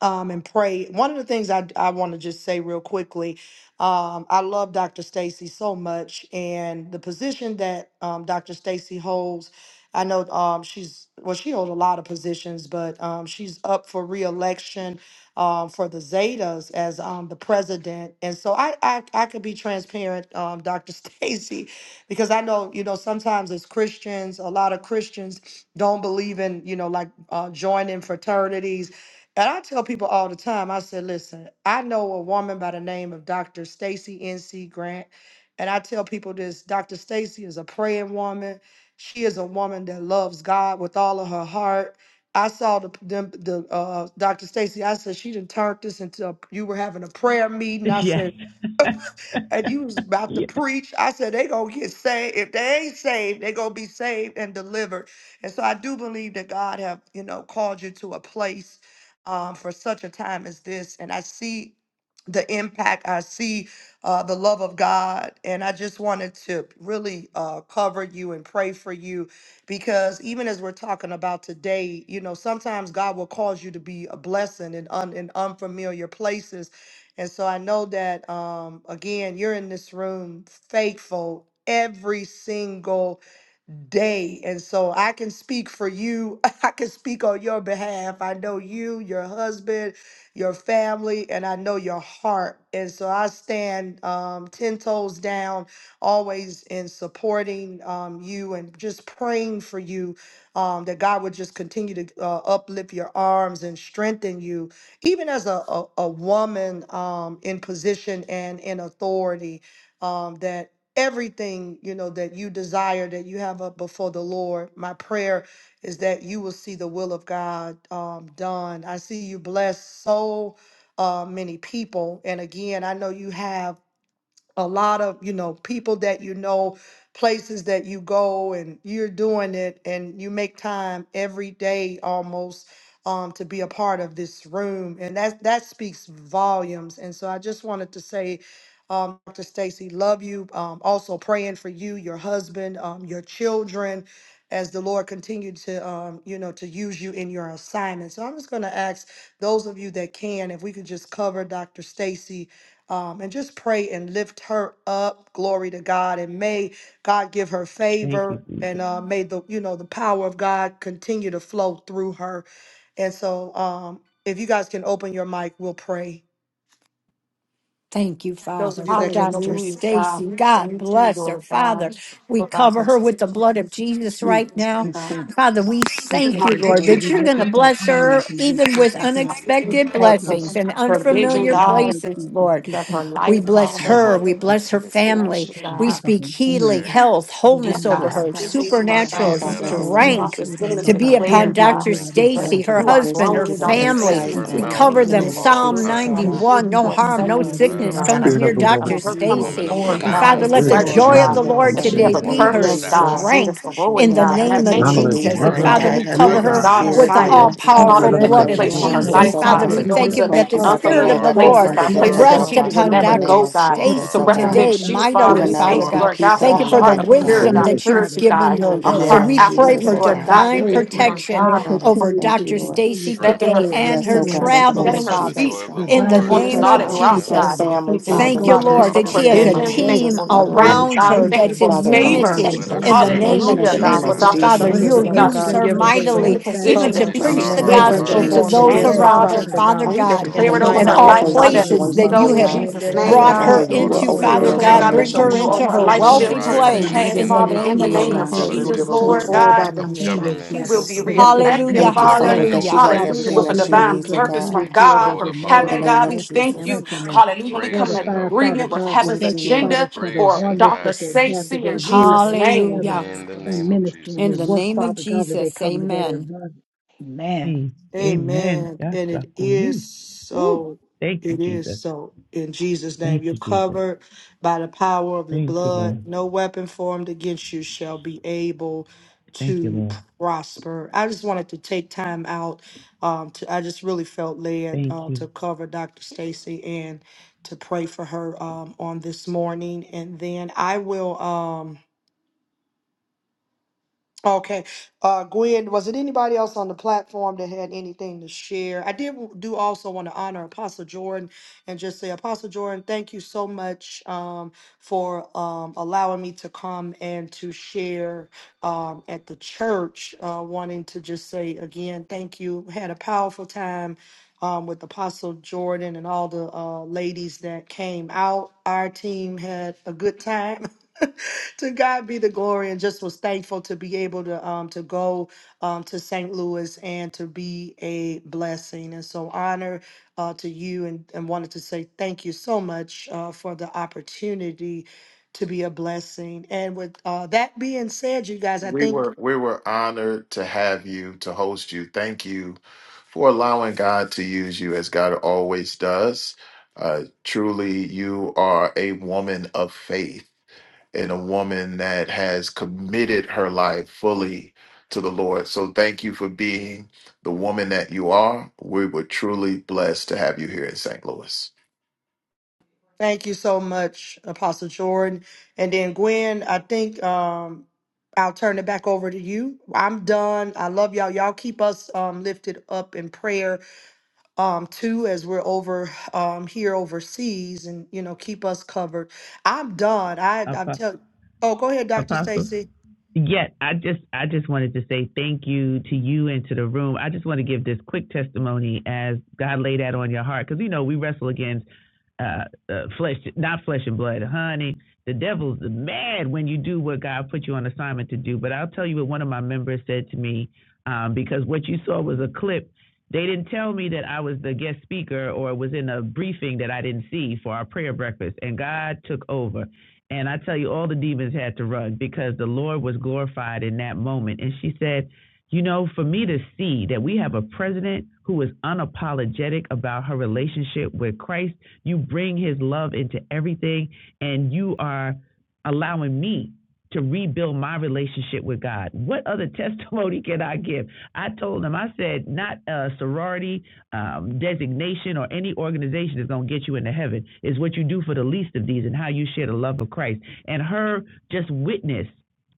um, and pray. One of the things I, I want to just say real quickly, um, I love Dr. Stacy so much, and the position that um, Dr. Stacy holds, I know um, she's well, she holds a lot of positions, but um, she's up for reelection um, for the Zetas as um, the president, and so I I, I could be transparent, um, Dr. Stacy, because I know you know sometimes as Christians, a lot of Christians don't believe in you know like uh, joining fraternities and I tell people all the time, I said, listen, I know a woman by the name of Dr. Stacy NC Grant. And I tell people this Dr. Stacy is a praying woman. She is a woman that loves God with all of her heart. I saw the them, the uh, Dr. Stacy. I said she done turned this into a, you were having a prayer meeting. I
Yes.
said and you was about to
yes.
preach. I said they gonna get saved. If they ain't saved, they gonna be saved and delivered. And so I do believe that God have you know called you to a place um, for such a time as this. And I see the impact. I see uh, the love of God. And I just wanted to really uh, cover you and pray for you because even as we're talking about today, you know, sometimes God will cause you to be a blessing in, un- in unfamiliar places and so I know that, um, again, you're in this room faithful every single day. And so I can speak for you. I can speak on your behalf. I know you, your husband, your family, and I know your heart. And so I stand um, 10 toes down, always in supporting um, you and just praying for you um, that God would just continue to uh, uplift your arms and strengthen you, even as a, a, a woman um, in position and in authority. Um, that everything you know that you desire that you have up before the lord my prayer is that you will see the will of god um, done i see you bless so uh, many people and again i know you have a lot of you know people that you know places that you go and you're doing it and you make time every day almost um, to be a part of this room and that that speaks volumes and so i just wanted to say um, dr stacy love you um, also praying for you your husband um, your children as the lord continue to um, you know to use you in your assignment so i'm just going to ask those of you that can if we could just cover dr stacy um, and just pray and lift her up. Glory to God, and may God give her
Thank you
favor,
Jesus.
and uh, may the you know the power of God continue to flow through her. And so, um, if you guys can open your mic, we'll pray.
Thank you,
Those of
Father,
you
for
that can open,
Dr.
Hallelujah, God.
Stacy.
We
God
thank you,
bless her,
Lord God,
Father. We
for that
cover her with the
provision,
blood of Jesus
We
right now.
and
God.
so
Father, we
we thank
thank you,
you,
Lord,
Lord, and
that
we
you're
lift
going to
up our
bless
arms
her
and we
even
step
with
our heart.
Yeah,
We
unexpected
For
lift
platala
up
blessings
for-
and
for
in the
sukutaramandelebedan.
provision,
mighty
unfamiliar
name
God,
of
places,
Jesus.
Lord.
We
of her
thank you,
Yetet
We
life,
Father,
bless
Father.
Lord,
her. We
ishkurunaravan.
for
bless her
This bless
family.
you,
the
We
God.
work of
speak
your
You
healing,
hand.
said
health,
We
Dear
wholeness
name it.
over
Yes,
you
God,
her,
would
we
give
God.
her
thank you,
what to
Father,
Lord
I
God,
say
We
supernatural
in
and
thank
that
Father,
even
you,
in
as
hour.
the name of
Father,
strength
prophets,
Lord, our
women
Jesus,
have
to
oh
Lord, our
be
God,
upon
declared,
We
God,
Dr.
Lord, our
thank you
Lord,
keep her,
that
our
Stacy,
give
her
God.
you
her
are
husband,
wisdom,
her
growing,
give her
Dr.
that in
family.
Stacy,
insight,
her
into
We
oh
and
mouth
God,
Yes,
cover
in
is
even
the
in
the
them.
name
this
of
law
is
of
Psalm
good,
Jesus, oh
Father. We
God.
kindness.
thank
91
you
no
for a
harm, no
second
yes,
year,
Ah,
sickness
Lord
God,
God,
comes
I
brother.
Spirit
near
of
pray,
the
God,
of
Lord,
Dr.
that
Father
her
you
A
God.
coming
will
woman
Stacy.
lead
of
and
forward,
And
guide
God,
Father,
her
renown,
as
the
let
yes,
the
way
wisdom,
that
president,
she
Lord.
joy of
God,
knowledge,
the
should go,
Lord
that she
Father,
a
in
today
have
the
a
confidence,
be
name
woman
of
of
her
purpose,
Yes,
stature.
God,
Jesus.
Lord.
in this
strength
we
in
sorority,
the
Lord
God.
God,
And I
name of
thank
continue
you.
know
to
that
knowledge,
Your
lead
Jesus.
Jesus
her
And
word
took
and
Father,
goes
reverential,
you
we
guide
Yes,
her by
pure
cover
before
your
her
her,
God,
and
God
Father
Lord.
with
spirit,
the
by
God.
your
all
assignment,
power,
We
Spirit
powerful
in
hallelujah,
of
the
bless
that you're
blood
might,
you
name
of
your
of
placed
spirit
on
of
her
word
and
glory,
we
Jesus.
Jesus,
life,
yes,
oh
goes
thank
spirit
Father,
God,
of
God.
you.
we
to
We
behind
go
thank
her.
wisdom,
lift
you
into
her
Lord.
that
Thank
the
you,
up.
God, that
You
Spirit
no
unfamiliar
of
are
the
her
weapon
Paul,
Lord.
places,
my
formed
God,
rear
against
bless.
her
yes,
places
guard.
We
shall
that
Rest
Lord.
people would
prosper
upon
in
crown
never
the
her
name
Dr.
go,
of
You
God,
with the
Jesus,
to
are,
Stacy
oh God.
crown
today
represent
of
you, Father.
mightily,
heaven.
Even
We
Yes,
now, we
you
Father
thank you,
Lord.
God.
speak
are,
Lord
peace
God,
If
to
for
Father.
Thank
you
a
you
her
for
place
the
heart
mind,
of
oh
We
upon our
pure,
thank
God,
wisdom
Lord,
you.
God,
dear
of the
that you've
Father
purity,
to
given
do
God,
the
her.
in
a
the
work,
So
name
if
heart
of
you
Yeah,
we
after
pray
nothing
you,
Jesus,
for
oh
Oh,
Lord
God.
that
you
you're
God. We
divine
giving
praise
thank you,
to
grace
Lord
to
let
protection
it
God,
her,
Hallelujah.
for
over
continue
Thank
to
you,
Dr.
Lord.
continue
Stacy
to
strength
stepping
to
her,
today
flow and
her.
to
and
Yes,
do
her
oh
the things
God, in
you
yes,
the
call
name
Lord.
travels,
it
setting
of
her
the
Father,
feet
Jesus,
The
God.
in the
divine
Lord
on the
Keep her,
name
is
protection
of
her
solid
Father.
as you
rock,
Keep
strength.
her
God.
Jesus.
travel, the
We
family,
places
thank
you
Thank
you,
Father.
Thank
you,
you,
go, the
Let
Father,
her
just
Lord,
people
for
that
you
In
she
Jesus.
operate
the
in
Yeah,
has
name
see,
a
the
of
man,
provision. We
they
joy.
go
road
thank
to
you
the
team
Jesus,
for
Father,
good.
we
Son,
sources
strength,
around
you
God. We
her
meet,
thank you
that's
the
for
in
Father,
encounters
bind
We
that
favor.
Oh,
unity
you
let
sexual
her
never
have,
in
the
the
so
turn the
good
name
convulsion
of
to
in
individual
Hallelujah,
city
the
the
God.
name
church,
Father.
For
of
Jesus.
go
upside
And
Oh,
to
Dr.
down.
Father,
the
shunned
Make
Jesus.
it,
other
the
you'll
Stacy,
another
way
Okay.
God,
levels,
use
she's
God,
we
straight,
her
give
will
her
be
Father,
the
in the
mightily
strength.
best.
dispatch
So,
even
position
to
Cover,
that
her,
Did
she
angels
not
see
You,
God.
preach
for
our
Let
the
so
no
hearts
fit
God,
in
angels,
in the
weapon
gospel
name
burn?
to
of
Father,
Jesus'
formed
to
those
man,
name,
against
they
Jesus.
direct
her
go
around
to
her,
the
Father.
God
prosper,
church,
Father
And
God.
we
go to
and
God
In
declare
the
it
the
Thank
Oh,
you,
over
protect
other
mighty
and
her
the
Father,
all
name
for
life,
child
levels,
of
of
what
God,
you're
so
that
God, the
go
places
doing
to
for
that
the
so
her,
you
minister
in
Jesus.
church,
God.
have
angels
go
Send
Jesus'
the
that
to
I
name,
the
pray,
brought
my
sons
other
God,
take
God.
and
her
that
care
son,
you
of
levels,
will
daughters
into,
of
We
so
him,
open
go
God
Father
to
oh
doors
the
declare,
no
God,
God.
God,
church,
that
man
that
Bring
she
your
arise.
can
go
her
to
will
needs
into
shut,
over her
the
her
strength
other
life
and
Father,
She's
in
help.
the
shall
wealthy
come
levels.
name
to
In
of
the
arising
place
mighty
pass,
in
in
Jesus.
the
the
name
Father,
of
in
name
the
of
mountain
Yeah,
Jesus,
Oh,
name
we
of
of
man,
God,
thank
they
that
you
you
go to
Jesus.
will
that
give
Jesus,
the
her
her
politics,
Lord,
husband
church,
is
Oh,
go
God.
wisdom,
by
to
blessed, her
of
the other
family is
She
levels,
blessed,
government.
will be
Jesus.
the
so the
works
other
of our
levels,
reelected,
A
Hallelujah,
hands
Thank you,
are
Father.
Father,
we
blessed.
that
governmental
she
will
hallelujah,
has
Father
Hallelujah.
everything
God,
With
grace
a
that
we
she
thank you
divine
be
needs,
for
oh,
the
purpose
the
God,
be
from
unity
best.
and
God,
that
bestowed
from
their
upon
in
marriage
the
heaven,
is
her.
name
God.
of
We
blessed and
thank
Yeah,
you.
Jesus.
man, they
strengthened
go
and
to the
Hallelujah. We
church, go
come
to
Grace
in
in her
fortified.
the other
Father
agreement with
God,
words,
we
heaven's
Thank
thank
you,
levels.
you,
Lord.
Father,
agenda
for the
grace
for
in her
oneness that
Dr.
they
actions.
have, that
Stacy in
they move
Jesus'
in
name.
together
hallelujah.
In the
and
name of
ministry and
In
their
the
Jesus.
work,
name of
Father God, that they
Jesus,
come together as
amen.
one. Amen.
Mm. Amen.
Amen.
That's
And
a
it
good
is
news. Ooh.
so.
Thank you
It is
Jesus.
so. In Jesus'
Thank
name, you're
you Jesus.
covered by the power of the
Thank you
blood.
Lord.
No weapon formed against you shall be able
Thank you
to
Lord.
prosper. I just wanted to take time out. Um, to I just really felt led
Thank
uh,
you.
to cover Dr. Stacy and to pray for her um, on this morning, and then I will. Um, Okay. Uh, Gwen, was it anybody else on the platform that had anything to share? I did w- do also want to honor Apostle Jordan and just say, Apostle Jordan, thank you so much um, for um, allowing me to come and to share um, at the church. Uh, wanting to just say again, thank you. Had a powerful time um, with Apostle Jordan and all the uh, ladies that came out. Our team had a good time. to God be the glory, and just was thankful to be able to um to go um to St. Louis and to be a blessing, and so honor uh, to you, and and wanted to say thank you so much uh, for the opportunity to be a blessing. And with uh, that being said, you guys, I
We were
think
we were honored to have you to host you. Thank you for allowing God to use you as God always does. Uh, truly, you are a woman of faith and a woman that has committed her life fully to the Lord. So, thank you for being the woman that you are. We were truly blessed to have you here in St. Louis.
thank you so much, Apostle Jordan, and then Gwen. I think um. I'll turn it back over to you. I'm done. I love y'all. Y'all keep us um, lifted up in prayer um two as we're over um here overseas and you know keep us covered i'm done i i'm
Apostle
tell oh go ahead dr
Apostle.
stacy
Yeah, I just I just wanted to say thank you to you and to the room. I just want to give this quick testimony as God laid that on your heart because you know we wrestle against uh, uh flesh, not flesh and blood, honey. The devil's mad when you do what God put you on assignment to do. But I'll tell you what one of my members said to me um, because what you saw was a clip. They didn't tell me that I was the guest speaker or was in a briefing that I didn't see for our prayer breakfast, and God took over. And I tell you, all the demons had to run because the Lord was glorified in that moment. And she said, You know, for me to see that we have a president who is unapologetic about her relationship with Christ, you bring his love into everything, and you are allowing me to rebuild my relationship with God. What other testimony can I give? I told him, I said, not a sorority, um, designation or any organization that's going to get you into heaven. It's what you do for the least of these and how you share the love of Christ. And her just witness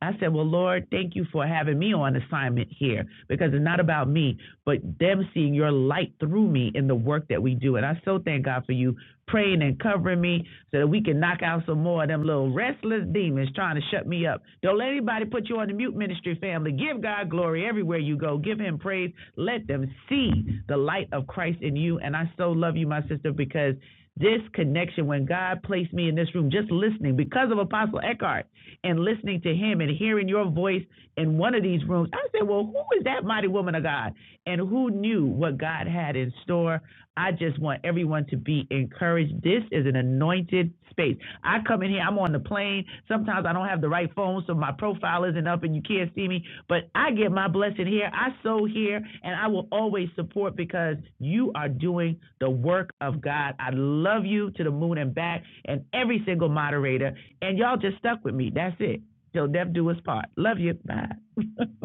I said, Well, Lord, thank you for having me on assignment here because it's not about me, but them seeing your light through me in the work that we do. And I so thank God for you praying and covering me so that we can knock out some more of them little restless demons trying to shut me up. Don't let anybody put you on the mute ministry family. Give God glory everywhere you go. Give him praise. Let them see the light of Christ in you. And I so love you, my sister, because this connection, when God placed me in this room, just listening because of Apostle Eckhart and listening to him and hearing your voice in one of these rooms, I said, Well, who is that mighty woman of God? And who knew what God had in store? I just want everyone to be encouraged. This is an anointed space. I come in here, I'm on the plane. Sometimes I don't have the right phone, so my profile isn't up and you can't see me. But I get my blessing here. I sow here, and I will always support because you are doing the work of God. I love you to the moon and back, and every single moderator. And y'all just stuck with me. That's it. So Dev do his part. Love you. Bye.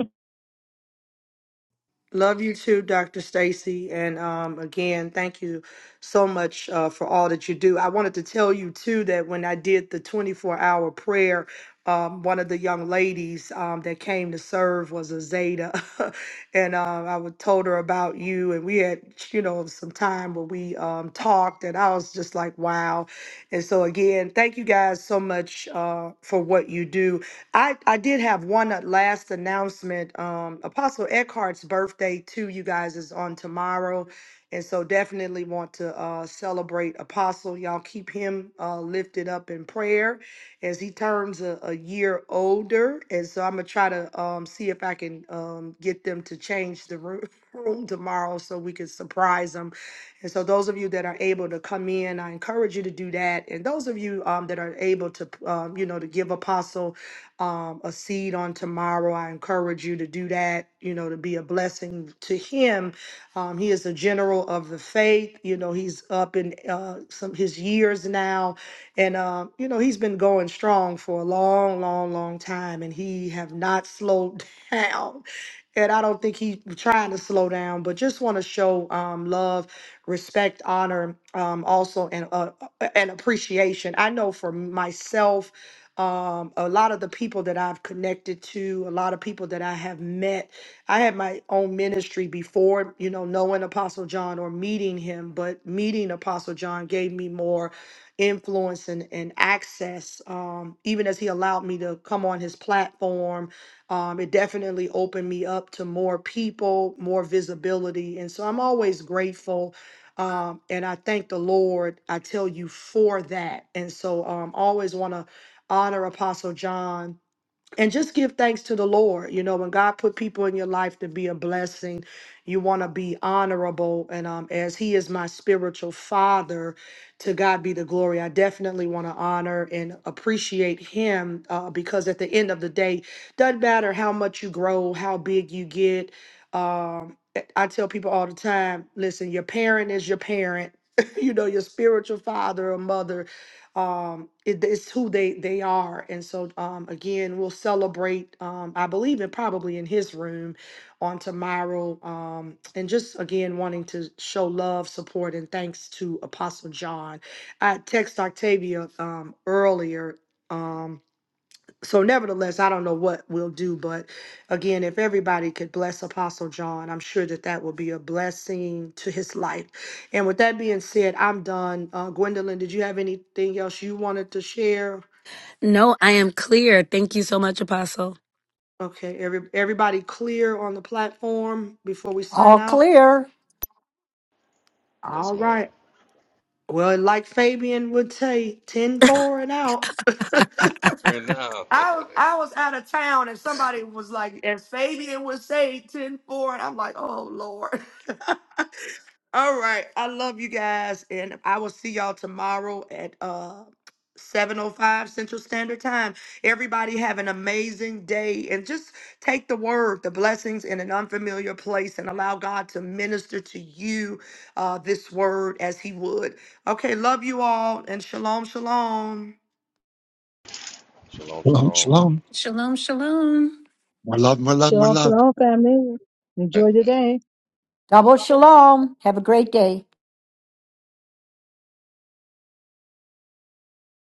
Love you too, Dr. Stacy. And um, again, thank you so much uh, for all that you do. I wanted to tell you too that when I did the 24 hour prayer, um, one of the young ladies um, that came to serve was a Zeta, and um, I would told her about you, and we had you know some time where we um, talked, and I was just like, wow. And so again, thank you guys so much uh, for what you do. I, I did have one uh, last announcement. Um, Apostle Eckhart's birthday, too, you guys, is on tomorrow. And so definitely want to uh, celebrate Apostle. Y'all keep him uh, lifted up in prayer as he turns a, a year older. And so I'm going to try to um, see if I can um, get them to change the room, room tomorrow so we can surprise them. And so those of you that are able to come in, I encourage you to do that. And those of you um, that are able to, um, you know, to give Apostle um, a seed on tomorrow. I encourage you to do that, you know, to be a blessing to him. Um, he is a general of the faith. You know, he's up in uh, some his years now. And, uh, you know, he's been going strong for a long, long, long time. And he have not slowed down. And I don't think he's trying to slow down, but just want to show um, love, respect, honor, um, also, and uh, uh, and appreciation. I know for myself, um, a lot of the people that I've connected to, a lot of people that I have met. I had my own ministry before, you know, knowing Apostle John or meeting him, but meeting Apostle John gave me more influence and, and access. Um, even as he allowed me to come on his platform, um, it definitely opened me up to more people, more visibility. And so I'm always grateful. Um, and I thank the Lord, I tell you, for that. And so um, always want to honor Apostle John, and just give thanks to the Lord. You know, when God put people in your life to be a blessing, you want to be honorable. And um, as He is my spiritual father, to God be the glory. I definitely want to honor and appreciate Him uh, because at the end of the day, doesn't matter how much you grow, how big you get. Um, I I tell people all the time, listen, your parent is your parent. you know, your spiritual father or mother um it, it's who they they are and so um again we'll celebrate um i believe in probably in his room on tomorrow um and just again wanting to show love support and thanks to apostle john i text octavia um earlier um so nevertheless i don't know what we'll do but again if everybody could bless apostle john i'm sure that that will be a blessing to his life and with that being said i'm done uh, gwendolyn did you have anything else you wanted to share
No, I am clear. Thank you so much, Apostle.
okay every, everybody clear on the platform before we sign
All
out
clear.
Yes,
all
ma'am.
right well like fabian would say 10 4 and out
Right now.
I was I was out of town and somebody was like, as Fabian would say, 10 four, And I'm like, oh Lord. All right. I love you guys. And I will see y'all tomorrow at uh 705 Central Standard Time. Everybody have an amazing day and just take the word, the blessings in an unfamiliar place and allow God to minister to you uh, this word as he would. Okay, love you all and shalom, shalom.
shalom,
Shalom,
shalom.
shalom.
Shalom, shalom.
Shalom, shalom, family. Enjoy your day.
Double shalom. Have a great day.